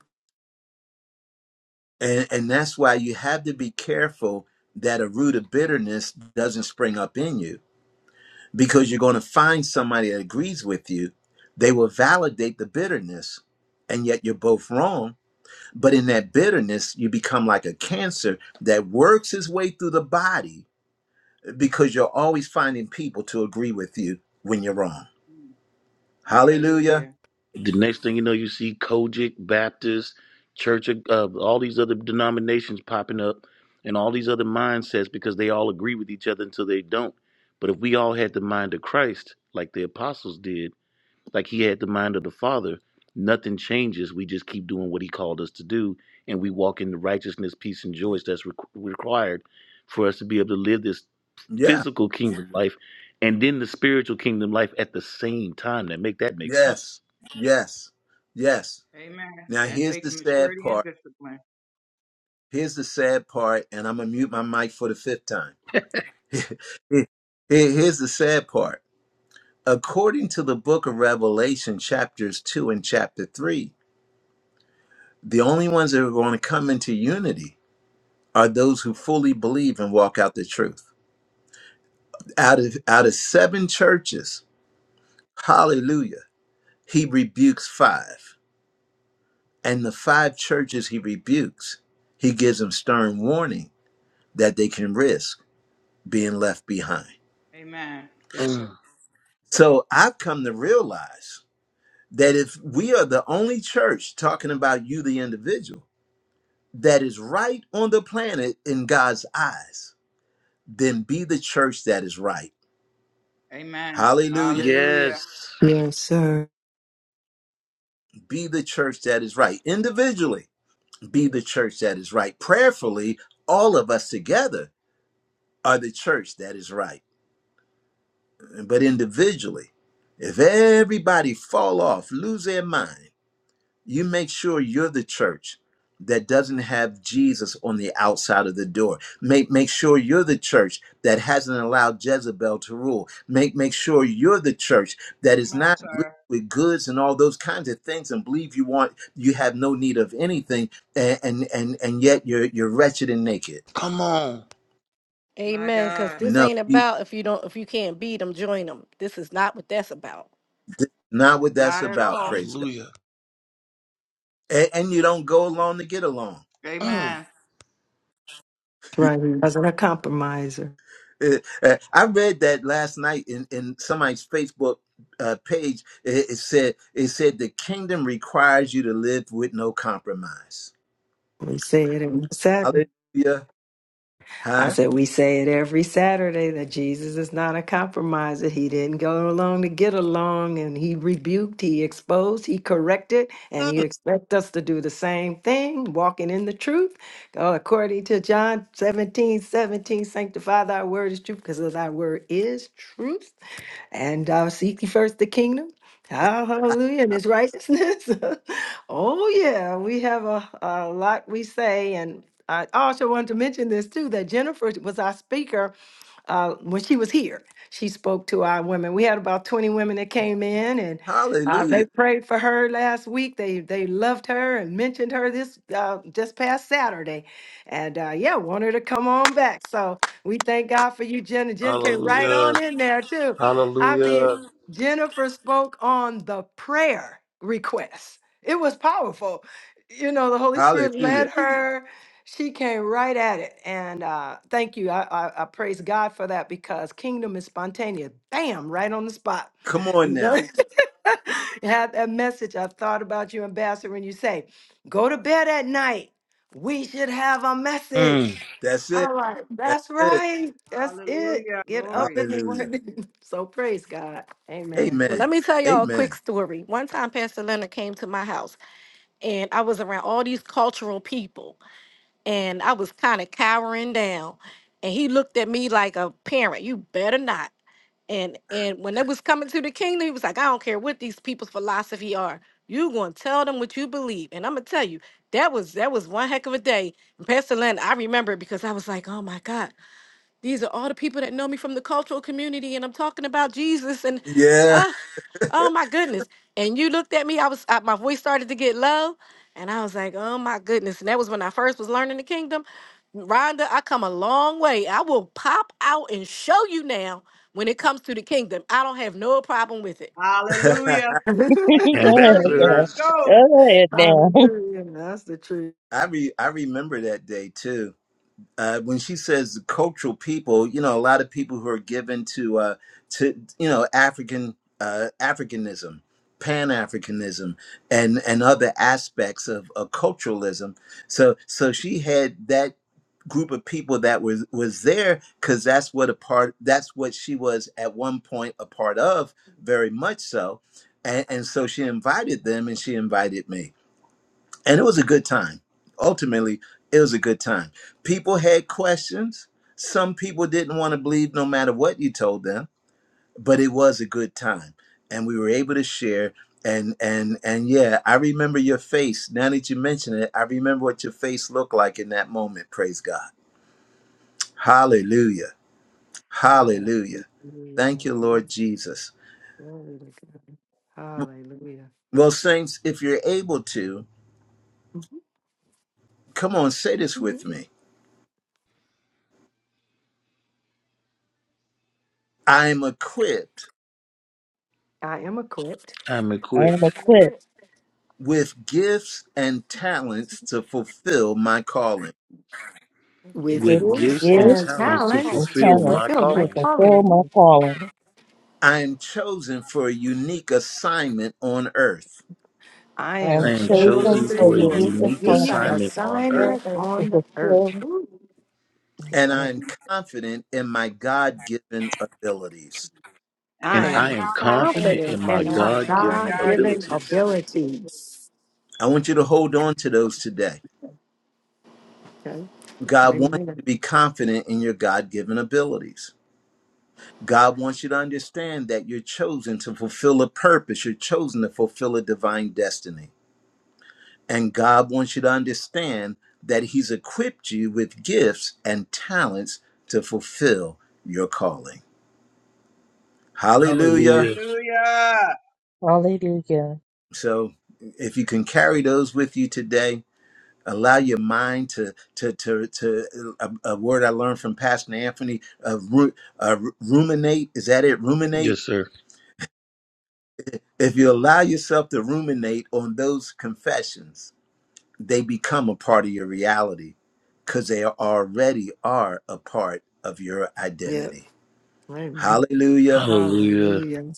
And, and that's why you have to be careful that a root of bitterness doesn't spring up in you because you're going to find somebody that agrees with you. They will validate the bitterness, and yet you're both wrong. But in that bitterness, you become like a cancer that works its way through the body because you're always finding people to agree with you when you're wrong. Mm. Hallelujah. Hallelujah. The next thing you know, you see Kojic, Baptist, Church of uh, all these other denominations popping up and all these other mindsets because they all agree with each other until they don't. But if we all had the mind of Christ, like the apostles did, like he had the mind of the Father, nothing changes. We just keep doing what he called us to do and we walk in the righteousness, peace, and joy that's requ required for us to be able to live this Yeah. physical kingdom life and then the spiritual kingdom life at the same time. That make that make Yes. sense. Yes. Yes. Amen. Now, That here's the takes sad maturity and part. discipline. Here's the sad part, and I'm going to mute my mic for the fifth time. Here- here- Here's the sad part according to the book of Revelation, chapters 2 and chapter 3, the only ones that are going to come into unity are those who fully believe and walk out the truth. Out of out of seven churches, hallelujah, he rebukes five. And the five churches he rebukes, he gives them stern warning that they can risk being left behind. Amen. Yes, sir. So I've come to realize that if we are the only church talking about you, the individual, that is right on the planet in God's eyes, then be the church that is right. Amen. Hallelujah. Hallelujah. Yes. Yes, sir. Be the church that is right. Individually, be the church that is right. Prayerfully, all of us together are the church that is right. But individually, if everybody fall off, lose their mind, you make sure you're the church that doesn't have Jesus on the outside of the door. Make make sure you're the church that hasn't allowed Jezebel to rule. Make make sure you're the church that is Come on, not rich sir. with goods and all those kinds of things and believe you want you have no need of anything and and and, and yet you're you're wretched and naked. Come on. My Amen. Because God. this No, ain't you, about if you don't if you can't beat them, join them. This is not what that's about. this is not what that's Not at about, all. praise God. Hallelujah. And, and you don't go along to get along. Mm. Amen. That's right. He wasn't a compromiser. Uh, uh, I read that last night in, in somebody's Facebook uh, page. It, it said it said the kingdom requires you to live with no compromise. We say it in Sabbath. Hallelujah, I huh? said, we say it every Saturday that Jesus is not a compromiser. He didn't go along to get along, and he rebuked, he exposed, he corrected, and he Mm, expects us to do the same thing, walking in the truth. Oh, according to John 17 17. sanctify thy word is truth, because thy word is truth and uh, seek ye first the kingdom. Ah, Hallelujah, and his righteousness. *laughs* oh, yeah, we have a, a lot we say. And I also wanted to mention this too that Jennifer was our speaker uh, when she was here. She spoke to our women. We had about 20 women that came in and uh, hallelujah, they prayed for her last week. They they loved her and mentioned her this uh, just past Saturday, and uh, yeah, want her to come on back. So we thank God for you, Jenna. Jen came right on Hallelujah. in there too. I mean, Hallelujah. Jennifer spoke on the prayer request. It was powerful. You know, the Holy Spirit hallelujah. led *laughs* her. She came right at it. And uh, thank you. I, I, I praise God for that because kingdom is spontaneous. Bam, right on the spot. Come on You now, know? *laughs* Had that message. I thought about you, Ambassador, when you say, go to bed at night. We should have a message. Mm. that's it, I'm like, that's that's it. right. That's it. Hallelujah. Get up Glory. in the Hallelujah. morning. *laughs* so praise God. Amen. Well, let Amen. me tell y'all a quick Amen. story. One time, Pastor Leonard came to my house, and I was around all these cultural people, and I was kind of cowering down. And he looked at me like a parent. You better not. And and when they was coming to the kingdom, he was like, I don't care what these people's philosophy are. You gonna tell them what you believe. And I'm gonna tell you, that was that was one heck of a day. And Pastor Len, I remember it because I was like, oh my God. These are all the people that know me from the cultural community, and I'm talking about Jesus, and Yeah, uh, oh my goodness. And you looked at me, I was I, my voice started to get low, and I was like, oh my goodness. And that was when I first was learning the kingdom. Rhonda, I come a long way. I will pop out and show you now when it comes to the kingdom. I don't have no problem with it. *laughs* Hallelujah. *laughs* *laughs* Go That's ahead, maturity. girl. Let's Ambassadors, go. Go ahead now. Hallelujah. That's the truth. I re- I remember that day too uh, when she says cultural people, you know, a lot of people who are given to uh, to you know African uh, Africanism, Pan Africanism, and and other aspects of, of culturalism. So so she had that group of people that was was there because that's what a part that's what she was at one point a part of very much so and, and so she invited them and she invited me and it was a good time. Ultimately, it was a good time. People had questions. Some people didn't want to believe no matter what you told them, but it was a good time. And we were able to share and and and yeah, I remember your face. Now that you mention it, I remember what your face looked like in that moment. Praise God. Hallelujah. I Hallelujah. Thank you, Lord Jesus. Well, saints, if you're able to, come on, say this with me. I am equipped I am equipped. I'm *laughs* I am equipped The equipped prince with gifts and talents to fulfill my calling. of gifts with and with gifts talents to and gifts fulfill talents my to and calling fulfill talents my to calling. fulfill my calling. I am chosen for a unique assignment on earth, I I I am am am and chosen chosen chosen for chosen for a for for his a religious unique brief unique calling assignment assignment on earth, on assignment earth, to on the earth. fulfill. Ooh. and I am confident in my God given abilities. And and I and I am I am I'm am confident confident confident confident in of my my in my God in my God-given given God God ability given given abilities. ability. abilities. I want you to hold on to those today. Okay. God wants Amen. you to be confident in your God given abilities. God wants you to understand that you're chosen to fulfill a purpose, you're chosen to fulfill a divine destiny. And God wants you to understand that He's equipped you with gifts and talents to fulfill your calling. Hallelujah. Hallelujah. Hallelujah. So if you can carry those with you today, allow your mind to to to to a, a word I learned from Pastor Anthony uh, ru, uh, ruminate is that it ruminate Yes, sir. if you allow yourself to ruminate on those confessions they become a part of your reality because they already are a part of your Yep. identity. Hallelujah. Hallelujah. Hallelujah.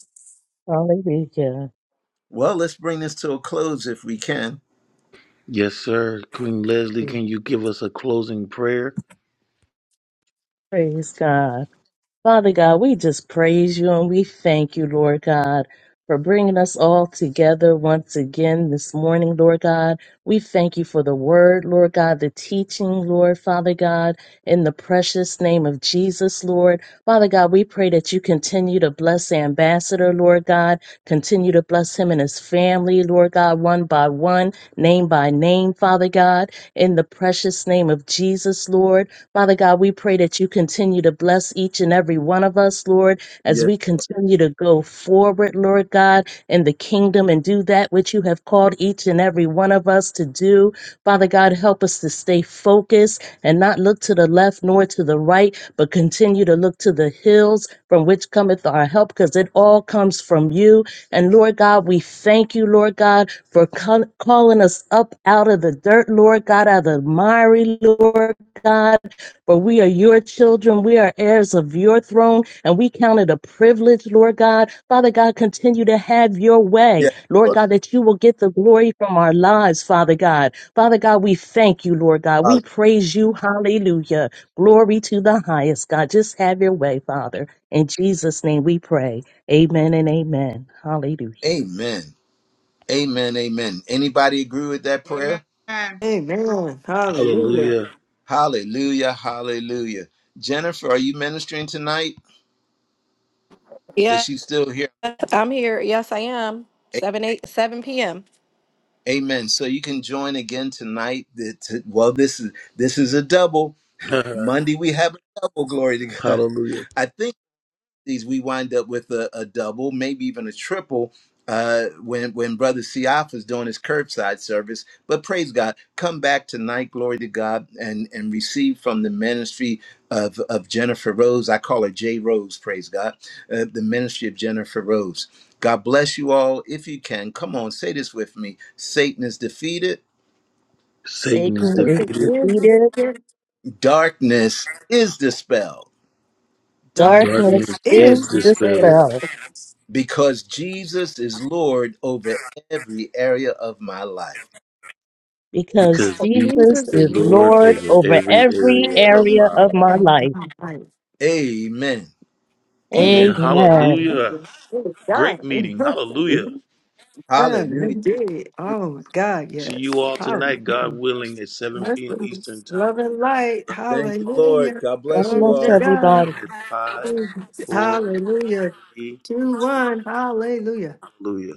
Hallelujah. Well, let's bring this to a close if we can. Yes, sir. Queen Leslie, can you give us a closing prayer? Praise God. Father God, we just praise you and we thank you, Lord God, for bringing us all together once again this morning, Lord God. We thank you for the word, Lord God, the teaching, Lord Father God, in the precious name of Jesus, Lord. Father God, we pray that you continue to bless Ambassador, Lord God, Continue to bless him and his family, Lord God, one by one, name by name, Father God, in the precious name of Jesus, Lord. Father God, we pray that you continue to bless each and every one of us, Lord, as Yes. we continue to go forward, Lord God, in the kingdom and do that which you have called each and every one of us to do. Father God, help us to stay focused and not look to the left nor to the right, but continue to look to the hills from which cometh our help, because it all comes from you. And Lord God, we thank you, Lord God, for call- calling us up out of the dirt, Lord God, out of the miry, Lord God. For we are your children. We are heirs of your throne, and we count it a privilege, Lord God. Father God, continue to have your way, Yes. Lord Lord. God, that you will get the glory from our lives, Father God. Father God, we thank you, Lord God. We Hall- praise you. Hallelujah. Glory to the highest, God. Just have your way, Father. In Jesus' name we pray. Amen and amen. Hallelujah. Amen. Amen. Amen. Anybody agree with that prayer? Amen. Hallelujah. Hallelujah. Hallelujah. Hallelujah. Jennifer, are you ministering tonight? Is Yeah, she still here? I'm here. Yes, I am. A- Seven eight seven p.m. Amen. So you can join again tonight. The- t- Well, this is this is a double. *laughs* Monday we have a double. Glory to God. Hallelujah. *laughs* I think. these we wind up with a, a double, maybe even a triple. Uh, when when Brother Siaf is doing his curbside service, but praise God, come back tonight, glory to God, and and receive from the ministry of of Jennifer Rose. I call her J Rose. Praise God, uh, the ministry of Jennifer Rose. God bless you all. If you can, come on, say this with me: Satan is defeated, Satan is Satan Satan is is defeated. the defeated. spirit. darkness is dispelled, Dark Darkness Darkness is is is the dispelled spell. dispelled because Jesus is Lord over every area of my life. because because But Jesus Jesus Jesus is is is Lord Lord over Lord. over every every and area I of area my of my life. am life. right. Amen. Man, Amen. Amen. hallelujah. Hallelujah. It is Great meeting. done. *laughs* Hallelujah. Uh, we Hallelujah. did. Oh my God, To yes. you all Hallelujah. tonight, God willing, at 7 p.m. Eastern Time. Love you Thank you, all. Lord. God God bless you We bless all. shut it everybody. down at 5, 4, Hallelujah. 3, 2, Two, one. Hallelujah. Hallelujah.